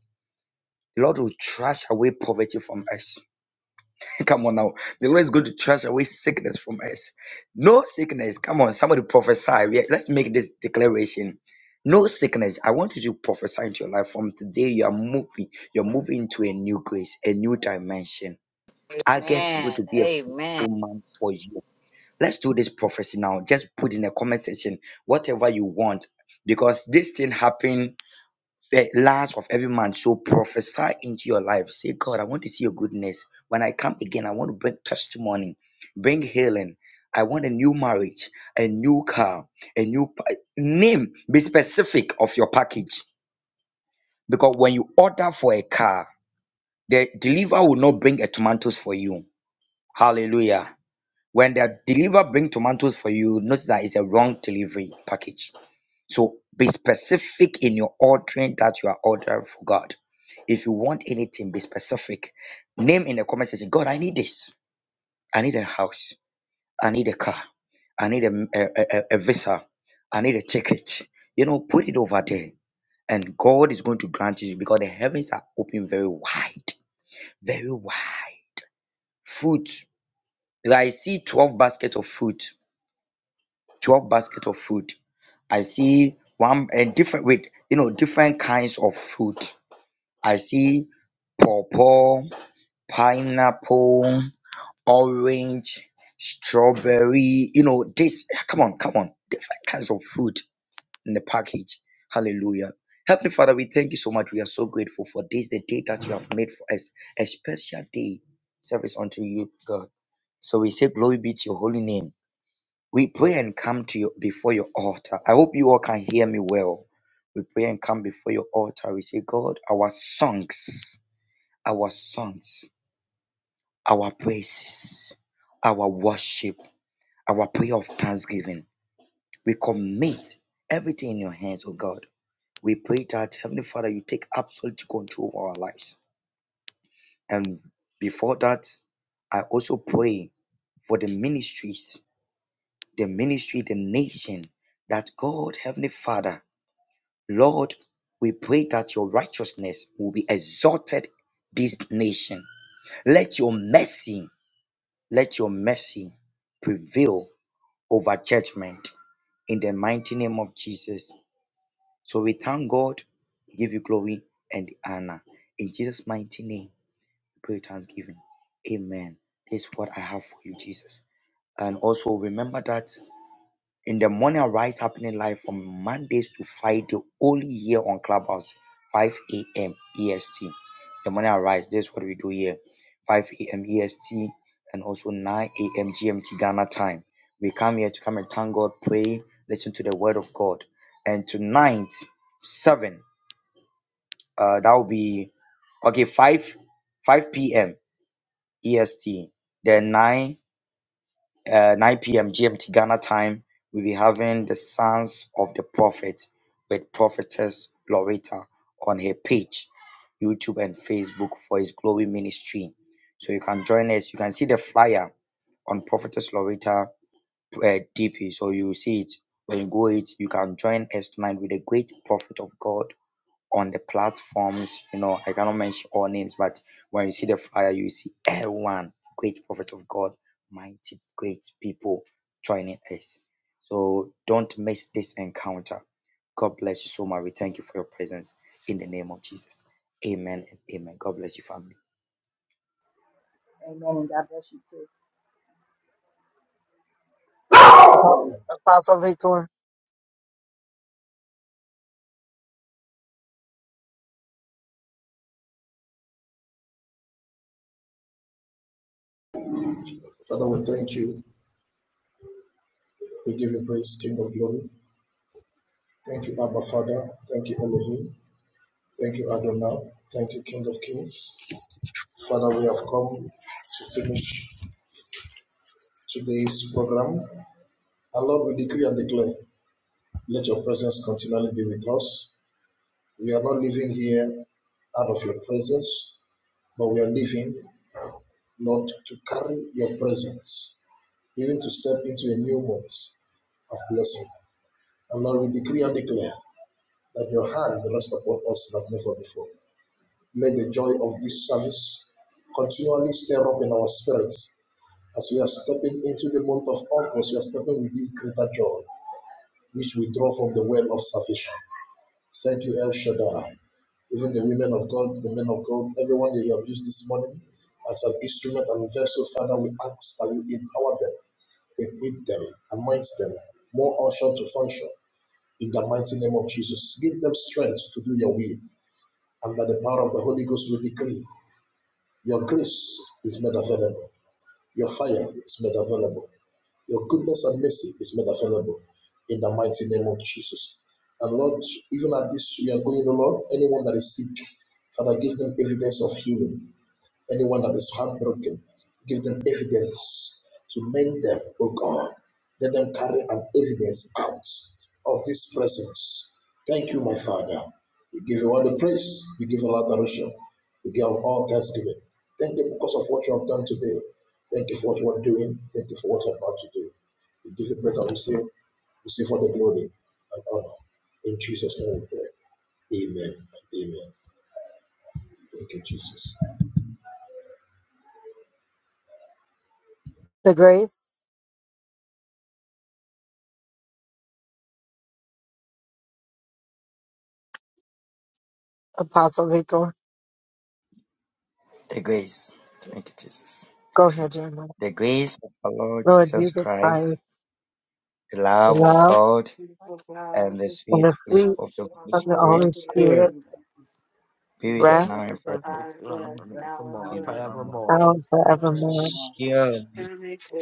The Lord will trash away poverty from us. Come on now. The Lord is going to transfer away sickness from us. No sickness. Come on. Somebody prophesy. We- Let's make this declaration. No sickness. I want you to prophesy into your life. From today, you are moving. You're moving to a new grace, a new dimension. I guess it's going to Amen. be a fruitful Amen. month for you. Let's do this prophecy now. Just put in the comment section whatever you want because this thing happened the last of every month. So prophesy into your life. Say, God, I want to see your goodness. When I come again, I want to bring testimony, bring healing. I want a new marriage, a new car, a new pa- name. Be specific of your package because when you order for a car, the deliver will not bring a tomatoes for you. Hallelujah. When the deliver bring tomatoes for you, notice that it's a wrong delivery package. So be specific in your ordering that you are ordering for God. If you want anything, be specific. Name in the comment section, God, I need this. I need a house. I need a car. I need a, a, a, a visa. I need a ticket. You know, put it over there. And God is going to grant you because the heavens are open very wide. Very wide. Fruit. Like, I see 12 baskets of fruit. 12 baskets of fruit. I see one and different with you know different kinds of fruit. I see pawpaw, pineapple, orange, strawberry. You know, this, come on, come on. Different kinds of fruit in the package. Hallelujah. Heavenly Father, we thank you so much. We are so grateful for this, the day that you have made for us, a special day service unto you, God. So we say, Glory be to your holy name. We pray and come to you before your altar. I hope you all can hear me well. We pray and come before your altar. We say, God, our songs our songs, our praises, our worship, our prayer of thanksgiving. We commit everything in your hands, oh God. We pray that, Heavenly Father, you take absolute control of our lives. And before that, I also pray for the ministries, the ministry, the nation, that God, Heavenly Father, Lord, we pray that your righteousness will be exalted this nation. Let your mercy Let your mercy prevail over judgment in the mighty name of Jesus. So we thank God, give you glory and honor. In Jesus' mighty name, we pray with thanksgiving. Amen. This is what I have for you, Jesus. And also remember that in the morning, rise happening live from Mondays to Friday, only here on Clubhouse, 5 a.m. EST. The morning rise. this is what we do here 5 a.m. EST and also 9 a.m. GMT Ghana time. We come here to come and thank God, pray, listen to the word of God. And tonight, 7, uh, that will be okay, 5 5 p.m. EST, then 9 uh, 9 p.m. GMT Ghana time, we'll be having the Sons of the Prophet with Prophetess Loretta on her page, YouTube and Facebook for His Glory Ministry. So you can join us. You can see the flyer on Prophetess Loretta uh, DP. So you will see it. When you go it, you can join us tonight with the great prophet of God on the platforms, you know, I cannot mention all names, but when you see the flyer, you see everyone, great prophet of God, mighty great people joining us. So don't miss this encounter. God bless you so much. We thank you for your presence in the name of Jesus. Amen and amen. God bless you, family. Amen. And God bless you too. Apo- Apostle Victor, the grace. Apostle Victor. The grace. Thank you, Jesus. Go ahead, Jeremiah. The grace of our Lord Lord Jesus Jesus Christ, Christ, the the love of love God, and the and sweet the sweet fellowship of the Holy of the Spirit Oh, Holy Spirit Spirit. Amen. And be with Holy us rest now Spirit and forever. rest Forevermore. upon you you. Amen. Forevermore. on now and forevermore. forevermore. Surely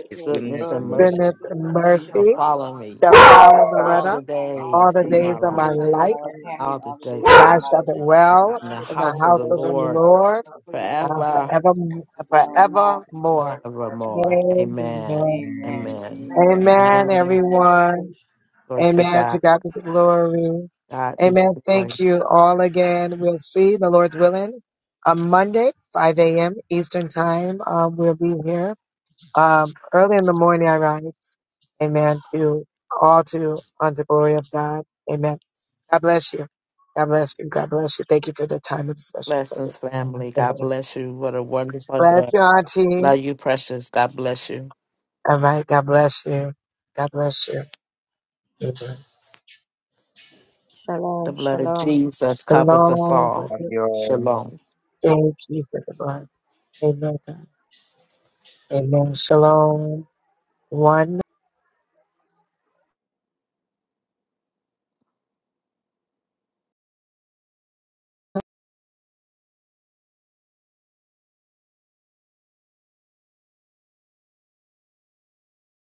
his Goodness goodness and and Surely, mercy mercy Goodness shall and goodness And and see shall mercy mercy follow me shall that follow us follow follow all all Loretta the us, the all days the all the of days our of my life. days of life, our follow Tammy All the all the days days of and of our I life. our shall life. and dwell In the not in the house of house the of the willing Lord in Lord yourself but to uh, will forever. forever, And to dwell in the forever house of and the forevermore. Lord ever. forevermore. forevermore. Amen. Amen. Amen. Amen. Thank you. Amen. Amen, Amen. Amen. everyone. Amen. Glory to Amen. To God. God be the glory. God be the Amen. glory. Thank you all again. We'll see the Lord's willing on Monday, 5 a.m. Eastern Time. Um, we'll be here Um, early in the morning I rise. Amen. To all to unto glory of God. Amen. God bless you. God bless you. God bless you. Thank you for the time of the special Blessings, service. family. Amen. God bless you. What a wonderful Bless day. you, Auntie. Love you, precious. God bless you. All right. God bless you. God bless you. Amen. The Shalom, blood of shalom. Jesus covers us Shalom. all. brother. Shalom. Thank you for the blood. Amen. God. Amen. Shalom. One.